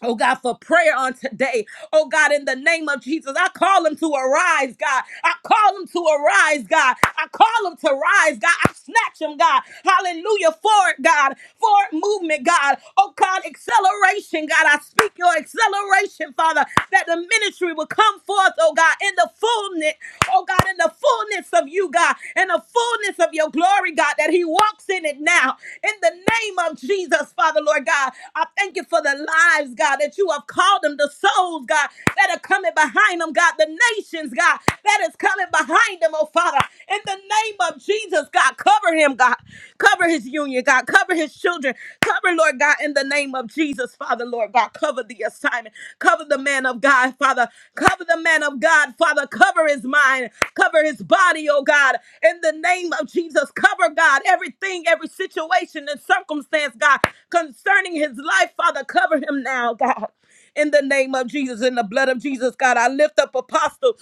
Oh God, for prayer on today. Oh God, in the name of Jesus, I call him to arise, God. I call him to arise, God. I call him to rise, God. I snatch him, God. Hallelujah. Forward, God. Forward movement, God. Oh God, acceleration, God. I speak your acceleration, Father, that the ministry will come forth, oh God, in the fullness, oh God, in the fullness of you, God, in the fullness of your glory, glory, God, that he walks in it now. In the name of Jesus, Father, Lord God, I thank you for the lives, God, that you have called them, the souls, God, that are coming behind them, God, the nations, God, that is coming behind them, oh Father. In the name of Jesus, God, cover him, God. Cover his union, God. Cover his children. Cover, Lord God, in the name of Jesus, Father, Lord God. Cover the assignment. Cover the man of God, Father. Cover the man of God, Father. Cover his mind. Cover his body, oh God in the name of Jesus. Cover, God, everything, every situation and circumstance, God, concerning his life, Father. Cover him now, God. In the name of Jesus, in the blood of Jesus, God, I lift up Apostle.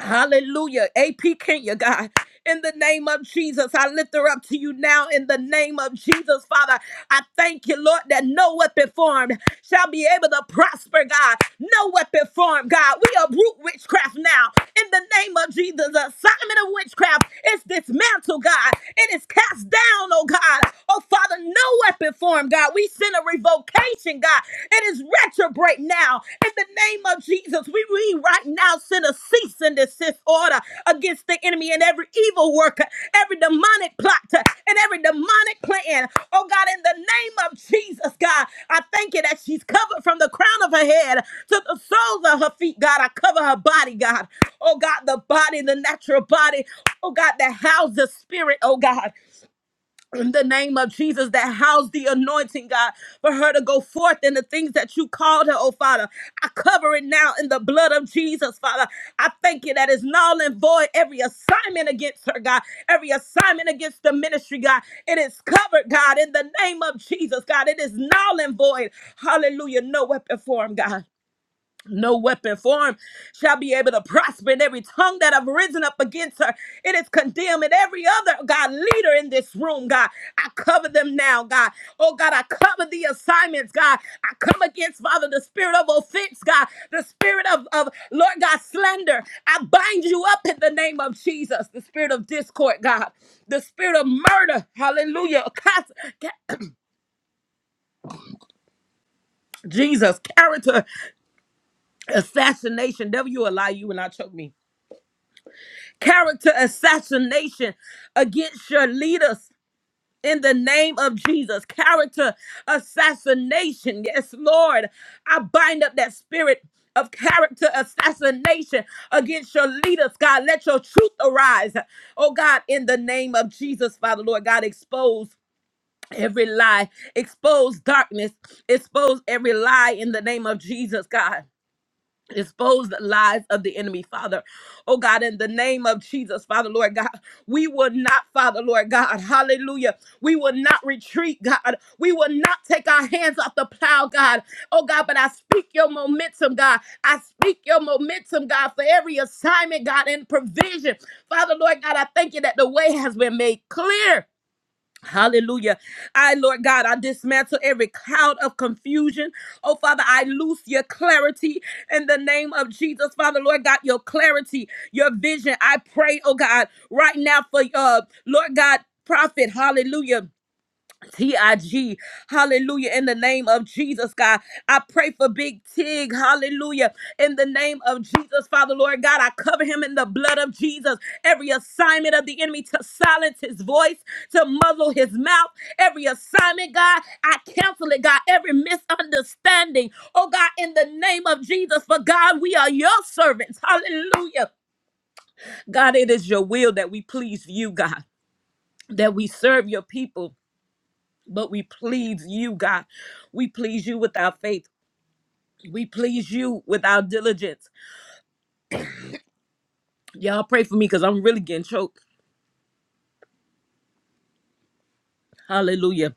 Hallelujah. AP Kenya, God, in the name of Jesus, I lift her up to you now in the name of Jesus, Father. I thank you, Lord, that no weapon formed shall be able to prosper, God. No weapon formed, God. We uproot witchcraft now in the name of Jesus. The assignment of witchcraft is dismantled, God. It is cast down, oh God. Oh, Father, no weapon formed, God. We send a revocation, God. It is retrograde now in the name of Jesus. We we right now send a cease and desist order against the enemy and every evil worker, every demonic plot, uh, and every demonic plan. Oh God, in the name of Jesus, God, I thank you that she's covered from the crown of her head to the soles of her feet, God. I cover her body, God. Oh God, the body, the natural body. Oh God, that houses the spirit, oh God in the name of Jesus that house the anointing, God, for her to go forth in the things that you called her, oh Father. I cover it now in the blood of Jesus, Father. I thank you that is null and void every assignment against her, God, every assignment against the ministry, God. It is covered, God, in the name of Jesus, God. It is null and void. Hallelujah. No weapon formed, God. No weapon formed shall be able to prosper, in every tongue that have risen up against her, it is condemned. And every other God leader in this room, God, I cover them now, God. Oh God, I cover the assignments, God. I come against Father the spirit of offense, God, the spirit of, of Lord God slander. I bind you up in the name of Jesus, the spirit of discord, God, the spirit of murder. Hallelujah. Cas- ca- Jesus, character assassination. Devil, you a lie, you will not choke me character assassination against your leaders in the name of Jesus. Character assassination. Yes, Lord. I bind up that spirit of character assassination against your leaders, God. Let your truth arise. Oh, God, in the name of Jesus, Father, Lord, God, expose. Every lie, expose darkness, expose every lie in the name of Jesus, God. Expose the lies of the enemy, Father. Oh God, in the name of Jesus, Father, Lord God, we will not, Father, Lord God, hallelujah. We will not retreat, God. We will not take our hands off the plow, God. Oh God, but I speak your momentum, God. I speak your momentum, God, for every assignment, God, and provision. Father, Lord God, I thank you that the way has been made clear. Hallelujah. I, Lord God, I dismantle every cloud of confusion. Oh, Father, I loose your clarity in the name of Jesus. Father, Lord God, your clarity, your vision. I pray, oh God, right now for, uh, Lord God, prophet. Hallelujah T-I-G, hallelujah, in the name of Jesus, God. I pray for Big Tig, hallelujah, in the name of Jesus, Father, Lord God. I cover him in the blood of Jesus. Every assignment of the enemy to silence his voice, to muzzle his mouth, every assignment, God, I cancel it, God. Every misunderstanding, oh God, in the name of Jesus, for God, we are your servants, hallelujah. God, it is your will that we please you, God, that we serve your people but we please you, God. We please you with our faith. We please you with our diligence. Y'all pray for me because I'm really getting choked. Hallelujah.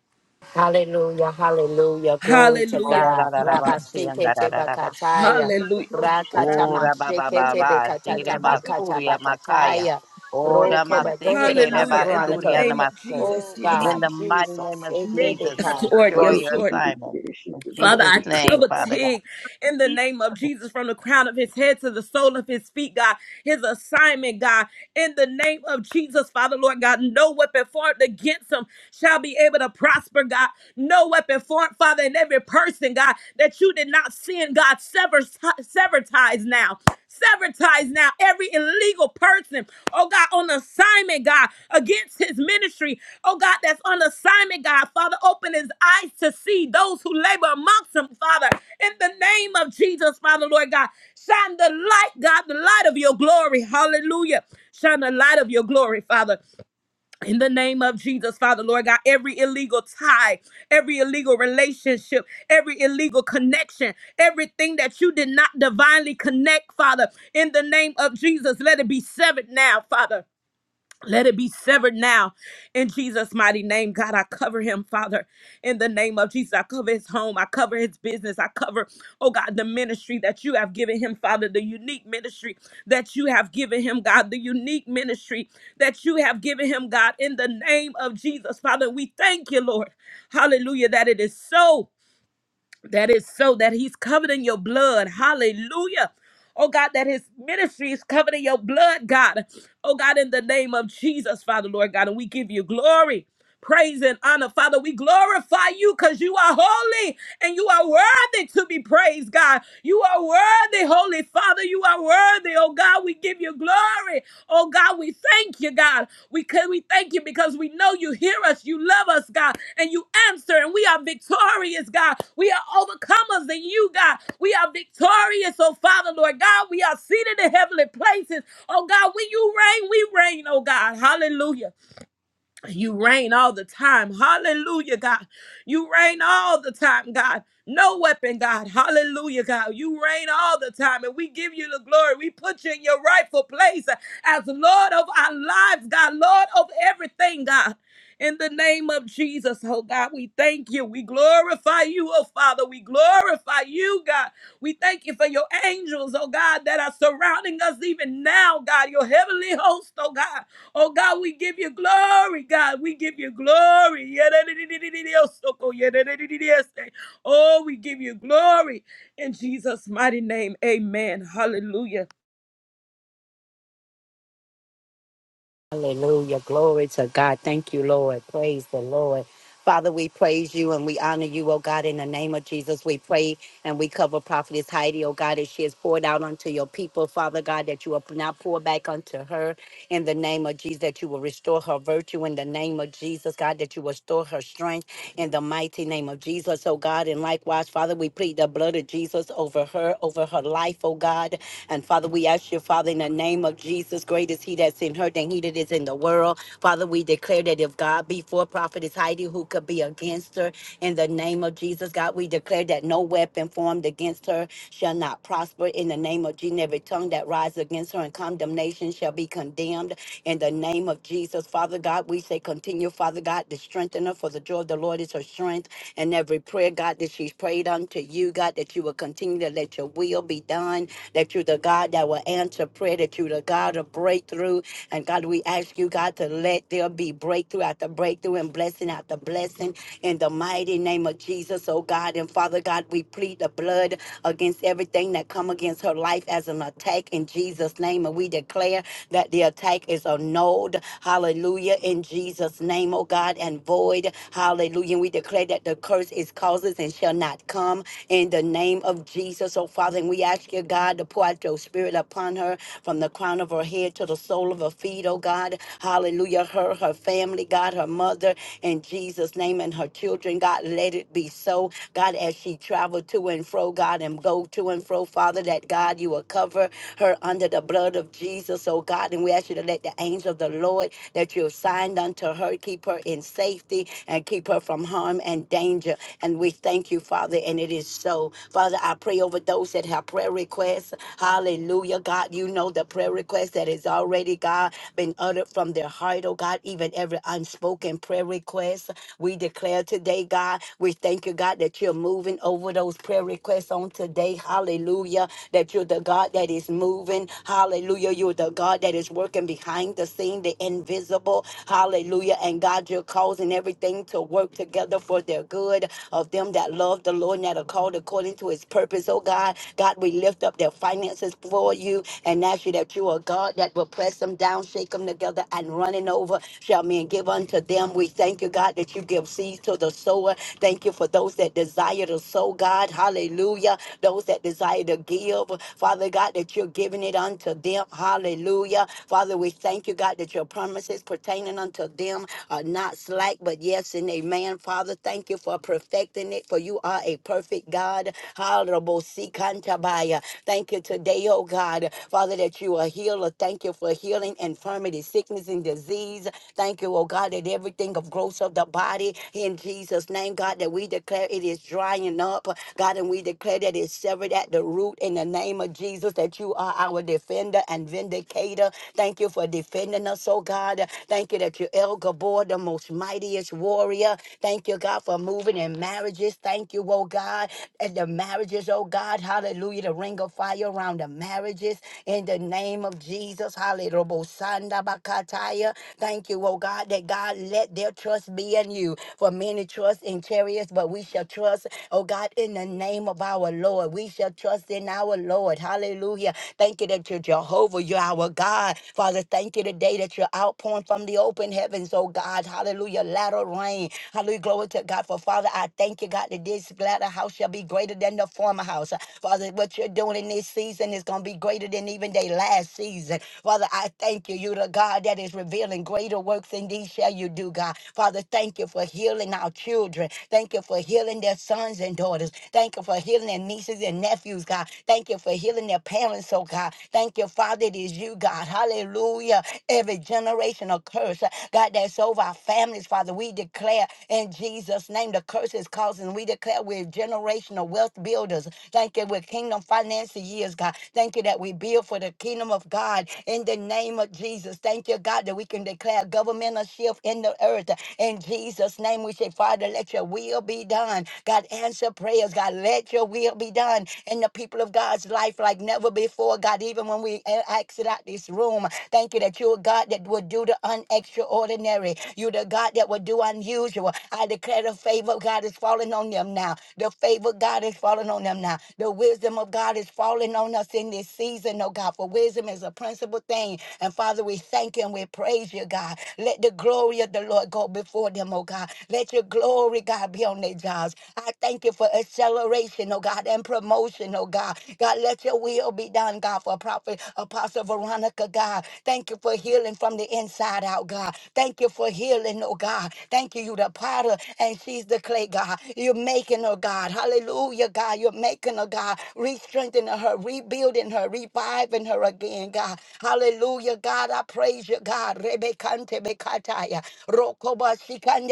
Hallelujah, hallelujah. Glory to Hallelujah. God. la la Rabba la, see, and da da Shikete da da da, see, Bakataya. Hallelujah. Mano shadana Rakatama Ora baba Shikete kuturia baba, jere Bekatata lebe eki Bakata basuria makaya. Bakataya. Ora Roko, but go ahead, masekele de Apostle Hallelujah. In the Veronica. basuria name of namaste. Jesus. Oh, Yes. In God, the mighty Jesus. name of Jesus, we Yes, Ekebeka. Lord. destroy Yes, your Hidibadovsky Lord. assignment. In Hidikidivishiki Father, Jesus' I Barovsky name, Hidibah. cover Father God. Tig in the name of Jesus from the crown of his head to the sole of his feet, God. His assignment, God, in the name of Jesus, Father, Lord God, no weapon formed against him shall be able to prosper, God. No weapon formed, Father, in every person, God, that you did not send, God, sever, sever ties now Sabotage now every illegal person, oh God, on assignment, God, against his ministry, oh God, that's on assignment, God. Father, open his eyes to see those who labor amongst him, Father, in the name of Jesus, Father, Lord God. Shine the light, God, the light of your glory. Hallelujah. Shine the light of your glory, Father in the name of Jesus, Father, Lord God, every illegal tie, every illegal relationship, every illegal connection, everything that you did not divinely connect, Father, in the name of Jesus, let it be severed now, Father. Let it be severed now in Jesus' mighty name. God, I cover him, Father, in the name of Jesus. I cover his home. I cover his business. I cover, oh God, the ministry that you have given him, Father, the unique ministry that you have given him, God, the unique ministry that you have given him, God, in the name of Jesus. Father, we thank you, Lord. Hallelujah, that it is so. That is so that he's covered in your blood. Hallelujah. Oh God, that his ministry is covered in your blood, God. Oh God, in the name of Jesus, Father, Lord God, and we give you glory. Praise and honor, Father. We glorify you because you are holy and you are worthy to be praised, God. You are worthy, Holy Father. You are worthy, oh God. We give you glory, oh God. We thank you, God. We can we thank you because we know you hear us, you love us, God and you answer, and we are victorious, God. We are overcomers in you, God. We are victorious, oh Father, Lord God. We are seated in heavenly places. Oh God, when you reign, we reign, oh God. Hallelujah. You reign all the time. Hallelujah, God. You reign all the time, God. No weapon, God. Hallelujah, God. You reign all the time, and we give you the glory. We put you in your rightful place as Lord of our lives, God. Lord of everything, God. In the name of Jesus, oh God, we thank you. We glorify you, oh Father. We glorify you, God. We thank you for your angels, oh God, that are surrounding us even now, God. Your heavenly host, oh God. Oh God, we give you glory, God. We give you glory. Yadadididididiyosoko, yadadidididiyose. Oh, we give you glory in Jesus' mighty name. Amen. Hallelujah. Hallelujah. Glory to God. Thank you, Lord. Praise the Lord. Father, we praise you and we honor you, oh God, in the name of Jesus. We pray and we cover Prophetess Heidi, oh God, as she has poured out unto your people, Father God, that you will now pour back unto her in the name of Jesus, that you will restore her virtue in the name of Jesus, God, that you will restore her strength in the mighty name of Jesus, oh God. And likewise, Father, we plead the blood of Jesus over her, over her life, oh God. And Father, we ask you, Father, in the name of Jesus, great is he that's in her than he that is in the world. Father, we declare that if God be for prophetess Heidi, who could be against her? In the name of Jesus, God, we declare that no weapon formed against her shall not prosper. In the name of Jesus, every tongue that rises against her in condemnation shall be condemned. In the name of Jesus, Father God, we say continue, Father God, to strengthen her for the joy of the Lord is her strength and every prayer, God, that she's prayed unto you, God, that you will continue to let your will be done, that you're the God that will answer prayer, that you're the God of breakthrough. And God, we ask you, God, to let there be breakthrough after breakthrough and blessing after blessing in the mighty name of Jesus, oh God. And Father God, we plead the blood against everything that come against her life as an attack in Jesus' name. And we declare that the attack is annulled. Hallelujah. In Jesus' name, oh God, and void. Hallelujah. And we declare that the curse is causes and shall not come in the name of Jesus. Oh, Father, and we ask you, God, to pour out your spirit upon her from the crown of her head to the sole of her feet, oh God. Hallelujah. Her, her family, God, her mother, in Jesus' name, and her children, God, let it be so. God, as she travel to and fro, God, and go to and fro, Father, that God, you will cover her under the blood of Jesus, oh God. And we ask you to let the angel of the Lord that you have signed unto her keep keep her in safety and keep her from harm and danger. And we thank you, Father, and it is so. Father, I pray over those that have prayer requests. Hallelujah, God. You know the prayer request that is already, God, been uttered from their heart, oh God, even every unspoken prayer request. We declare today, God, we thank you, God, that you're moving over those prayer requests on today. Hallelujah. That you're the God that is moving. Hallelujah. You're the God that is working behind the scene, the invisible available. Hallelujah. And God, you're causing everything to work together for their good of them that love the Lord and that are called according to his purpose. Oh God, God, we lift up their finances for you and ask you that you are God that will press them down, shake them together, and running over shall men give unto them. We thank you, God, that you give seed to the sower. Thank you for those that desire to sow, God. Hallelujah. Those that desire to give, Father God, that you're giving it unto them. Hallelujah. Father, we thank you, God, that your promises pertaining unto them are not slack, but yes and amen. Father, thank you for perfecting it, for you are a perfect God. Honorable Sikantabaya. Thank you today, oh God, Father, that you are healer. Thank you for healing infirmity, sickness, and disease. Thank you, oh God, that everything of growth of the body in Jesus' name, God, that we declare it is drying up, God, and we declare that it's severed at the root in the name of Jesus, that you are our defender and vindicator in Decatur, Thank you for defending us, oh God. Thank you that you're El Gabor, the most mightiest warrior. Thank you, God, for moving in marriages. Thank you, oh God, and the marriages, oh God. Hallelujah. The ring of fire around the marriages in the name of Jesus. Hallelujah. Robosanda bakataya. Thank you, oh God, that God let their trust be in you. For many trust in chariots, but we shall trust, oh God, in the name of our Lord. We shall trust in our Lord. Hallelujah. Thank you that you're Jehovah, you're our God. Father, thank you today that you're outpouring from the open heavens, oh God. Hallelujah. Latter rain. Hallelujah. Glory to God. For Father, I thank you, God, that this latter house shall be greater than the former house. Father, what you're doing in this season is going to be greater than even they last season. Father, I thank you. You're the God that is revealing greater works than these shall you do, God. Father, thank you for healing our children. Thank you for healing their sons and daughters. Thank you for healing their nieces and nephews, God. Thank you for healing their parents, oh God. Thank you, Father. It is you, God. Hallelujah. Every generational curse, uh, God, that's over our families, Father. We declare in Jesus' name the curse is causing. We declare we're generational wealth builders. Thank you. We're kingdom financial years, God. Thank you that we build for the kingdom of God in the name of Jesus. Thank you, God, that we can declare governmental shift in the earth. In Jesus' name, we say, Father, let your will be done. God, answer prayers. God, let your will will be done in the people of God's life like never before, God. Even when we e- exit out this room, thank you that you're a God that will do the unextraordinary. You're the God that will do unusual. I declare the favor of God is falling on them now. The favor of God is falling on them now. The wisdom of God is falling on us in this season, oh God, for wisdom is a principal thing. And Father, we thank you and we praise you, God. Let the glory of the Lord go before them, oh God. Let your glory, God, be on their jobs. I thank you for you for acceleration, oh God, and promotion, oh God. God, let your will be done, God, for Prophet Apostle Veronica, God. Thank you for healing from the inside out, God. Thank you for healing, oh God. Thank you, you the potter, and she's the clay, God. You're making her, God. Hallelujah, God. You're making her, God. Re-strengthening her, rebuilding her, reviving her again, God. Hallelujah, God. I praise you, God. Rebekante bekataya. Rokoba sikandere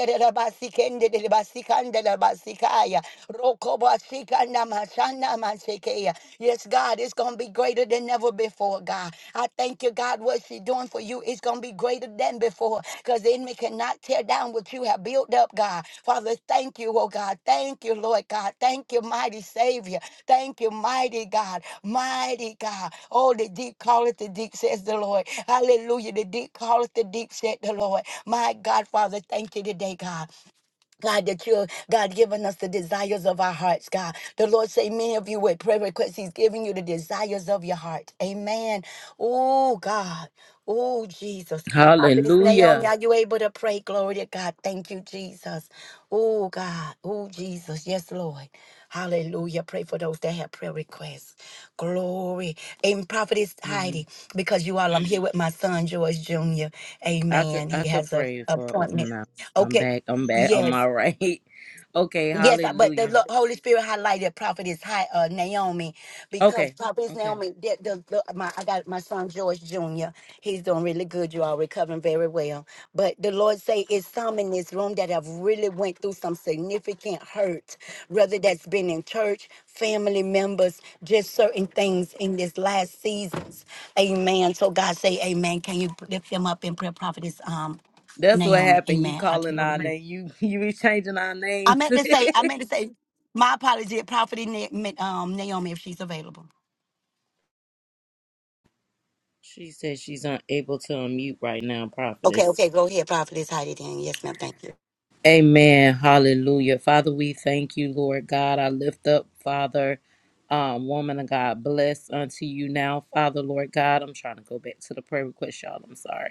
Shandela Basikaya. Rokoba Sikanda Mashana Masekeya. Yes, God, it's going to be greater than ever before, God. I thank you, God, what she's doing for you is going to be greater than before because the enemy cannot tear down what you have built up, God. Father, thank you, oh God. Thank you, Lord God. Thank you, mighty Savior. Thank you, mighty God. Mighty God. Oh, the deep calleth the deep, says the Lord. Hallelujah. The deep calleth the deep, said the Lord. My God, Father, thank you today, God. God, that you're God giving us the desires of our hearts, God. The Lord say many of you with prayer requests, He's giving you the desires of your heart. Amen. Oh God. Oh Jesus. Prophetess Naomi, Hallelujah. are you able to pray? Glory to God. Thank you, Jesus. Oh God. Oh Jesus. Yes, Lord. Hallelujah. Pray for those that have prayer requests. Glory. And Prophetess hmm Heidi, because you all, I'm here with my son, George Jr. I could Amen. I He could has a pray for um, appointment. now. I'm Okay. back. I'm back. I'm Yes. all right. Okay. Yes, I- but the Hallelujah. Lo- Holy Spirit highlighted prophetess high, uh, Naomi because Okay. prophetess Okay. Naomi, the, the, the, my, I got my son George Jr. He's doing really good. You all recovering very well. But the Lord say it's some in this room that have really went through some significant hurt, whether that's been in church, family members, just certain things in this last seasons. Amen. So God say, Amen. Can you lift them up in prayer, prophetess um, That's what Naomi? happened. You Amen. I calling our can. name. You you be changing our I names. meant to say, I meant to say, my apology, Prophet Na- um, Naomi, if she's available. she said she's unable to unmute right now, Okay, prophetess. okay, go ahead, Prophetess Heidi. Then, yes, ma'am. Thank you. Amen. Hallelujah. Father, we thank you, Lord God. I lift up, Father, um, woman of God, bless unto you now, Father, Lord God. I'm trying to go back to the prayer request, y'all. I'm sorry.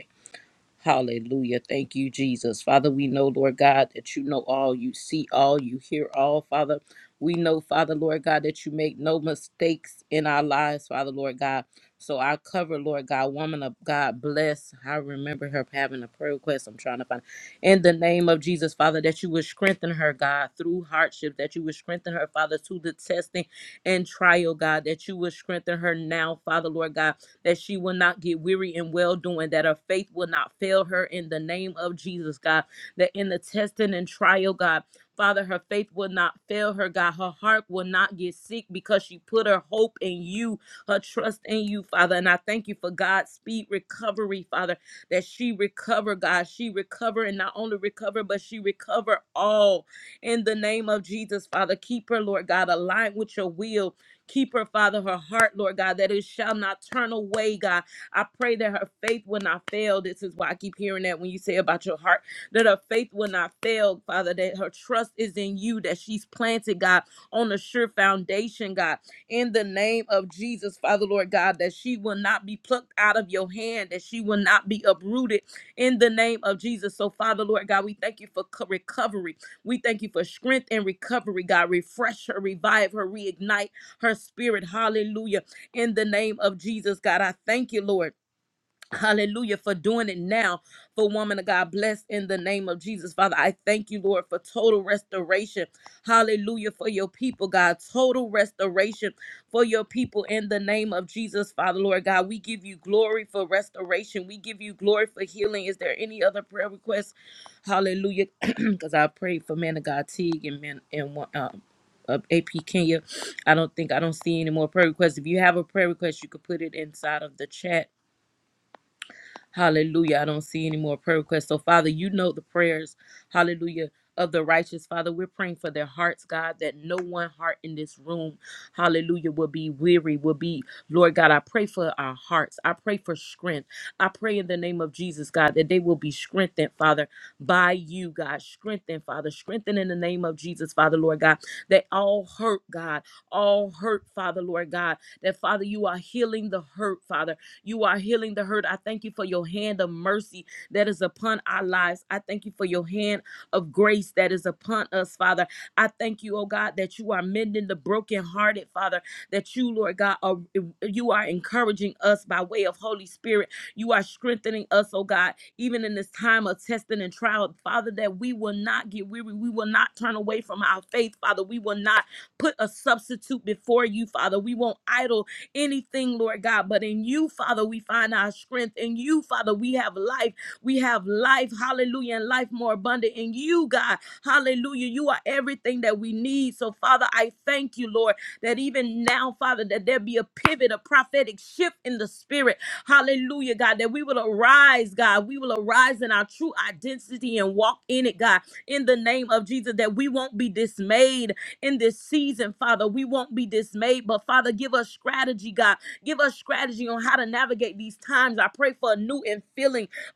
Hallelujah. Thank you, Jesus. Father, we know, Lord God, that you know all, you see all, you hear all, Father. We know, Father, Lord God, that you make no mistakes in our lives, Father, Lord God. So I cover, Lord God, woman of God, bless. I remember her having a prayer request. I'm trying to find in the name of Jesus, Father, that you would strengthen her, God, through hardship, that you would strengthen her, Father, through the testing and trial, God, that you would strengthen her now, Father, Lord God that she will not get weary in well doing, that her faith will not fail her in the name of Jesus, God. That in the testing and trial, God, Father, her faith will not fail her, God. Her heart will not get sick because she put her hope in you, her trust in you, Father. And I thank you for God's speed recovery, Father, that she recover, God. She recover and not only recover, but she recover all in the name of Jesus, Father. Keep her, Lord God, aligned with your will Keep her, Father, her heart, Lord God, that it shall not turn away, God. I pray that her faith will not fail. This is why I keep hearing that when you say about your heart, that her faith will not fail, Father, that her trust is in you, that she's planted, God, on a sure foundation, God. In the name of Jesus, Father, Lord God, that she will not be plucked out of your hand, that she will not be uprooted in the name of Jesus. So, Father, Lord God, we thank you for co- recovery. We thank you for strength and recovery, God. Refresh her, revive her, reignite her spirit. Hallelujah. In the name of Jesus, God, I thank you, Lord. Hallelujah for doing it now for woman of God. Bless in the name of Jesus. Father, I thank you, Lord, for total restoration. Hallelujah for your people, God. Total restoration for your people in the name of Jesus, Father, Lord God. We give you glory for restoration. We give you glory for healing. Is there any other prayer request? Hallelujah. Because I prayed for man of God Teague and man and one um, uh, AP Kenya. I don't think I don't see any more prayer requests. If you have a prayer request, you could put it inside of the chat Hallelujah. I don't see any more prayer requests. So, Father, you know the prayers. Hallelujah. Of the righteous, Father, we're praying for their hearts, God, that no one heart in this room, hallelujah, will be weary, will be, Lord God, I pray for our hearts. I pray for strength. I pray in the name of Jesus, God, that they will be strengthened, Father, by you, God. Strengthened, Father. Strengthened in the name of Jesus, Father, Lord God, that all hurt, God, all hurt, Father, Lord God, that Father, you are healing the hurt, Father. You are healing the hurt. I thank you for your hand of mercy that is upon our lives. I thank you for your hand of grace that is upon us, Father. I thank you, oh God, that you are mending the brokenhearted, Father, that you, Lord God, are, you are encouraging us by way of Holy Spirit. You are strengthening us, oh God, even in this time of testing and trial, Father, that we will not get weary. We will not turn away from our faith, Father. We will not put a substitute before you, Father. We won't idle anything, Lord God. But in you, Father, we find our strength. In you, Father, we have life. We have life, hallelujah, and life more abundant in you, God. Hallelujah. You are everything that we need. So, Father, I thank you, Lord, that even now, Father, that there be a pivot, a prophetic shift in the spirit. Hallelujah, God, that we will arise, God. We will arise in our true identity and walk in it, God, in the name of Jesus, that we won't be dismayed in this season, Father. We won't be dismayed, but Father, give us strategy, God. Give us strategy on how to navigate these times. I pray for a new infilling,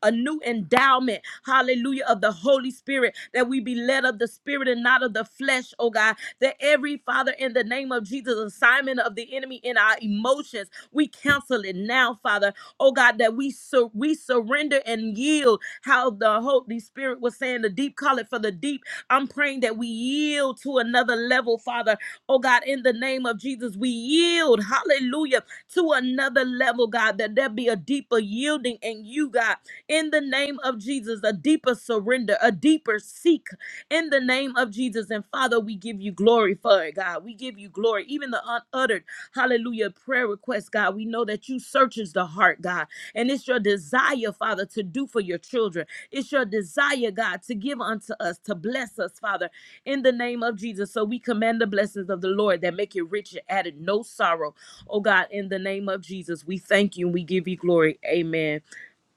a new endowment, hallelujah, of the Holy Spirit, that we be led of the Spirit and not of the flesh, oh God. That every, Father, in the name of Jesus, assignment of the enemy in our emotions, we cancel it now, Father. Oh God, that we, sur- we surrender and yield how the Holy Spirit was saying, the deep call it for the deep I'm praying that we yield to another level, Father. Oh God, in the name of Jesus, we yield, hallelujah, to another level, God, that there be a deeper yielding in you, God, in the name of Jesus, a deeper surrender, a deeper seek in the name of Jesus. And Father, we give you glory for it, God. We give you glory, even the unuttered, hallelujah, prayer requests, God. We know that you searches the heart, God, and it's your desire, Father, to do for your children. It's your desire, God, to give unto us, to bless us, Father, in the name of Jesus. So we command the blessings of the Lord that make it rich and added no sorrow. Oh God, in the name of Jesus, we thank you and we give you glory. Amen.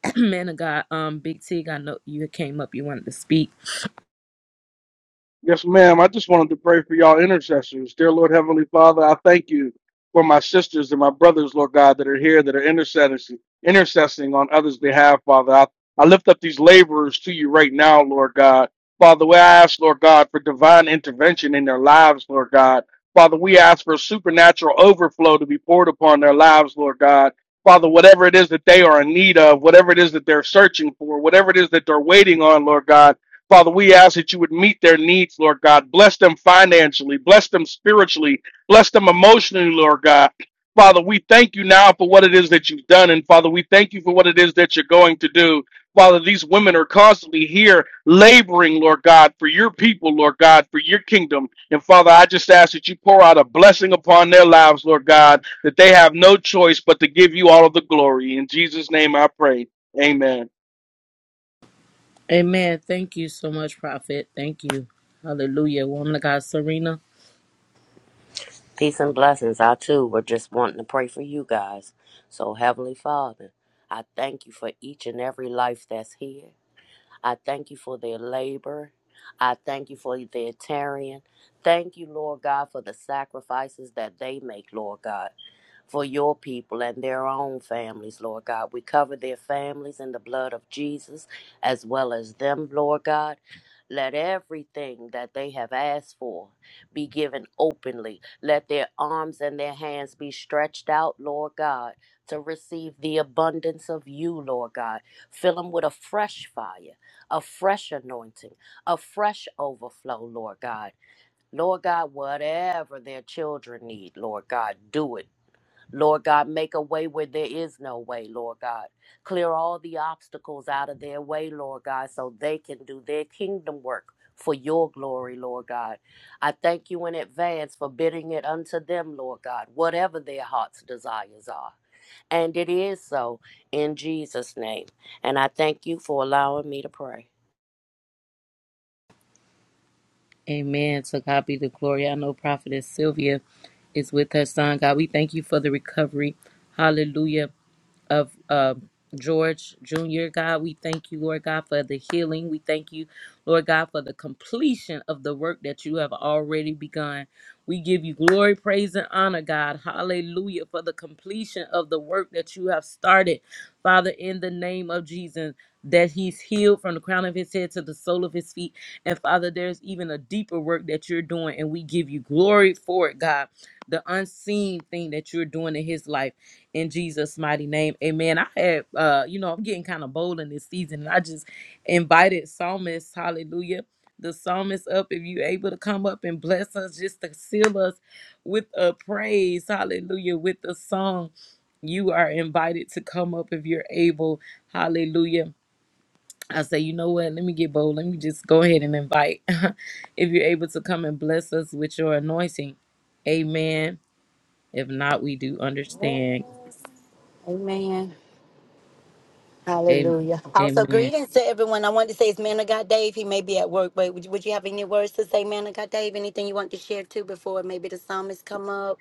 Man of God, um, Big Tig, I know you came up, you wanted to speak. Yes, ma'am. I just wanted to pray for y'all intercessors. Dear Lord Heavenly Father, I thank you for my sisters and my brothers, Lord God, that are here that are intercessing, intercessing on others' behalf, Father. I, I lift up these laborers to you right now, Lord God. Father, we ask, Lord God, for divine intervention in their lives, Lord God. Father, we ask for supernatural overflow to be poured upon their lives, Lord God. Father, whatever it is that they are in need of, whatever it is that they're searching for, whatever it is that they're waiting on, Lord God. Father, we ask that you would meet their needs, Lord God. Bless them financially, bless them spiritually, bless them emotionally, Lord God. Father, we thank you now for what it is that you've done. And Father, we thank you for what it is that you're going to do. Father, these women are constantly here laboring, Lord God, for your people, Lord God, for your kingdom. And Father, I just ask that you pour out a blessing upon their lives, Lord God, that they have no choice but to give you all of the glory. In Jesus' name I pray. Amen. Amen. Thank you so much, Prophet. Thank you. Hallelujah. Woman of God, Serena. Peace and blessings. I too were just wanting to pray for you guys. So, Heavenly Father, I thank you for each and every life that's here. I thank you for their labor. I thank you for their tarrying. Thank you, Lord God, for the sacrifices that they make, Lord God for your people and their own families, Lord God. We cover their families in the blood of Jesus as well as them, Lord God. Let everything that they have asked for be given openly. Let their arms and their hands be stretched out, Lord God, to receive the abundance of you, Lord God. Fill them with a fresh fire, a fresh anointing, a fresh overflow, Lord God. Lord God, whatever their children need, Lord God, do it. Lord God, make a way where there is no way, Lord God. Clear all the obstacles out of their way, Lord God, so they can do their kingdom work for your glory, Lord God. I thank you in advance for bidding it unto them, Lord God, whatever their heart's desires are. And it is so in Jesus' name. And I thank you for allowing me to pray. Amen. To God be the glory. I know Prophetess Sylvia is with her son. God, we thank you for the recovery. Hallelujah. of um, George Jr., God. We thank you, Lord God, for the healing. We thank you, Lord God, for the completion of the work that you have already begun. We give you glory, praise, and honor, God. Hallelujah, for the completion of the work that you have started, Father, in the name of Jesus. That he's healed from the crown of his head to the sole of his feet. And Father, there's even a deeper work that you're doing, and we give you glory for it, God. The unseen thing that you're doing in his life in Jesus' mighty name. Amen. I had uh, you know, I'm getting kind of bold in this season. And I just invited psalmist, hallelujah. The psalmist up, if you able to come up and bless us, just to seal us with a praise, hallelujah, with a song. You are invited to come up if you're able. Hallelujah. I say, you know what? Let me get bold. Let me just go ahead and invite if you're able to come and bless us with your anointing. Amen. If not, we do understand. Amen. Am- Hallelujah. Also, Amen. greetings to everyone. I wanted to say it's Man of God Dave. He may be at work, but would you, would you have any words to say, Man of God Dave? Anything you want to share too before maybe the psalmist come up?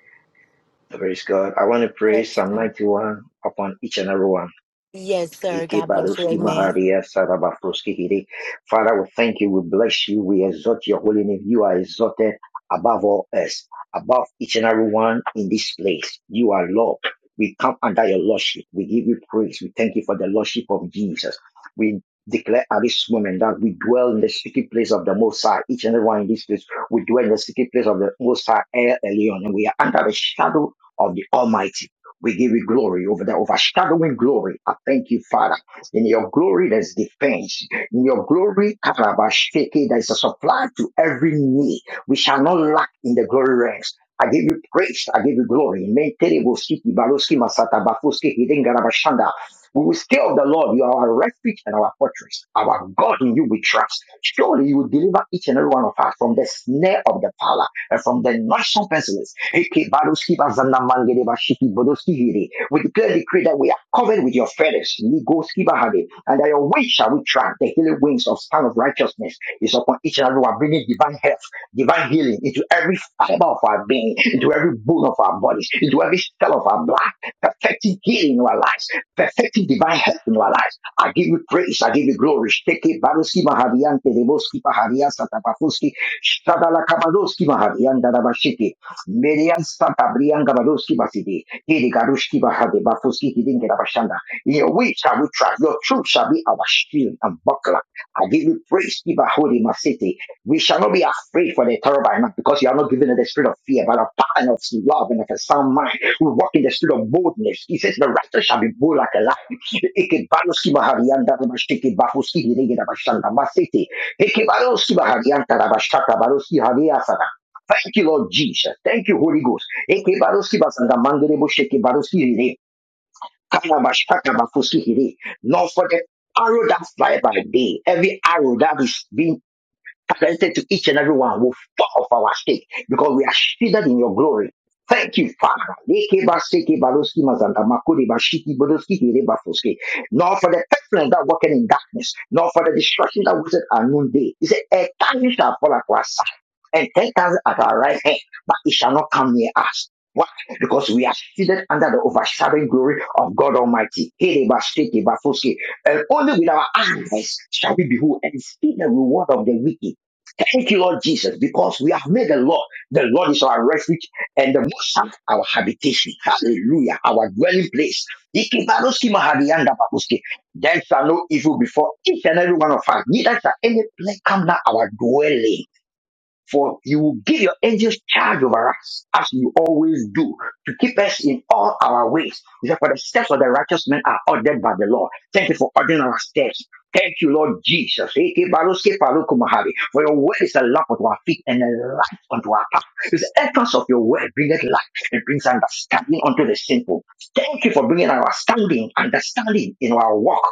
Praise God. I want to pray Praise Psalm God. 91 upon each and every one. Yes, sir. God bless you. Ikebaruski Amen. Maharia Sarabafroski Hiri. Father, we thank you, we bless you, we exalt your holy name. You are exalted above all else, above each and every one in this place. You are Lord. We come under your Lordship. We give you praise. We thank you for the Lordship of Jesus. We declare at this moment that we dwell in the secret place of the Most High. Each and every one in this place, we dwell in the secret place of the Most High, El Elyon, and we are under the shadow of the Almighty. We give you glory over that overshadowing glory. I thank you, Father. In your glory, there's defense. In your glory, Karabashiki, there's a supply to every need. We shall not lack in the glory ranks. I give you praise. I give you glory. Mentere boski, baroski, masata, bafoski, hidden, garabashanda. We will stay of the Lord. You are our refuge and our fortress. Our God in you we trust. Surely you will deliver each and every one of us from the snare of the fowler and from the noisome pestilence. We declare the decree that we are covered with your feathers. And that your wings shall we track the healing wings of the son of righteousness righteousness is upon each and every one, bringing divine health, divine healing into every fiber of our being, into every bone of our bodies, into every cell of our blood, perfecting healing in our lives, perfecting divine health in our lives. I give you praise, I give you glory. Shteke baruski mahadian, tedeboski pahadian, satapafuski, shtadala kabadoski mahadian, dadabashiki, merian santabrian gabadoski basidi, hidi garushki bahade, bafuski hidin gedabashanda. In your way shall we trust, your truth shall be our shield and buckler. I give you praise, Ibahudi, my city. We shall not be afraid for the terror by night because you are not given us the spirit of fear, but of power and of love and of a sound mind. We walk in the spirit of boldness. He says, The righteous shall be bold like a lion. Thank you, Lord Jesus. Thank you, Holy Ghost. Ikebaloski basanda mangerebo shiki Kalabashakabafusikiri. Not for the arrow that fly by day, every arrow that is being presented to each and every one will fall off our stake because we are shielded in your glory. Thank you, Father. Leke Nor for the pestilence that working in darkness, nor for the destruction that was at noonday. He said, A thousand shall fall at our side, and ten thousand at our right hand, but it shall not come near us. Why? Because we are shielded under the overshadowing glory of God Almighty. Hiri ba seke And only with our eyes shall we behold and see the reward of the wicked Thank you, Lord Jesus, because we have made the Lord. The Lord is our refuge and the Most High our habitation. Hallelujah, our dwelling place. Ikibaroski maharianda babuski. There shall no evil before each and every one of us. Neither shall any plague come near our dwelling. For you will give your angels charge over us, as you always do, to keep us in all our ways. You said, For the steps of the righteous men are ordered by the Lord. Thank you for ordering our steps. Thank you, Lord Jesus. For your word is a lamp unto our feet and a light unto our path. The entrance of your word bringeth light and brings understanding unto the simple. Thank you for bringing our standing, understanding in our walk.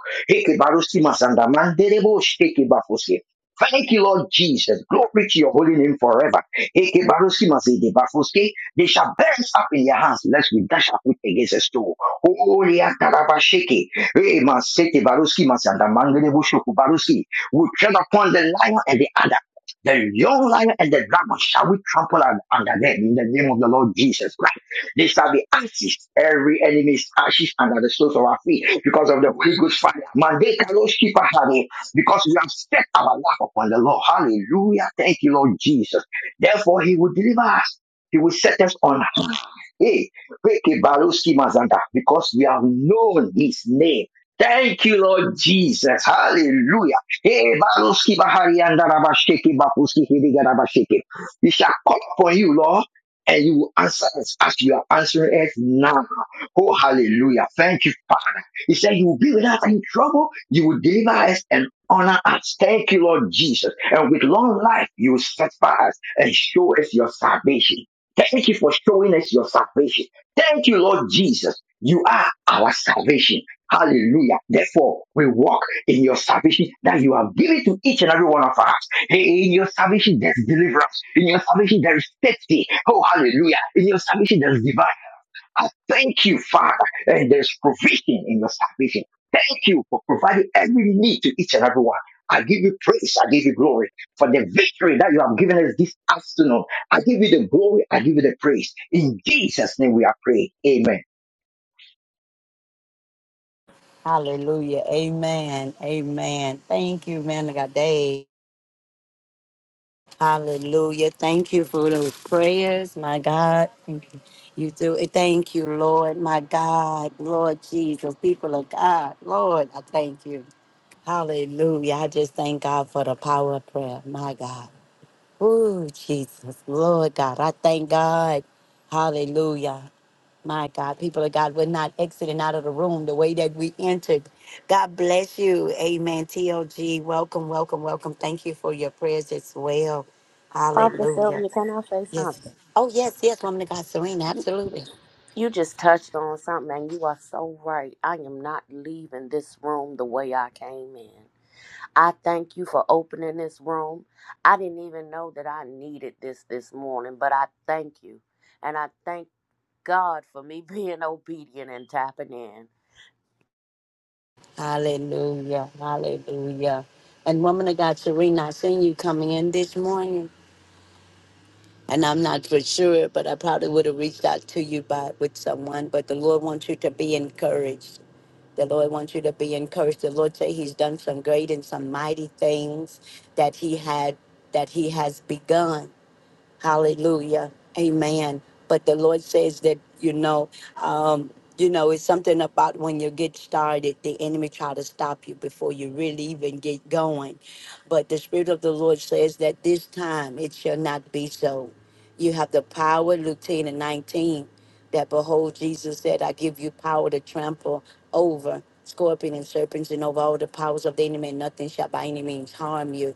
Thank you, Lord Jesus. Glory to your holy name forever. Eke barosi masede bafoske. They shall bear us up in your hands, lest we dash our foot against a stone. Holy atarabasheke. Eh, masete baroski masanda mangele bushoku baroski. We tread upon the lion and the adder. The young lion and the dragon shall we trample under them in the name of the Lord Jesus Christ. They shall be ashes. Every enemy is ashes under the soles of our feet because of the Holy Ghost fire. Mandeka lo shipa hare because we have set our life upon the Lord. Hallelujah. Thank you, Lord Jesus. Therefore, He will deliver us. He will set us on high. Hey, Reke Baruski Mazanda, because we have known His name. Thank you, Lord Jesus. Hallelujah. Hey, Baruski Bahari Andarabashiki Bapuski Hidigarabashiki. We shall call upon you, Lord, and you will answer us as you are answering us now. Oh, hallelujah. Thank you, Father. He said, You will be with us in trouble. You will deliver us and honor us. Thank you, Lord Jesus. And with long life, you will satisfy us and show us your salvation. Thank you for showing us your salvation. Thank you, Lord Jesus. You are our salvation. Hallelujah. Therefore, we walk in your salvation that you have given to each and every one of us. In your salvation, there's deliverance. In your salvation, there is safety. Oh, hallelujah. In your salvation, there is divine. I thank you, Father, and there's provision in your salvation. Thank you for providing every need to each and every one. I give you praise. I give you glory for the victory that you have given us this afternoon. I give you the glory. I give you the praise. In Jesus' name we are praying. Amen. Hallelujah. Amen. Amen. Thank you, Man of God Dave. Hallelujah. Thank you for those prayers, my God. Thank you. You do it. Thank you, Lord, my God, Lord Jesus, people of God. Lord, I thank you. Hallelujah. I just thank God for the power of prayer, my God. Oh, Jesus, Lord God, I thank God. Hallelujah. My God, people of God, we're not exiting out of the room the way that we entered. God bless you. Amen. TLG, welcome, welcome, welcome. Thank you for your prayers as well. Prophet Hallelujah. Sylvia, can I say Yes. something? Oh, yes, yes, woman of God, Serena, You, absolutely. you just touched on something, and you are so right. I am not leaving this room the way I came in. I thank you for opening this room. I didn't even know that I needed this this morning, but I thank you. And I thank God for me being obedient and tapping in. Hallelujah. Hallelujah. And woman of God, Serena, I seen you coming in this morning. And I'm not for sure, but I probably would have reached out to you by with someone. But the Lord wants you to be encouraged. The Lord wants you to be encouraged. The Lord say He's done some great and some mighty things that He had that He has begun. Hallelujah. Amen. But the Lord says that, you know, um, you know, it's something about when you get started, the enemy try to stop you before you really even get going. But the Spirit of the Lord says that this time it shall not be so. You have the power, Luke 10 and 19 that behold jesus said i give you power to trample over scorpions, and serpents and over all the powers of the enemy and nothing shall by any means harm you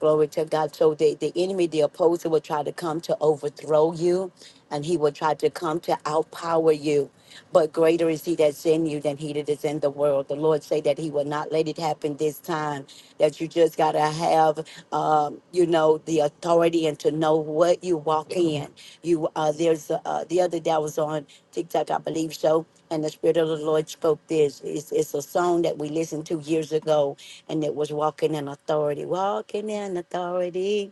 glory to god so the, the enemy the opposer will try to come to overthrow you and he will try to come to outpower you but greater is he that's in you than he that is in the world. The Lord say that he will not let it happen this time. That you just gotta have, um, you know, the authority and to know what you walk in. You uh, there's uh, the other day I was on TikTok, I believe so, and the Spirit of the Lord spoke this. It's, it's a song that we listened to years ago, and it was walking in authority, walking in authority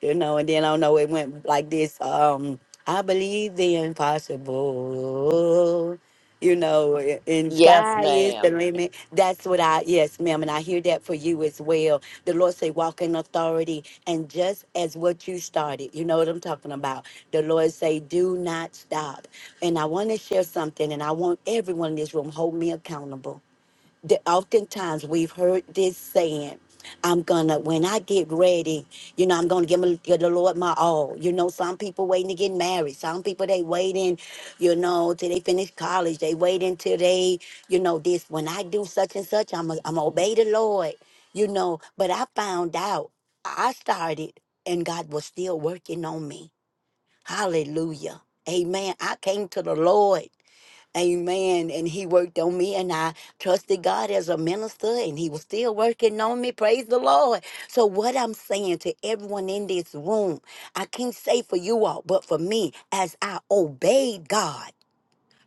you know, and then I don't know, it went like this. Um, I believe the impossible, you know, a- and Yes, sky is the ma'am. limit. That's what I, yes, ma'am, and I hear that for you as well. The Lord say, walk in authority, and just as what you started, you know what I'm talking about. The Lord say, do not stop. And I want to share something, and I want everyone in this room hold me accountable the, oftentimes we've heard this saying i'm gonna when i get ready you know i'm gonna give, my, give the lord my all you know some people waiting to get married some people they waiting you know till they finish college they waiting till they you know this when i do such and such i'm going I'm gonna obey the lord you know but i found out i started and god was still working on me hallelujah amen i came to the lord Amen. And he worked on me, and I trusted God as a minister, and he was still working on me. Praise the Lord. So, what I'm saying to everyone in this room, I can't say for you all, but for me, as I obeyed God.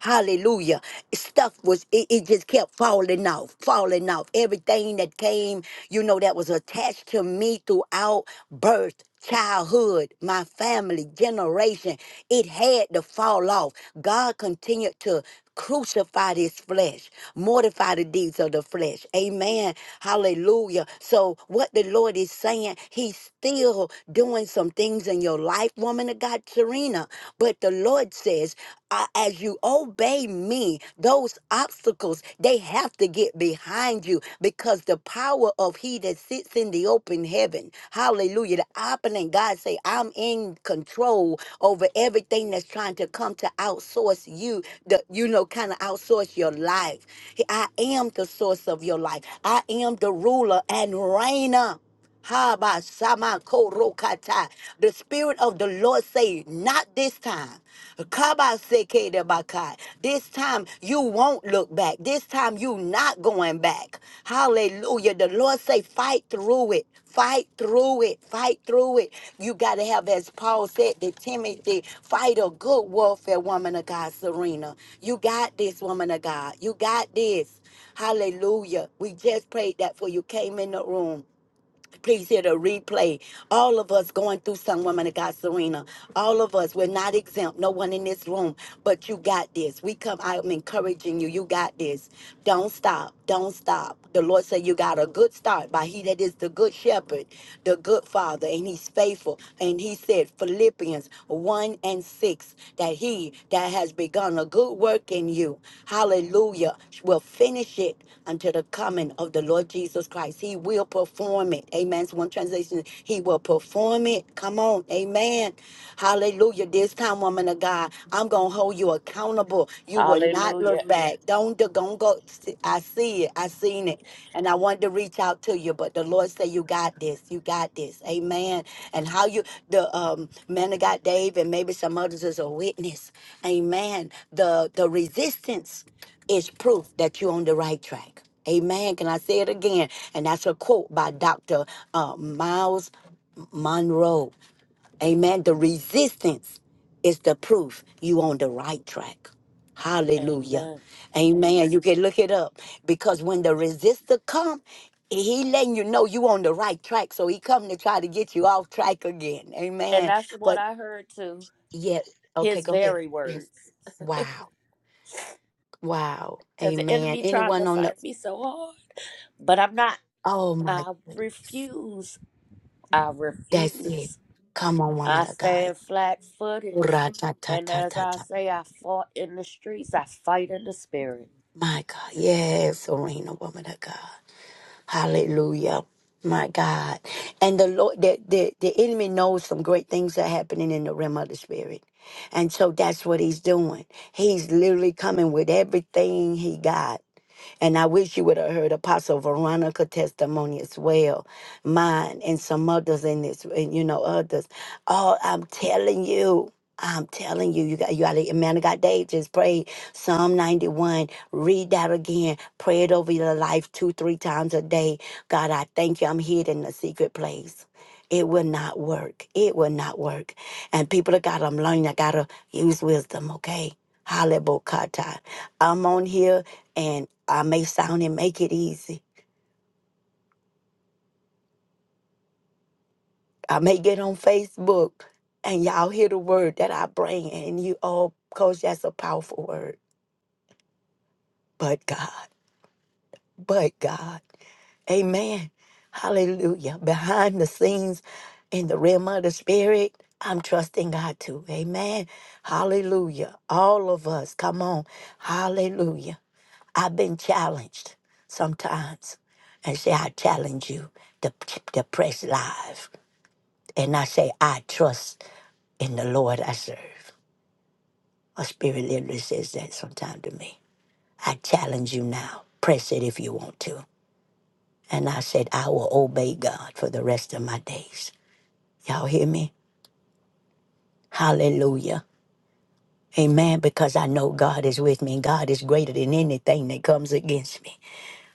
Hallelujah. Stuff was, it, it just kept falling off, falling off. Everything that came, you know, that was attached to me throughout birth, childhood, my family, generation, it had to fall off. God continued to Crucify this flesh, mortify the deeds of the flesh. Amen. Hallelujah. So, what the Lord is saying, He's still doing some things in your life, woman of God, Serena. But the Lord says, uh, as you obey me, those obstacles, they have to get behind you because the power of He that sits in the open heaven heaven. Hallelujah. The opening, God say, I'm in control over everything that's trying to come to outsource you, the, you know, kind of outsource your life. I am the source of your life. I am the ruler and reigner. Haba sama korokata. The spirit of the Lord say, not this time. Kaba Shabakai. This time you won't look back. This time you not going back. Hallelujah. The Lord say, fight through it. Fight through it. Fight through it. You got to have, as Paul said to Timothy, fight a good warfare, woman of God, Serena. You got this, woman of God. You got this. Hallelujah. We just prayed that for you came in the room. Please hear the replay. All of us going through some woman of God, Serena. All of us, we're not exempt. No one in this room, but you got this. We come, I'm encouraging you. You got this. Don't stop. Don't stop. The Lord said you got a good start by he that is the good shepherd, the good father, and he's faithful. And he said, Philippians 1 and 6. 6 that he that has begun a good work in you, hallelujah, will finish it until the coming of the Lord Jesus Christ. He will perform it. Amen. So one translation, he will perform it. Come on. Amen. Hallelujah. This time, woman of God, I'm going to hold you accountable. You will not Hallelujah. look back. Don't, don't go. I see it. I seen it. And I wanted to reach out to you, but the Lord said, You got this. You got this. Amen. And how you, the um, man of God, Dave, and maybe some others is a witness. Amen. The, the resistance is proof that you're on the right track. Amen. Can I say it again? And that's a quote by Dr. Uh, Miles Monroe. Amen. The resistance is the proof you on the right track. Hallelujah. Amen. Amen. You can look it up because when the resistor come, he letting you know you on the right track. So he come to try to get you off track again. And Amen. that's what But I heard too. yeah, okay, His go ahead. very Yes. words. Wow. Wow. Because the Amen. enemy trying to Anyone on fight the me so hard. But I'm not. oh my I goodness. refuse. I That's it. refuse. Come on, woman I of God. stand flat footed. And as I say, I fought in the streets, I fight in the spirit. My God. Yes, Serena, woman of God. Hallelujah. My God. And the Lord the, the, the enemy knows some great things are happening in the realm of the spirit. And so that's what he's doing. He's literally coming with everything he got. And I wish you would have heard Apostle Veronica testimony as well, mine and some others in this, and you know others. Oh, I'm telling you. I'm telling you, you got you got a man of God. Dave just prayed Psalm 91. Read that again. Pray it over your life two, three times a day. God, I thank you. I'm hid in the secret place. It will not work. It will not work. And people have got. I'm learning. I gotta use wisdom. Okay. Hallelujah. I'm on here and I may sound and make it easy. I may get on Facebook and y'all hear the word that I bring, and you, oh, coach, that's a powerful word. But God, but God, amen. Hallelujah. Behind the scenes in the realm of the spirit, I'm trusting God too. Amen. Hallelujah. All of us, come on. Hallelujah. I've been challenged sometimes. And say, I challenge you to, to press live. And I say, I trust in the Lord I serve. My spirit literally says that sometime to me. I challenge you now. Press it if you want to. And I said, I will obey God for the rest of my days. Y'all hear me? Hallelujah. Amen. Because I know God is with me and God is greater than anything that comes against me.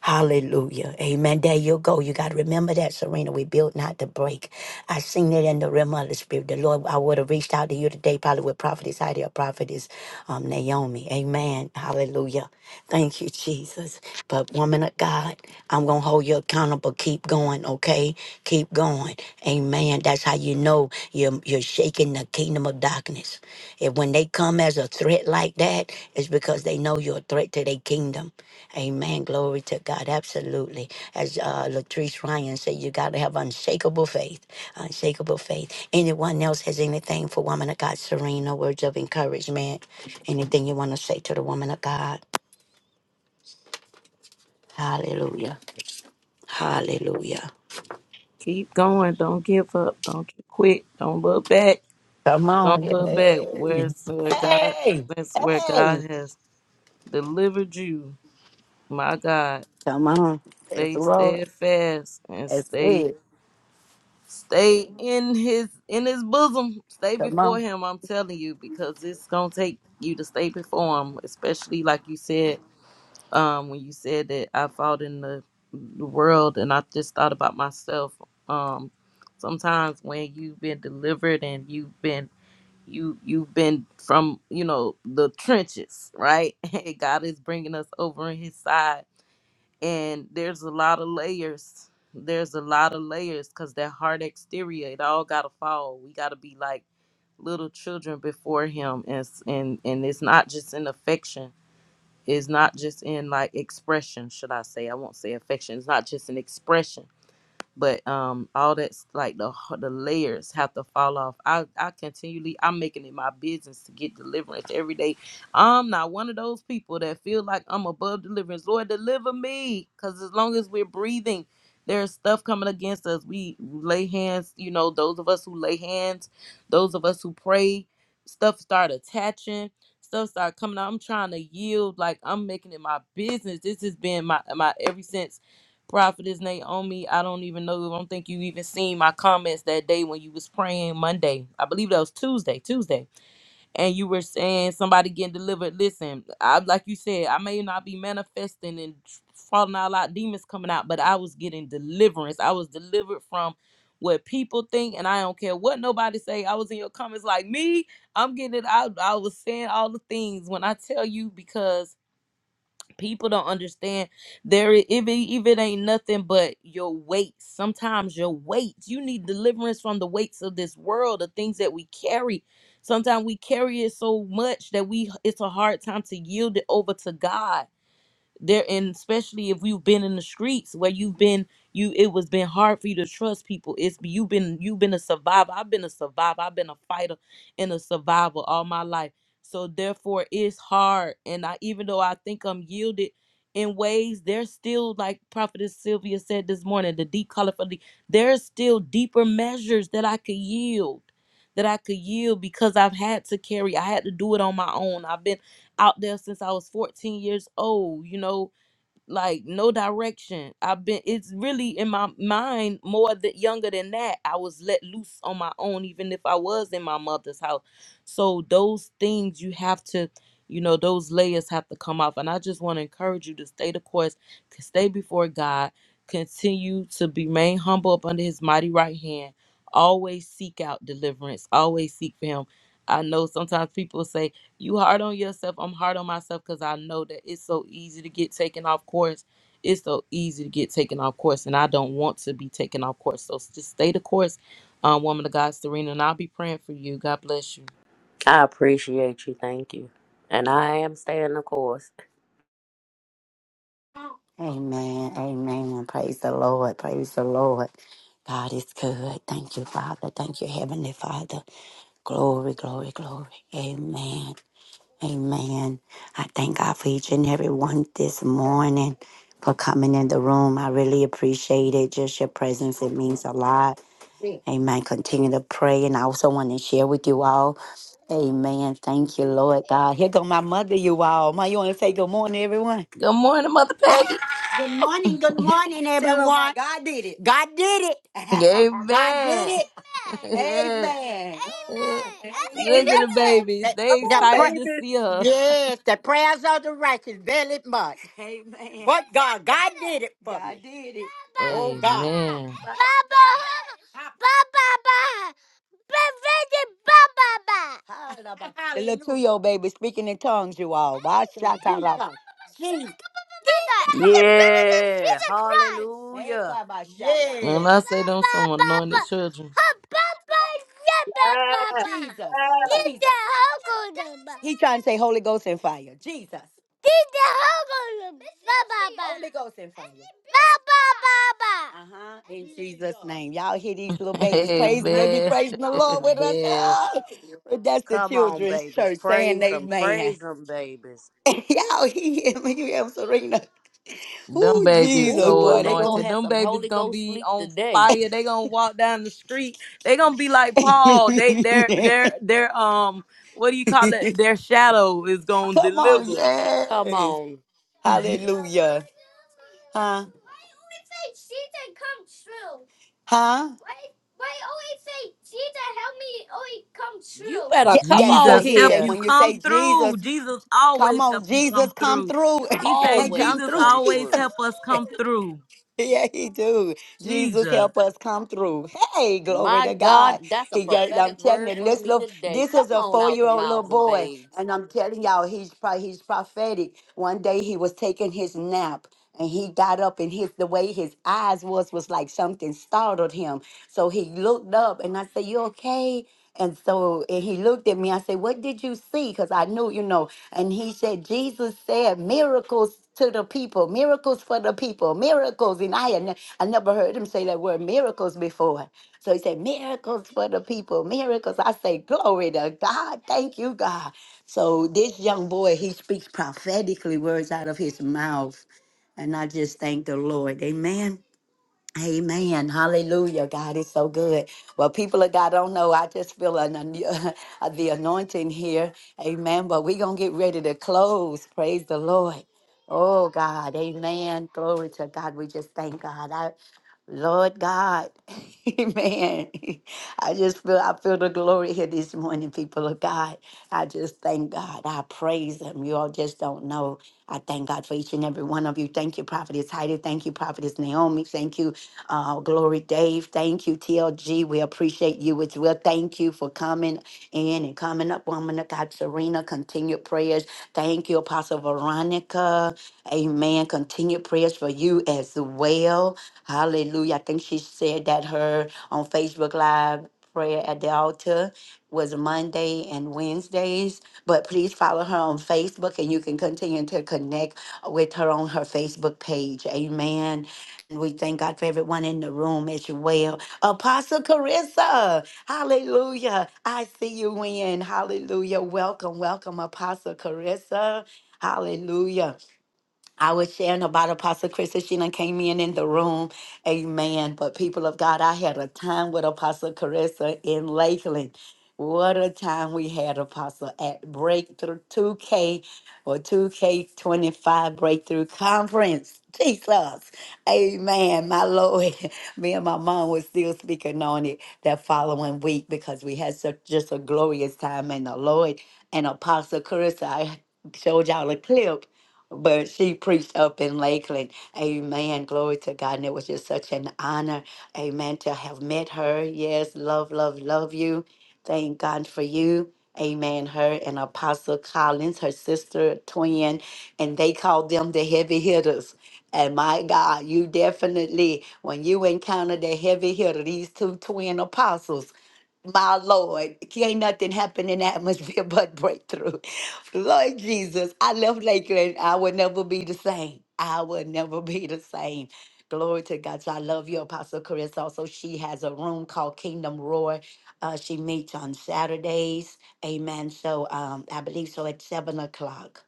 Hallelujah. Amen. There you go. You got to remember that, Serena. We built not to break. I seen it in the realm of the spirit. The Lord, I would have reached out to you today, probably with prophetess Heidi or prophetess um, Naomi. Amen. Hallelujah. Thank you, Jesus. But woman of God, I'm going to hold you accountable. Keep going, okay? Keep going. Amen. That's how you know you're, you're shaking the kingdom of darkness. If when they come as a threat like that, it's because they know you're a threat to their kingdom. Amen. Glory to God. Absolutely. As uh, Latrice Ryan said, you got to have unshakable faith. Unshakable faith. Anyone else has anything for woman of God? Serena, words of encouragement. Anything you want to say to the woman of God? Hallelujah. Hallelujah. Keep going. Don't give up. Don't quit. Don't look back. Oh, Don't yeah. look back. Hey, Where's where so God hey. that's where hey. God has delivered you. My God. Come on. That's the Stay Lord. steadfast and That's stay it. stay in his in his bosom. Stay Come on. before him, I'm telling you, because it's gonna take you to stay before him, especially like you said um, when you said that I fought in the, the world, and I just thought about myself. Um, sometimes when you've been delivered and you've been you you've been from you know the trenches, right? And God is bringing us over in His side, and there's a lot of layers. There's a lot of layers because that hard exterior, it all gotta fall. We gotta be like little children before Him, and s- and and it's not just an affection is not just in like expression, should I say? I won't say affection. It's not just an expression but um all that's like the h- the layers have to fall off i i continually i'm making it my business to get deliverance every day i'm not one of those people that feel like i'm above deliverance lord deliver me because as long as we're breathing there's stuff coming against us we lay hands you know those of us who lay hands those of us who pray stuff start attaching stuff start coming out i'm trying to yield like i'm making it my business this has been my my ever since Prophetess Naomi, I don't even know. I don't think you even seen my comments that day when you was praying Monday. I believe that was Tuesday, Tuesday. And you were saying somebody getting delivered. Listen, I like you said, I may not be manifesting and falling out a lot, demons coming out, but I was getting deliverance. I was delivered from what people think, and I don't care what nobody say. I was in your comments like me. I'm getting it out. I was saying all the things when I tell you because people don't understand there i- if it, if it ain't nothing but your weight sometimes your weight you need deliverance from the weights of this world the things that we carry sometimes we carry it so much that we it's a hard time to yield it over to god there and especially if you've been in the streets where you've been you it was been hard for you to trust people it's you've been you've been a survivor i've been a survivor i've been a fighter and a survivor all my life so therefore it's hard and i even though i think i'm yielded in ways there's still like prophetess sylvia said this morning the deep color for the there's still deeper measures that i could yield that i could yield because i've had to carry i had to do it on my own i've been out there since I was 14 years old, you know, like no direction. I've been it's really in my mind more that younger than that. I was let loose on my own even if I was in my mother's house. So those things you have to you know those layers have to come off and I just want to encourage you to stay the course, to stay before God, continue to remain humble up under his mighty right hand. Always seek out deliverance. Always seek for him. I know sometimes people say you hard on yourself. I'm hard on myself because I know that it's so easy to get taken off course. It's so easy to get taken off course, and I don't want to be taken off course. So just stay the course, um, woman of God, Serena, and I'll be praying for you. God bless you. I appreciate you. Thank you. And I am staying the course. Amen. Amen. Praise the Lord. Praise the Lord. God is good. Thank you, Father. Thank you, Heavenly Father. Glory, glory, glory. Amen. Amen. I thank God for each and every one this morning for coming in the room. I really appreciate it. Just your presence, it means a lot. Amen. Continue to pray. And I also want to share with you all. Amen. Thank you, Lord God. Here go my mother, you all. Ma, you want to say good morning, everyone? Good morning, Mother Peggy. Good morning, good morning, Tell 'em everyone. God did it. God did it. God did Amen. it. yeah. Amen. Eh, He Look at the Amen. babies. The, They Come the on, pra- excited to baby. see her. yes, the prayers of the righteous very much. Amen. But God, God did it for God me. did it. Oh God. Amen. Baba, baba, Baba. Baba. Baba. The little Hallelujah. two-year-old baby speaking in tongues, you all. Ba- sha- Jesus. That's the birth of Yeah. Jesus Christ. Hey, Hallelujah. Kabasha. When I Yeah. Ba, say them ba, some ba. anointed children. Ha, ba, ba, ya, ba, ba, Ah, ba. Jesus. ah. Need Jesus. the help He trying to say Holy Ghost and fire. Jesus. Need the help Holy Ghost and fire. Ba, ba, ba, ba. Uh-huh. In Jesus' name. Y'all hear these little babies praising. They be Amen. praising the Lord with us. Amen. Ah! That's the Come on, children's babies. church saying Praise them. amen. Praise them, babies. Y'all hear me? You hear me, Serena? Them Ooh, babies Jesus, so Ooh, boy, they they gonna gonna be. anointed. have Them some babies Holy gonna Ghost be sleep on today. fire. They gonna walk down the street. They gonna be like Paul. They their their their um what do you call it? Their shadow is gonna Come on, deliver. Come yes, on. hallelujah, huh? Huh? You better Yeah, come that's on right. Jesus He help said, here. you when you come say Jesus, through. Jesus come always on, help you Jesus, come come through. through. He say come Always Jesus through, come always Jesus. through. help us come through. Yeah, he do. Jesus Jesus. help us come through. Hey, glory My to God, God. that's a He got, prophetic I'm telling word you, for this me little, today. this is Come a on out the four-year-old little mouths of boy, babes. and I'm telling y'all, he's pro, he's prophetic. One day he was taking his nap, and he got up and his the way his eyes was was like something startled him so he looked up and i said you okay and so and he looked at me i said what did you see because i knew you know and he said jesus said miracles to the people miracles for the people miracles and i had ne- i never heard him say that word miracles before so he said miracles for the people miracles i say glory to god thank you god so this young boy he speaks prophetically words out of his mouth and I just thank the Lord. Amen. Amen. Hallelujah. God is so good. Well, people of God I don't know. I just feel an, an- the anointing here. Amen. But we're going to get ready to close. Praise the Lord. Oh, God. Amen. Glory to God. We just thank God. Lord God, amen. I just feel, I feel the glory here this morning, people of God. I just thank God. I praise Him. You all just don't know. I thank God for each and every one of you. Thank you, Prophetess Heidi. Thank you, Prophetess Naomi. Thank you, uh, Glory Dave. Thank you, TLG. We appreciate you as well. Thank you for coming in and coming up, woman of God, Serena. Continued prayers. Thank you, Apostle Veronica. Amen. Continued prayers for you as well. Hallelujah. I think she said that her on Facebook Live prayer at the altar was Monday and Wednesdays. But please follow her on Facebook and you can continue to connect with her on her Facebook page. Amen. And we thank God for everyone in the room as well. Apostle Carissa, hallelujah. I see you in. Hallelujah. Welcome, welcome, Apostle Carissa. Hallelujah. I was sharing about Apostle Krista. She done came in in the room. Amen. But people of God, I had a time with Apostle Carissa in Lakeland. What a time we had, Apostle, at Breakthrough 2K or 2K25 Breakthrough Conference. Jesus. Amen. My Lord. Me and my mom was still speaking on it that following week because we had such just a glorious time in the Lord. And Apostle Carissa, I showed y'all a clip but she preached up in Lakeland. Amen. Glory to God. And it was just such an honor, amen, to have met her. Yes, love, love, love you. Thank God for you. Amen. Her and Apostle Collins, her sister, twin, and they called them the heavy hitters. And my God, you definitely, when you encounter the heavy hitter, these two twin apostles, my Lord, can't nothing happen in the atmosphere but breakthrough. Lord Jesus, I left Lakeland. I will never be the same. I will never be the same. Glory to God. So I love you, Apostle Chris. Also, she has a room called Kingdom Roar. Uh, she meets on Saturdays. Amen. So um, I believe so at seven o'clock.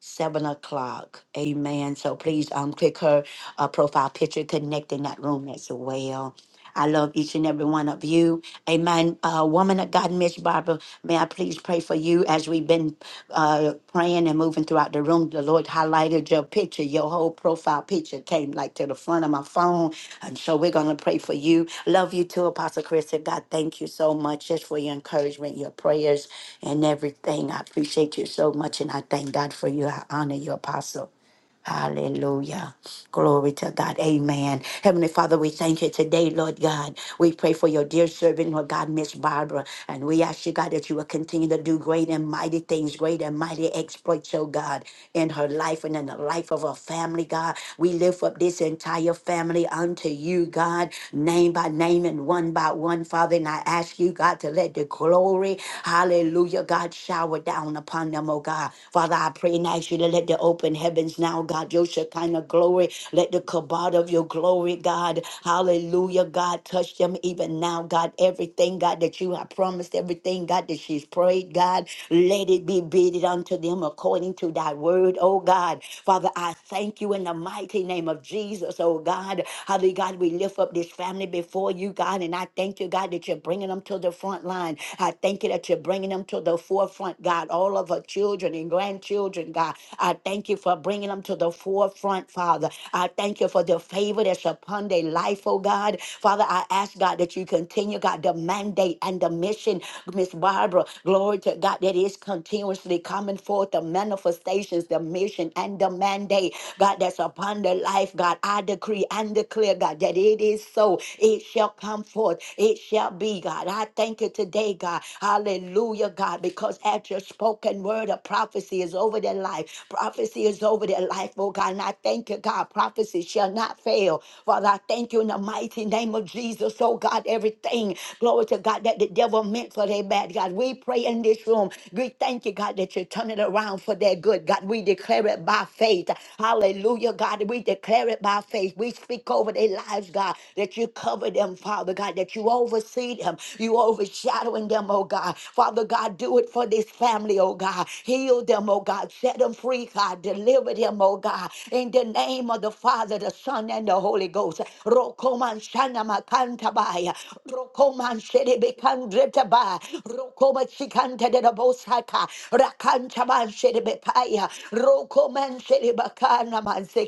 Seven o'clock. Amen. So please um click her uh, profile picture, connect in that room as well. I love each and every one of you. Amen. Uh, woman of God, Miss Barbara, may I please pray for you as we've been uh, praying and moving throughout the room. The Lord highlighted your picture, your whole profile picture came like to the front of my phone. And so we're going to pray for you. Love you too, Apostle Chris. And God, thank you so much just for your encouragement, your prayers, and everything. I appreciate you so much. And I thank God for you. I honor you, Apostle. Hallelujah. Glory to God. Amen. Heavenly Father, we thank you today, Lord God. We pray for your dear servant, Lord God, Miss Barbara. And we ask you, God, that you will continue to do great and mighty things, great and mighty exploits, oh God, in her life and in the life of her family, God. We lift up this entire family unto you, God, name by name and one by one, Father. And I ask you, God, to let the glory, hallelujah, God, shower down upon them, oh God. Father, I pray and ask you to let the open heavens now, God, your Shekinah glory, let the kabod of your glory, God, hallelujah, God, touch them even now, God, everything, God, that you have promised, everything, God, that she's prayed, God, let it be bidded unto them according to thy word, oh God. Father, I thank you in the mighty name of Jesus, oh God. Hallelujah, God, we lift up this family before you, God, and I thank you, God, that you're bringing them to the front line. I thank you that you're you're bringing them to the forefront, God. All of our children and grandchildren, God. I thank you for bringing them to the forefront, Father. I thank you for the favor that's upon their life, oh God. Father, I ask, God, that you continue, God, the mandate and the mission, Miss Barbara. Glory to God, that is continuously coming forth, the manifestations, the mission, and the mandate, God, that's upon their life, God. I decree and declare, God, that it is so. It shall come forth. It shall shall be, God. I thank you today, God. Hallelujah, God, because at your spoken word of prophecy is over their life. Prophecy is over their life, oh God. And I thank you, God. Prophecy shall not fail. Father, I thank you in the mighty name of Jesus, oh God. Everything, glory to God, that the devil meant for their bad, God. We pray in this room. We thank you, God, that you turn it around for their good, God. We declare it by faith. Hallelujah, God. We declare it by faith. We speak over their lives lives, God, that you cover them, Father God, that you oversee them, you overshadowing them, oh God. Father God, do it for this family, oh God. Heal them, oh God. Set them free, God. Deliver them, oh God. In the name of the Father, the Son, and the Holy Ghost. Rokoman shana makantabaya. Rokoman sherebekandretaba. Rokoma chikanta de la bosaka. Rakantaman sherebekaya. Rokoman sherebakana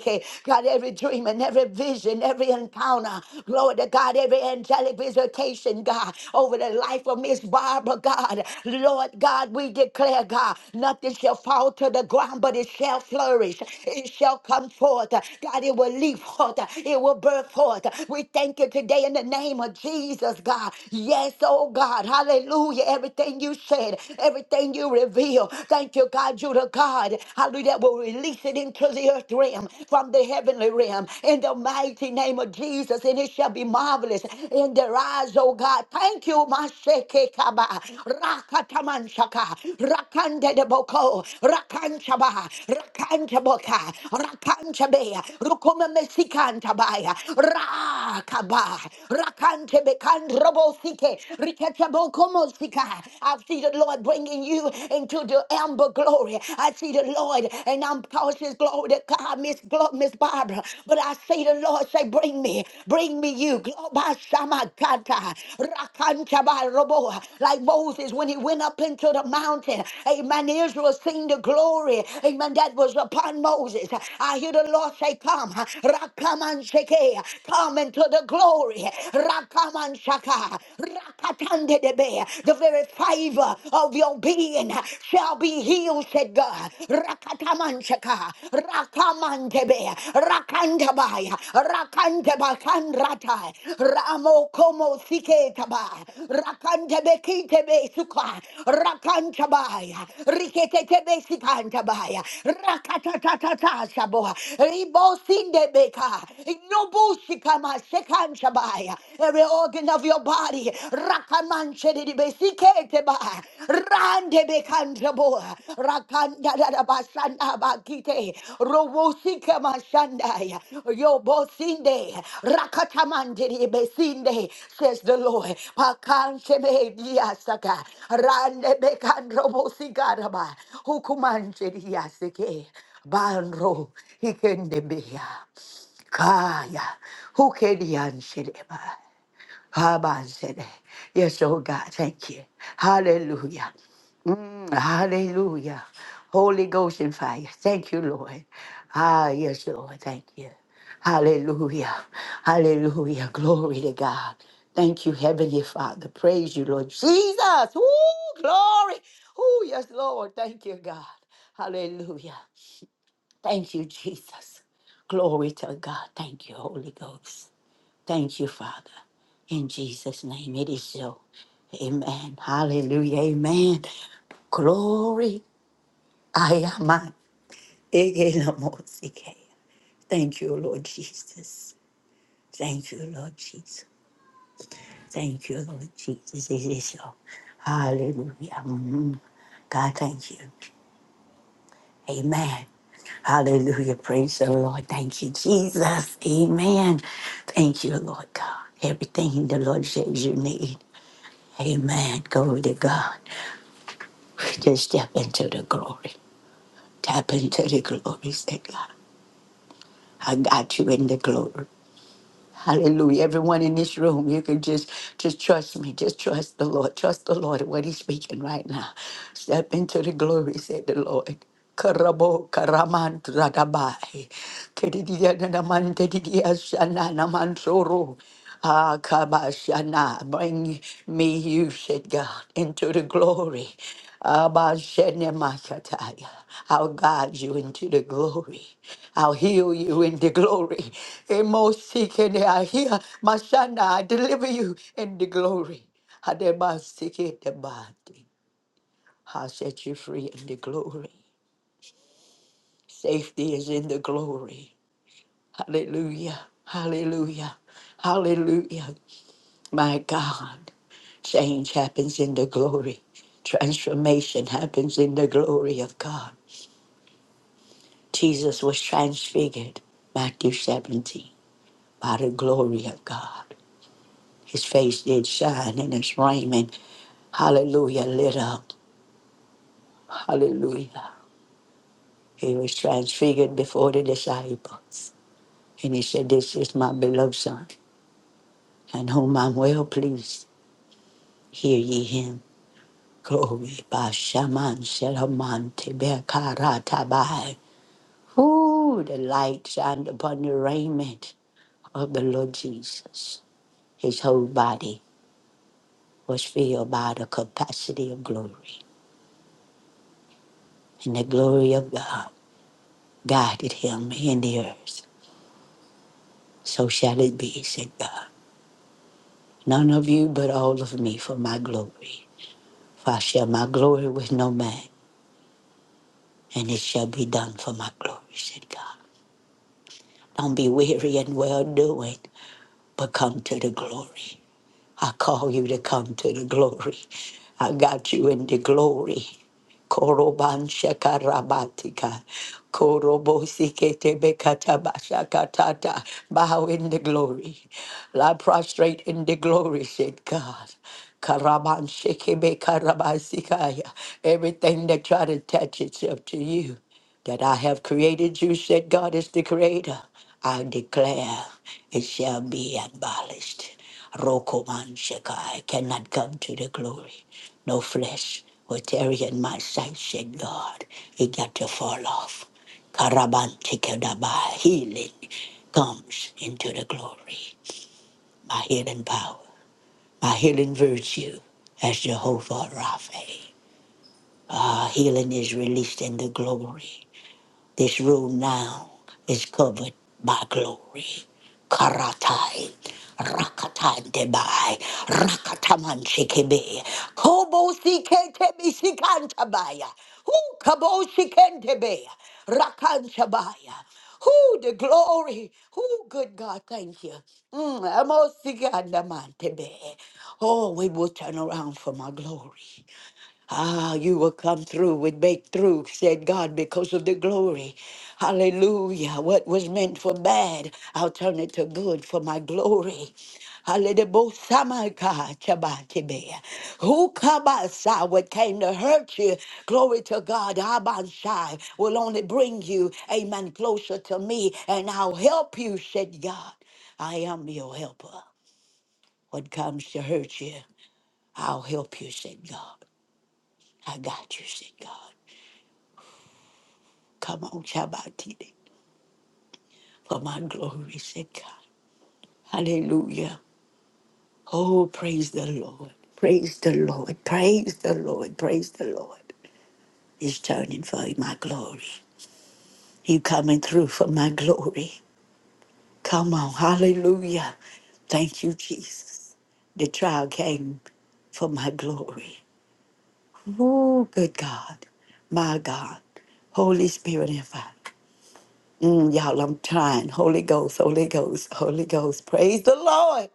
God, every dream and every vision, every encounter, glory to God, every angelic visitation, God, over the life of Miss Barbara, God. Lord God, we declare, God, nothing shall fall to the ground, but it shall flourish. It shall come forth. God, it will leap forth. It will birth forth. We thank you today in the name of Jesus, God. Yes, oh God, hallelujah. Everything you said, everything you revealed. Thank you, God, you the God. God, hallelujah, that will release it into the earth realm from the heavenly realm in the mighty name of Jesus, and it shall be marvelous in their eyes, oh God. Thank you, Masheke Kaba, Rakatamanshaka, Rakande de Boko, Rakanchaba, Rakanchaboka, Rakanchabe, Rukuma Mesikantabaya, Rakaba, Rakantebe Kandrobo Sike, Riketabokomosika. I've seen the Lord bring bringing you into the amber glory. I see the Lord, and I'm cautious, glory to God, Miss Glo- Miss Barbara. But I see the Lord say, Bring me, bring me you. Globa shama kata, Rakanta Globasamakata, Robo. Like Moses when he went up into the mountain. Amen. Israel seen the glory. Amen. That was upon Moses. I hear the Lord say, Come, Rakamanshake, come into the glory. Rakamanshaka, the very fiber of your being shall be healed, said God. Rakatamanchaka, Rakamantebe, Rakantabaya, Rakantabakanrata, Ramokomo Siketaba, Rakantebekitebe Suka, Rakantabaya, Riketetebe Sikantabaya, Rakatatatata Saboa, Ribosindebeka, Nobushikama Shabai. Every organ of your body. Rakaman Shedibesikete ba, Rande Bekandrabo. Rakanda Basanda Bakite. Robosika Mashandai. Yobosinde. Rakatamande Besinde. Says the Lord. Pakanshebe Diasaka. Rande Bekandrobosikaraba. Hukumanche Diasike. Banro. Hikendebea. Kaya. Who can answer them? Haman said, Yes, oh God, thank you. Hallelujah. Mm, hallelujah. Holy Ghost and fire. Thank you, Lord. Ah, yes, Lord. Thank you. Hallelujah. Hallelujah. Glory to God. Thank you, Heavenly Father. Praise you, Lord Jesus. Ooh, glory. Oh, yes, Lord. Thank you, God. Hallelujah. Thank you, Jesus. Glory to God. Thank you, Holy Ghost. Thank you, Father. In Jesus' name, it is so. Amen. Hallelujah. Amen. Glory. I am a- Egelamosike. Thank you, Lord Jesus. Thank you, Lord Jesus. Thank you, Lord Jesus. It is so. Hallelujah. Mm. God, thank you. Amen. Hallelujah. Praise the Lord. Thank you, Jesus. Amen. Thank you, Lord God. Everything the Lord says you need. Amen. Glory to God. Just step into the glory. Tap into the glory. Say, God, I got you in the glory. Hallelujah. Everyone in this room, you can just just trust me. Just trust the Lord. Trust the Lord at what he's speaking right now. Step into the glory, said the Lord. Karabo karaman radabai. Kedidiya nanaman dedidiya shana naman soro. Ah, kabashana. Bring me, you said God, into the glory. Abba Shene Makataya. I'll guide you into the glory. I'll heal you in the glory. Emosikene, I hear Mashana, I deliver you in the glory. Hademasiketebati. i set you free in the glory. Safety is in the glory. Hallelujah. Hallelujah. Hallelujah. My God. Change happens in the glory. Transformation happens in the glory of God. Jesus was transfigured. Matthew 17. By the glory of God. His face did shine, and his raiment, hallelujah, lit up. Hallelujah. He was transfigured before the disciples. And he said, This is my beloved son, in whom I'm well pleased. Hear ye him. Glory. Bashaman Shelaman Tebekaratabai. Ooh, the light shined upon the raiment of the Lord Jesus. His whole body was filled by the capacity of glory. And the glory of God guided him in the earth. So shall it be, said God. None of you, but all of me for my glory. For I share my glory with no man, and it shall be done for my glory, said God. Don't be weary in well doing, but come to the glory. I call you to come to the glory. I got you in the glory. Koroban shakarabatika. Korobosikete bekatabashakatata. Bow in the glory. Lie prostrate in the glory, said God. Karaban shekebe karabasikaya. Everything that try to attach itself to you that I have created you, said God is the creator. I declare it shall be abolished. Rokoman Shekai cannot come to the glory. No flesh will tarry in my sight, said God. It got to fall off. Karabantikadabai, healing comes into the glory. My healing power, my healing virtue as Jehovah Rapha. Our healing is released in the glory. This room now is covered by glory. Karatai, Rakatai Debai, Rakataman Shikebe, Kobo Siketebe Sikantabaya, Who Kabo Sikentebe, Rakantabaya, Who the glory, who good God, thank you. Mm, Amo Sikandamantebe. Oh, we will turn around for my glory. Ah, you will come through with make through, said God, because of the glory. Hallelujah. What was meant for bad, I'll turn it to good for my glory. Hallelujah. Who kabasa what came to hurt you? Glory to God. Abanshai will only bring you, amen, closer to me, and I'll help you, said God. I am your helper. What comes to hurt you, I'll help you, said God. I got you, said God. Come on, Shabbatini, for my glory's sake. Hallelujah. Oh, praise the Lord. Praise the Lord. Praise the Lord. Praise the Lord. He's turning for my glory. He's coming through for my glory. Come on. Hallelujah. Thank you, Jesus. The trial came for my glory. Oh, good God. My God. Holy Spirit and fire. Mm, y'all, I'm trying. Holy Ghost, Holy Ghost, Holy Ghost. Praise the Lord.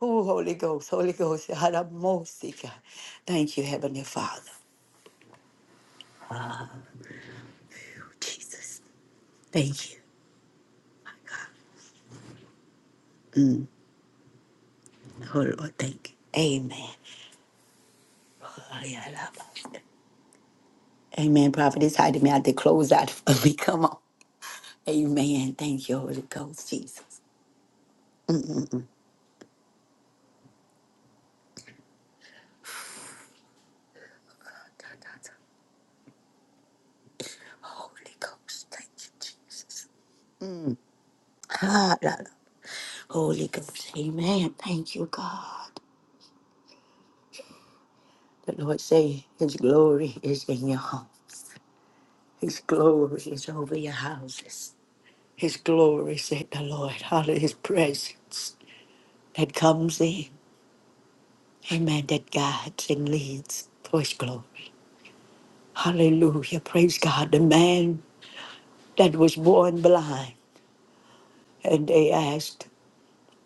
Oh, Holy Ghost, Holy Ghost. Yaramosika. Thank you, Heavenly Father. Jesus. Thank you. Oh, Lord, thank you. Amen. Oh, yeah, I love it. Amen. Prophet is hiding me out to close out for me. Come on. Amen. Thank you, Holy Ghost, Jesus. Holy Ghost. Thank you, Jesus. Ah, la, la. Holy Ghost. Amen. Thank you, God. The Lord say his glory is in your home. His glory is over your houses. His glory, said the Lord, hallelujah! his presence that comes in. Amen. That guides and leads for his glory. Hallelujah. Praise God. The man that was born blind, and they asked,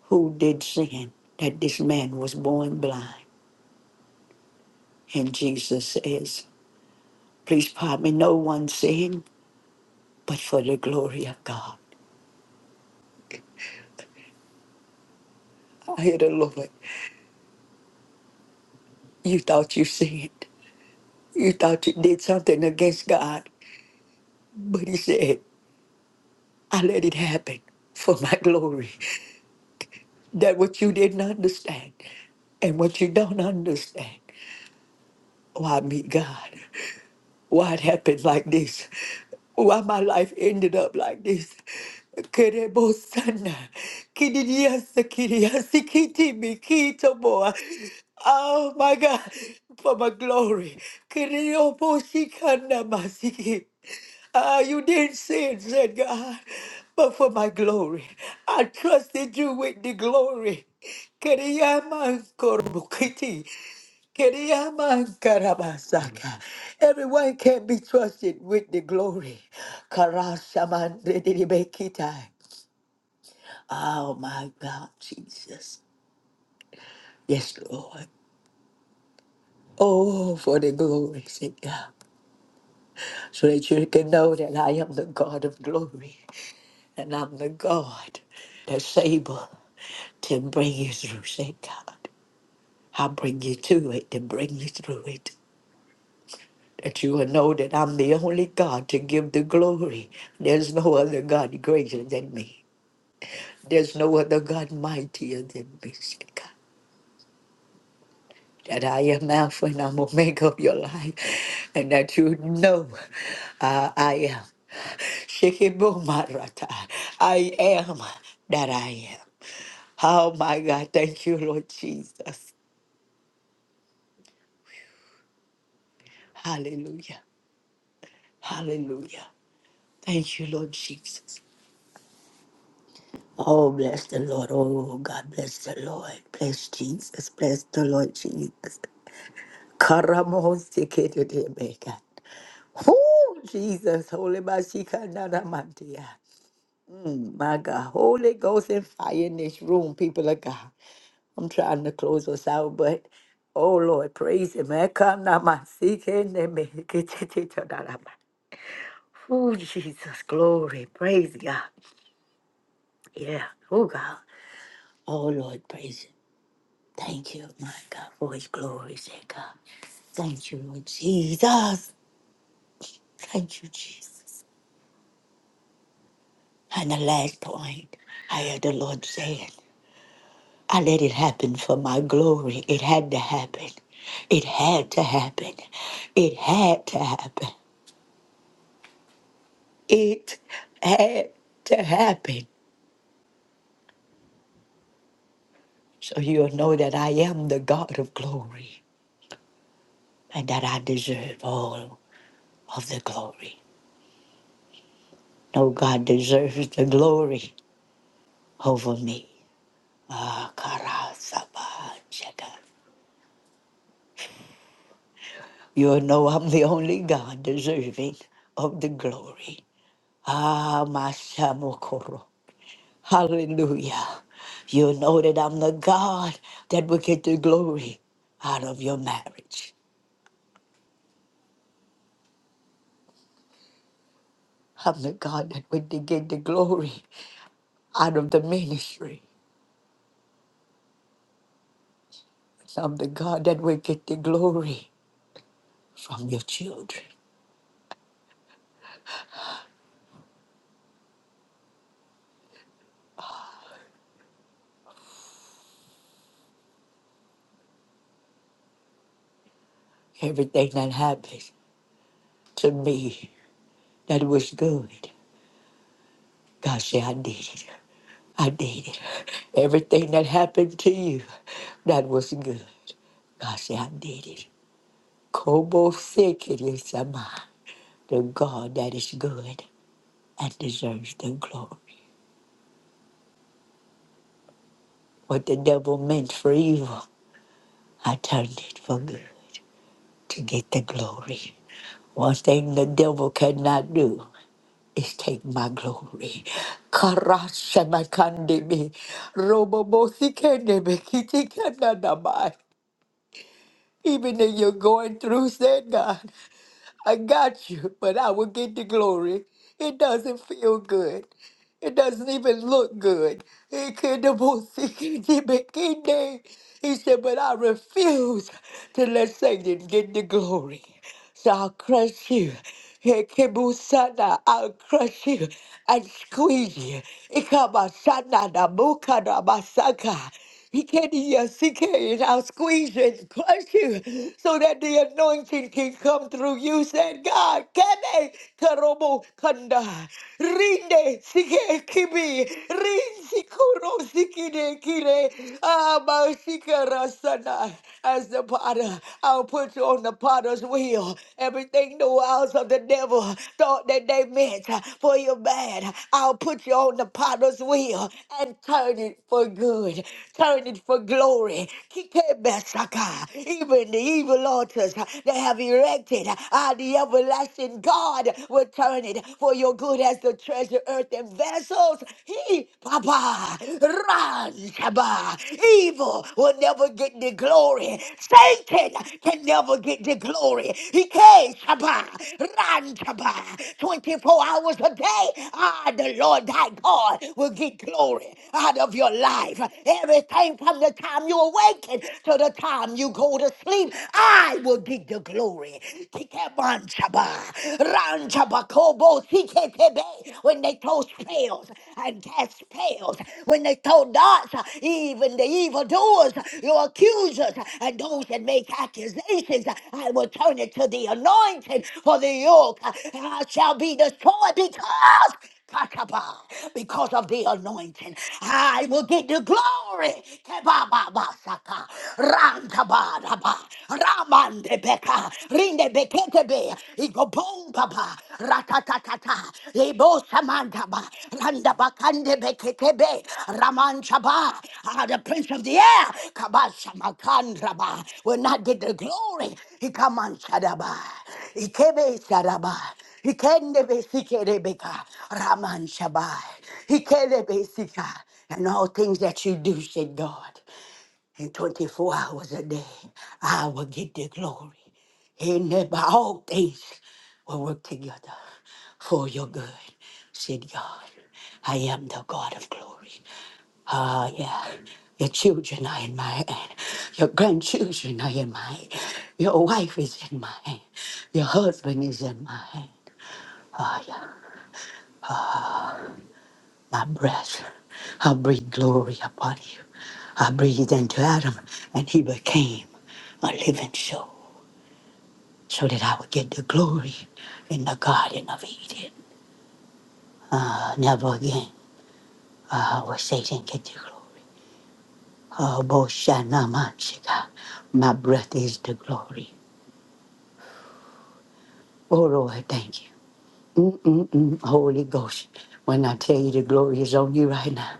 Who did sin that this man was born blind? And Jesus says, Please pardon me, no one sinned, but for the glory of God. I hear the Lord. You thought you sinned. You thought you did something against God. But he said, I let it happen for my glory. That what you didn't understand and what you don't understand. Why meet God? why it happened like this, why my life ended up like this. Kerebo Kerebosana, kidiyasa, kidiyasi, kitimi, kitoboa. Oh my God, for my glory. Kereoboshikana masiki. Ah, you didn't sin, said God, but for my glory. I trusted you with the glory. Kereyama korobokiti. Kiriama Karabasaka, Everyone can be trusted with the glory. Karashamandredidibekitai. Oh my God, Jesus. Yes, Lord. Oh, for the glory, sake, God. So that you can know that I am the God of glory. And I'm the God that's able to bring you through, Saint God. I'll bring you to it to bring you through it. that you will know that I'm the only God to give the glory. There's no other God greater than me. There's no other God mightier than me, said God. That I am Alpha and I'm Omega of your life, and that you know uh, I am. Shekibumarata. I am that I am. Oh my God, thank you, Lord Jesus. Hallelujah. Hallelujah. Thank you, Lord Jesus. Oh, bless the Lord. Oh, God bless the Lord. Bless Jesus. Bless the Lord Jesus. Karamohosekedebeka. Oh, Jesus. Holy Bashika Nadamantia. My God. Holy Ghost and fire in this room, people of God. I'm trying to close us out, but oh, Lord, praise Him. Ekanamasikenemeketititadadama. Oh, Jesus. Glory. Praise God. Yeah. Oh, God. Oh, Lord, praise you. Thank you, my God, for his glory, sake, God. Thank you, Lord Jesus. Thank you, Jesus. And the last point, I heard the Lord saying, I let it happen for my glory. It had to happen. It had to happen. It had to happen. It had to happen. So you'll know that I am the God of glory and that I deserve all of the glory. No God deserves the glory over me. You know I'm the only God deserving of the glory. Ah, my Samokoro. Hallelujah. You know that I'm the God that will get the glory out of your marriage. I'm the God that will get the glory out of the ministry. I'm the God that will get the glory from your children. Everything that happens to me that was good, God said, I did it. I needed everything that happened to you that was good. God said, I need it. Kobo sick it is am the God that is good and deserves the glory. What the devil meant for evil, I turned it for good to get the glory. One thing the devil cannot do is take my glory. Karashamakandebe, robobosikenebe, kitikanadabai. Even if you're going through, said God, I got you, but I will get the glory. It doesn't feel good. It doesn't even look good. He could have both seen him in King He said, but I refuse to let Satan get the glory. So I'll crush you. Ekebusana, I'll crush you and squeeze you. Ikamasana na muka na masaka. He can't hear and I'll squeeze you and crush you so that the anointing can come through you, said God. Kene karobo kanda. Rinde sike kibi. Rin sikuro sikide kire. Ama sikarasana. As the potter, I'll put you on the potter's wheel. Everything the wiles of the devil thought that they meant for your bad, I'll put you on the potter's wheel and turn it for good, turn it for glory. Kikebesaka. Even the evil altars they have erected, ah, the everlasting God will turn it for your good as the treasure, earth, and vessels. He, Papa. Razaba. Evil will never get the glory. Satan can never get the glory. He can Shaba. Ranchaba. 24 hours a day. Ah, the Lord thy God will get glory out of your life. Everything from the time you awaken to the time you go to sleep. I will get the glory. Kikemanchaba. Ranchaba Kobo when they throw spells and cast spells, when they throw darts, even the evildoers, your accusers, and those that make accusations, I will turn it to the anointing, for the yoke uh, shall be destroyed because Kataba, because of the anointing. I will get the glory. Kebababasaka, rantabadaba, ramandebeka, rindebeketebe, igobombaba, ratatatata, ibosamandaba, randabakandebeketebe, ramanchaba. Ah, The prince of the air, kabasamakandraba, will not get the glory. He command Shadaba. Ikebe Saraba. He Hikendebesikedebeka, Raman Shabai. he Hikedebesika. And all things that you do, said God, in 24 hours a day, I will get the glory. And by all things will work together for your good, said God. I am the God of glory. Ah, yeah. Your children are in my hand. Your grandchildren are in my hand. Your wife is in my hand. Your husband is in my hand. Ah, yeah. my breath. I breathe glory upon you. I breathed into Adam, and he became a living soul, so that I would get the glory in the Garden of Eden. Uh, never again uh, will Satan get the glory. Uh, Boshana Manshika, my breath is the glory. Oh Lord, thank you. Mm-mm-mm, Holy Ghost, when I tell you the glory is on you right now,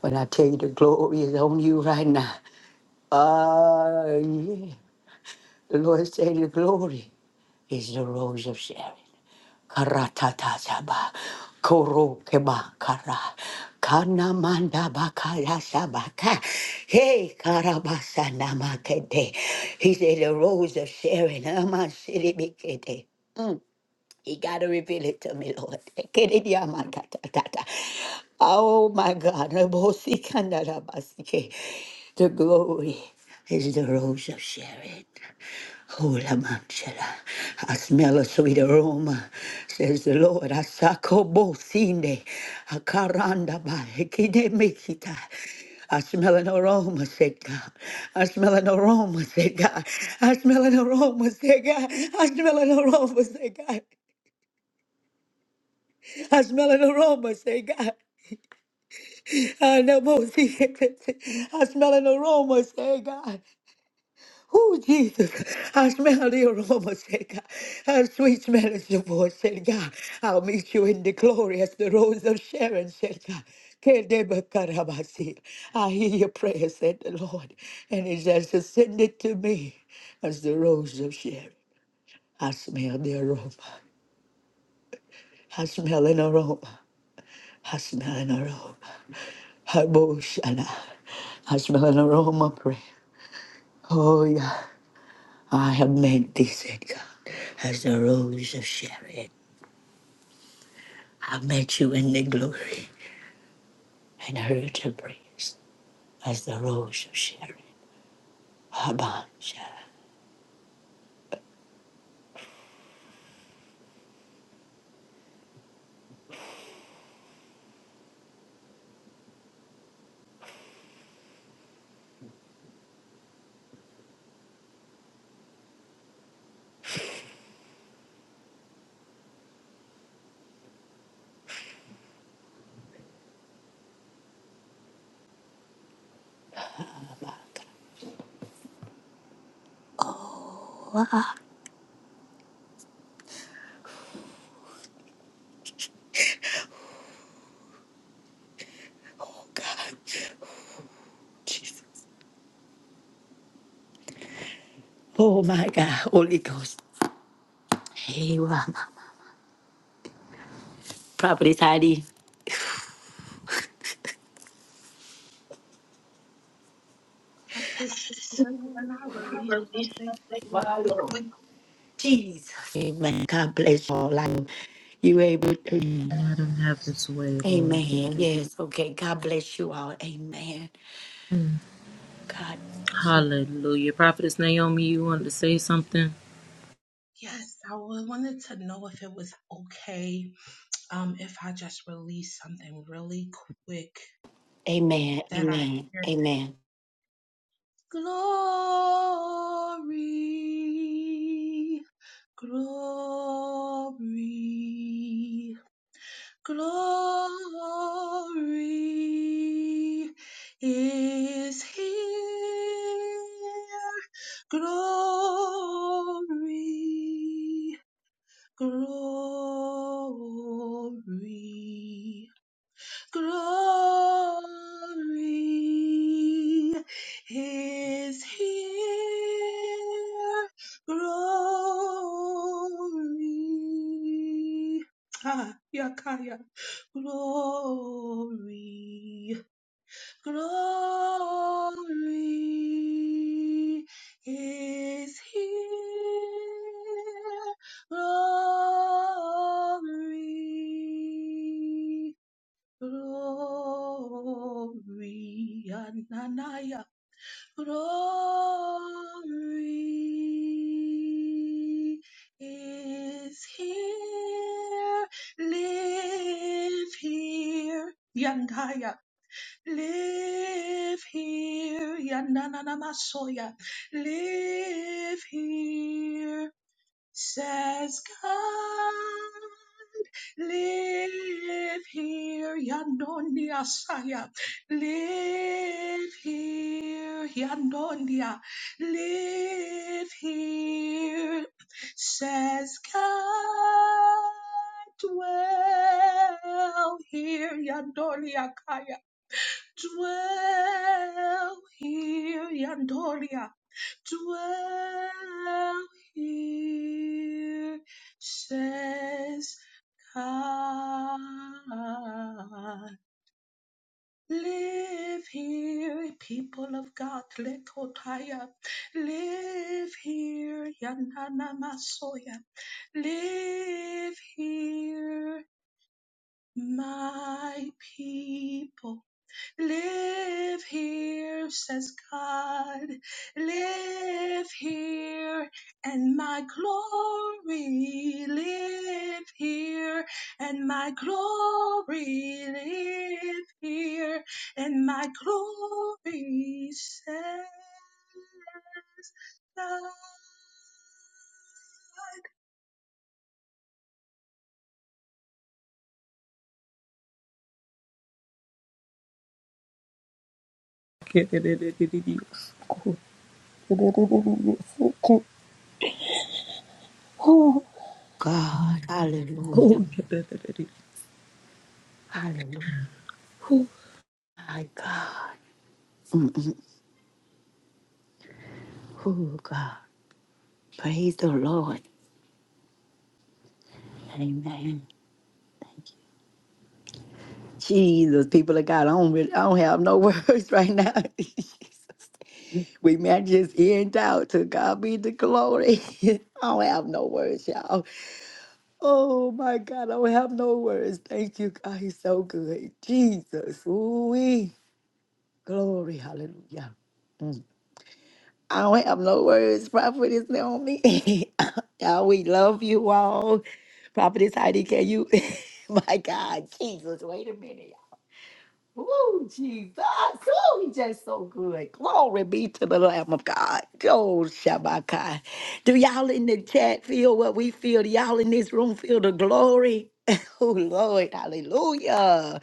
when I tell you the glory is on you right now, uh, The Lord said, the glory is the rose of Sharon." Karatatataba, korokeba kara, kanamanda bakaya sabaka, hey karabasa namakete. He said, "The rose of Sharon." amasiribikete. Mm. He got to reveal it to me, Lord. Ekedidiamakatatata. Oh my God. Nabosikandarabasike. The glory is the rose of Sharon. Hola manchela, I smell a sweet aroma, says the Lord. Asako bocine, akaranda ba, ekide mekita. I smell an aroma, said God. I smell an aroma, said God. I smell an aroma, said God. I smell an aroma, said God. I smell an aroma, said God. I know both I smell an aroma, said God. Oh, Jesus, I smell the aroma, said God. How sweet smell is your voice, said God. I'll meet you in the glory as the rose of Sharon, said God. Kedebakarabasi. I hear your prayer, said the Lord, and it has ascended to me as the rose of Sharon. I smell the aroma. I smell an aroma. I smell an aroma. Haboshana. I smell an aroma, pray. Oh, yeah. I have meant thee, said God, as the rose of Sharon. I met you in the glory and heard your praise as the rose of Sharon. Abba, Sharon. Oh God. Oh my God. Holy Ghost. Hey, Mama. Property tidy. can I release something really quickly? Jesus. Amen. God bless you all. I'm, you able to. Let him have his way, Lord. Yeah, that Amen. it is. Yes. Okay. God bless you all. Amen. Mm. God bless you. Hallelujah. Prophetess Naomi, you wanted to say something? Amen. Amen. Amen. glory, glory glory is here. Glory, glory, glory is here. Glory. Ah, yakaya. Glory, He is here. Glory, glory, Ananaya. Glory is here. Live here. Yandaya. Live here, Yananamasoya. Live here, says God. Live here, Yandonia Saya. Live here, Yandonia. Live here, says God. Dwell here, Yandonia Kaya. Dwell here, Yandoria. Dwell here, says God. Live here, people of God, Lekotaya. Live here, Yananamasoya. Live here, my people. Live here, says God. Live here, and my glory. Live here, and my glory. Live here, and my glory, says God. Oh, God. Hallelujah. Hallelujah. yeah. My God. Oh God. Praise the Lord. Amen. Jesus, people of God, I don't really, I don't have no words right now. we might just end out to God be the glory. I don't have no words, y'all. Oh my God, I don't have no words. Thank you, God. He's so good. Jesus, ooh glory, hallelujah. Mm. I don't have no words. Prophet is on me. y'all, we love you all. Prophet is Heidi, can you? my God, Jesus, wait a minute, Ooh, Jesus. Ooh, he just so good. Glory be to the Lamb of God. Oh, Shabbakai. Do y'all in the chat feel what we feel? Do y'all in this room feel the glory? Oh, Lord. Hallelujah.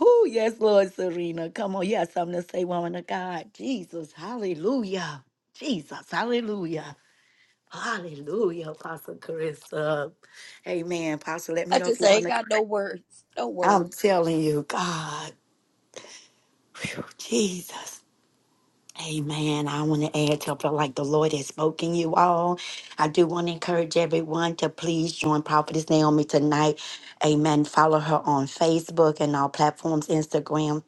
Oh, yes, Lord Serena. Come on. You have something to say, woman of God. Jesus. Hallelujah. Jesus. Hallelujah. Hallelujah, Apostle Carissa. Amen. Apostle, let me I know if just you want ain't to. got no words. No words. I'm telling you, God. Whew, Jesus. Amen. I want to add to I feel like the Lord has spoken you all. I do want to encourage everyone to please join Prophetess Naomi tonight. Amen. Follow her on Facebook and all platforms Instagram,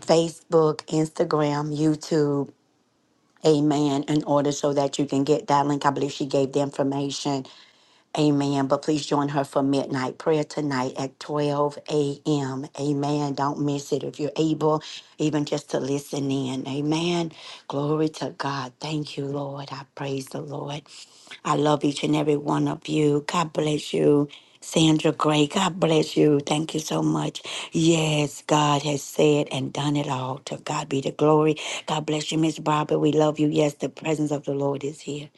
Facebook, Instagram, YouTube. Amen. In order so that you can get that link. I believe she gave the information. Amen. But please join her for midnight prayer tonight at 12 a.m. Amen. Don't miss it if you're able, even just to listen in. Amen. Glory to God. Thank you, Lord. I praise the Lord. I love each and every one of you. God bless you. Sandra Gray, God bless you. Thank you so much. Yes, God has said and done it all. To God be the glory. God bless you, Miss Barbara. We love you. Yes, the presence of the Lord is here.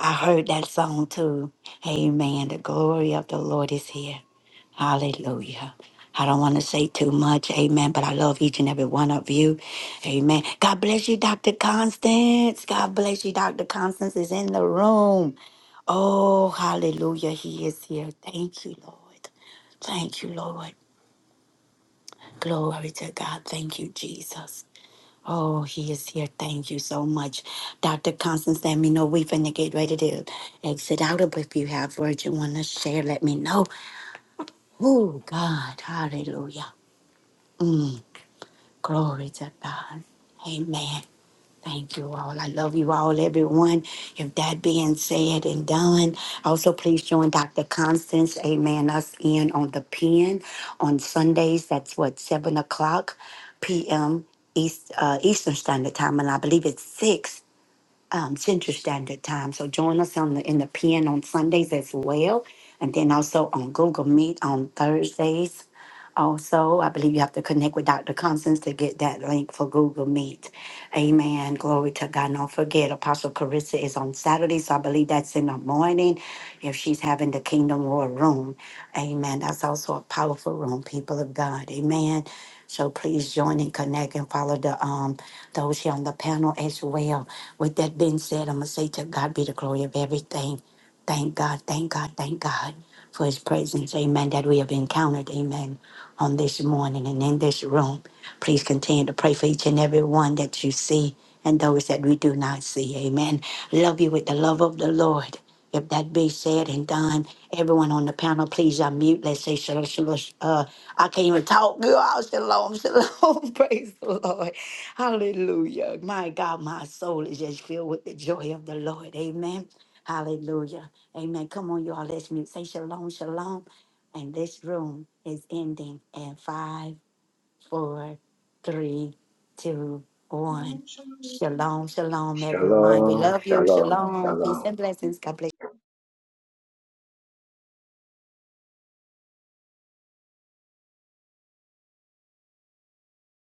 I heard that song too. Amen. The glory of the Lord is here. Hallelujah. I don't want to say too much, amen, but I love each and every one of you. Amen. God bless you, Dr. Constance. God bless you, Dr. Constance is in the room. Oh, hallelujah. He is here. Thank you, Lord. Thank you, Lord. Glory to God. Thank you, Jesus. Oh, he is here. Thank you so much. Dr. Constance, let me know. We finna get ready to exit out. But if you have words you want to share, let me know. Oh, God. Hallelujah. Mm, glory to God. Amen. Thank you all. I love you all, everyone. If that being said and done, also please join Dr. Constance, amen, us in on the pen on Sundays. That's what, 7 o'clock p.m. East, uh, Eastern Standard Time, and I believe it's 6 um, Central Standard Time. So join us on the, in the pen on Sundays as well. And then also on Google Meet on Thursdays also, I believe you have to connect with Dr. Constance to get that link for Google Meet. Amen. Glory to God. Don't forget, Apostle Carissa is on Saturday, so I believe that's in the morning if she's having the Kingdom War room. Amen. That's also a powerful room, people of God. Amen. So please join and connect and follow the um those here on the panel as well. With that being said, I'm gonna say to God be the glory of everything. Thank God, thank God, thank God for his presence. Amen. That we have encountered. Amen. On this morning and in this room. Please continue to pray for each and every one that you see and those that we do not see. Amen. Love you with the love of the Lord. If that be said and done, everyone on the panel, please unmute. Let's say shalom, shalom. Uh, I can't even talk. Girl, i shalom, shalom. Praise the Lord. Hallelujah. My God, my soul is just filled with the joy of the Lord. Amen. Hallelujah. Amen. Come on, y'all. Let's mute. Say shalom, shalom. And this room is ending in five, four, three, two, one. Shalom, shalom, everyone. We Shalom, love you. shalom, Shalom. Peace shalom. and blessings. God bless.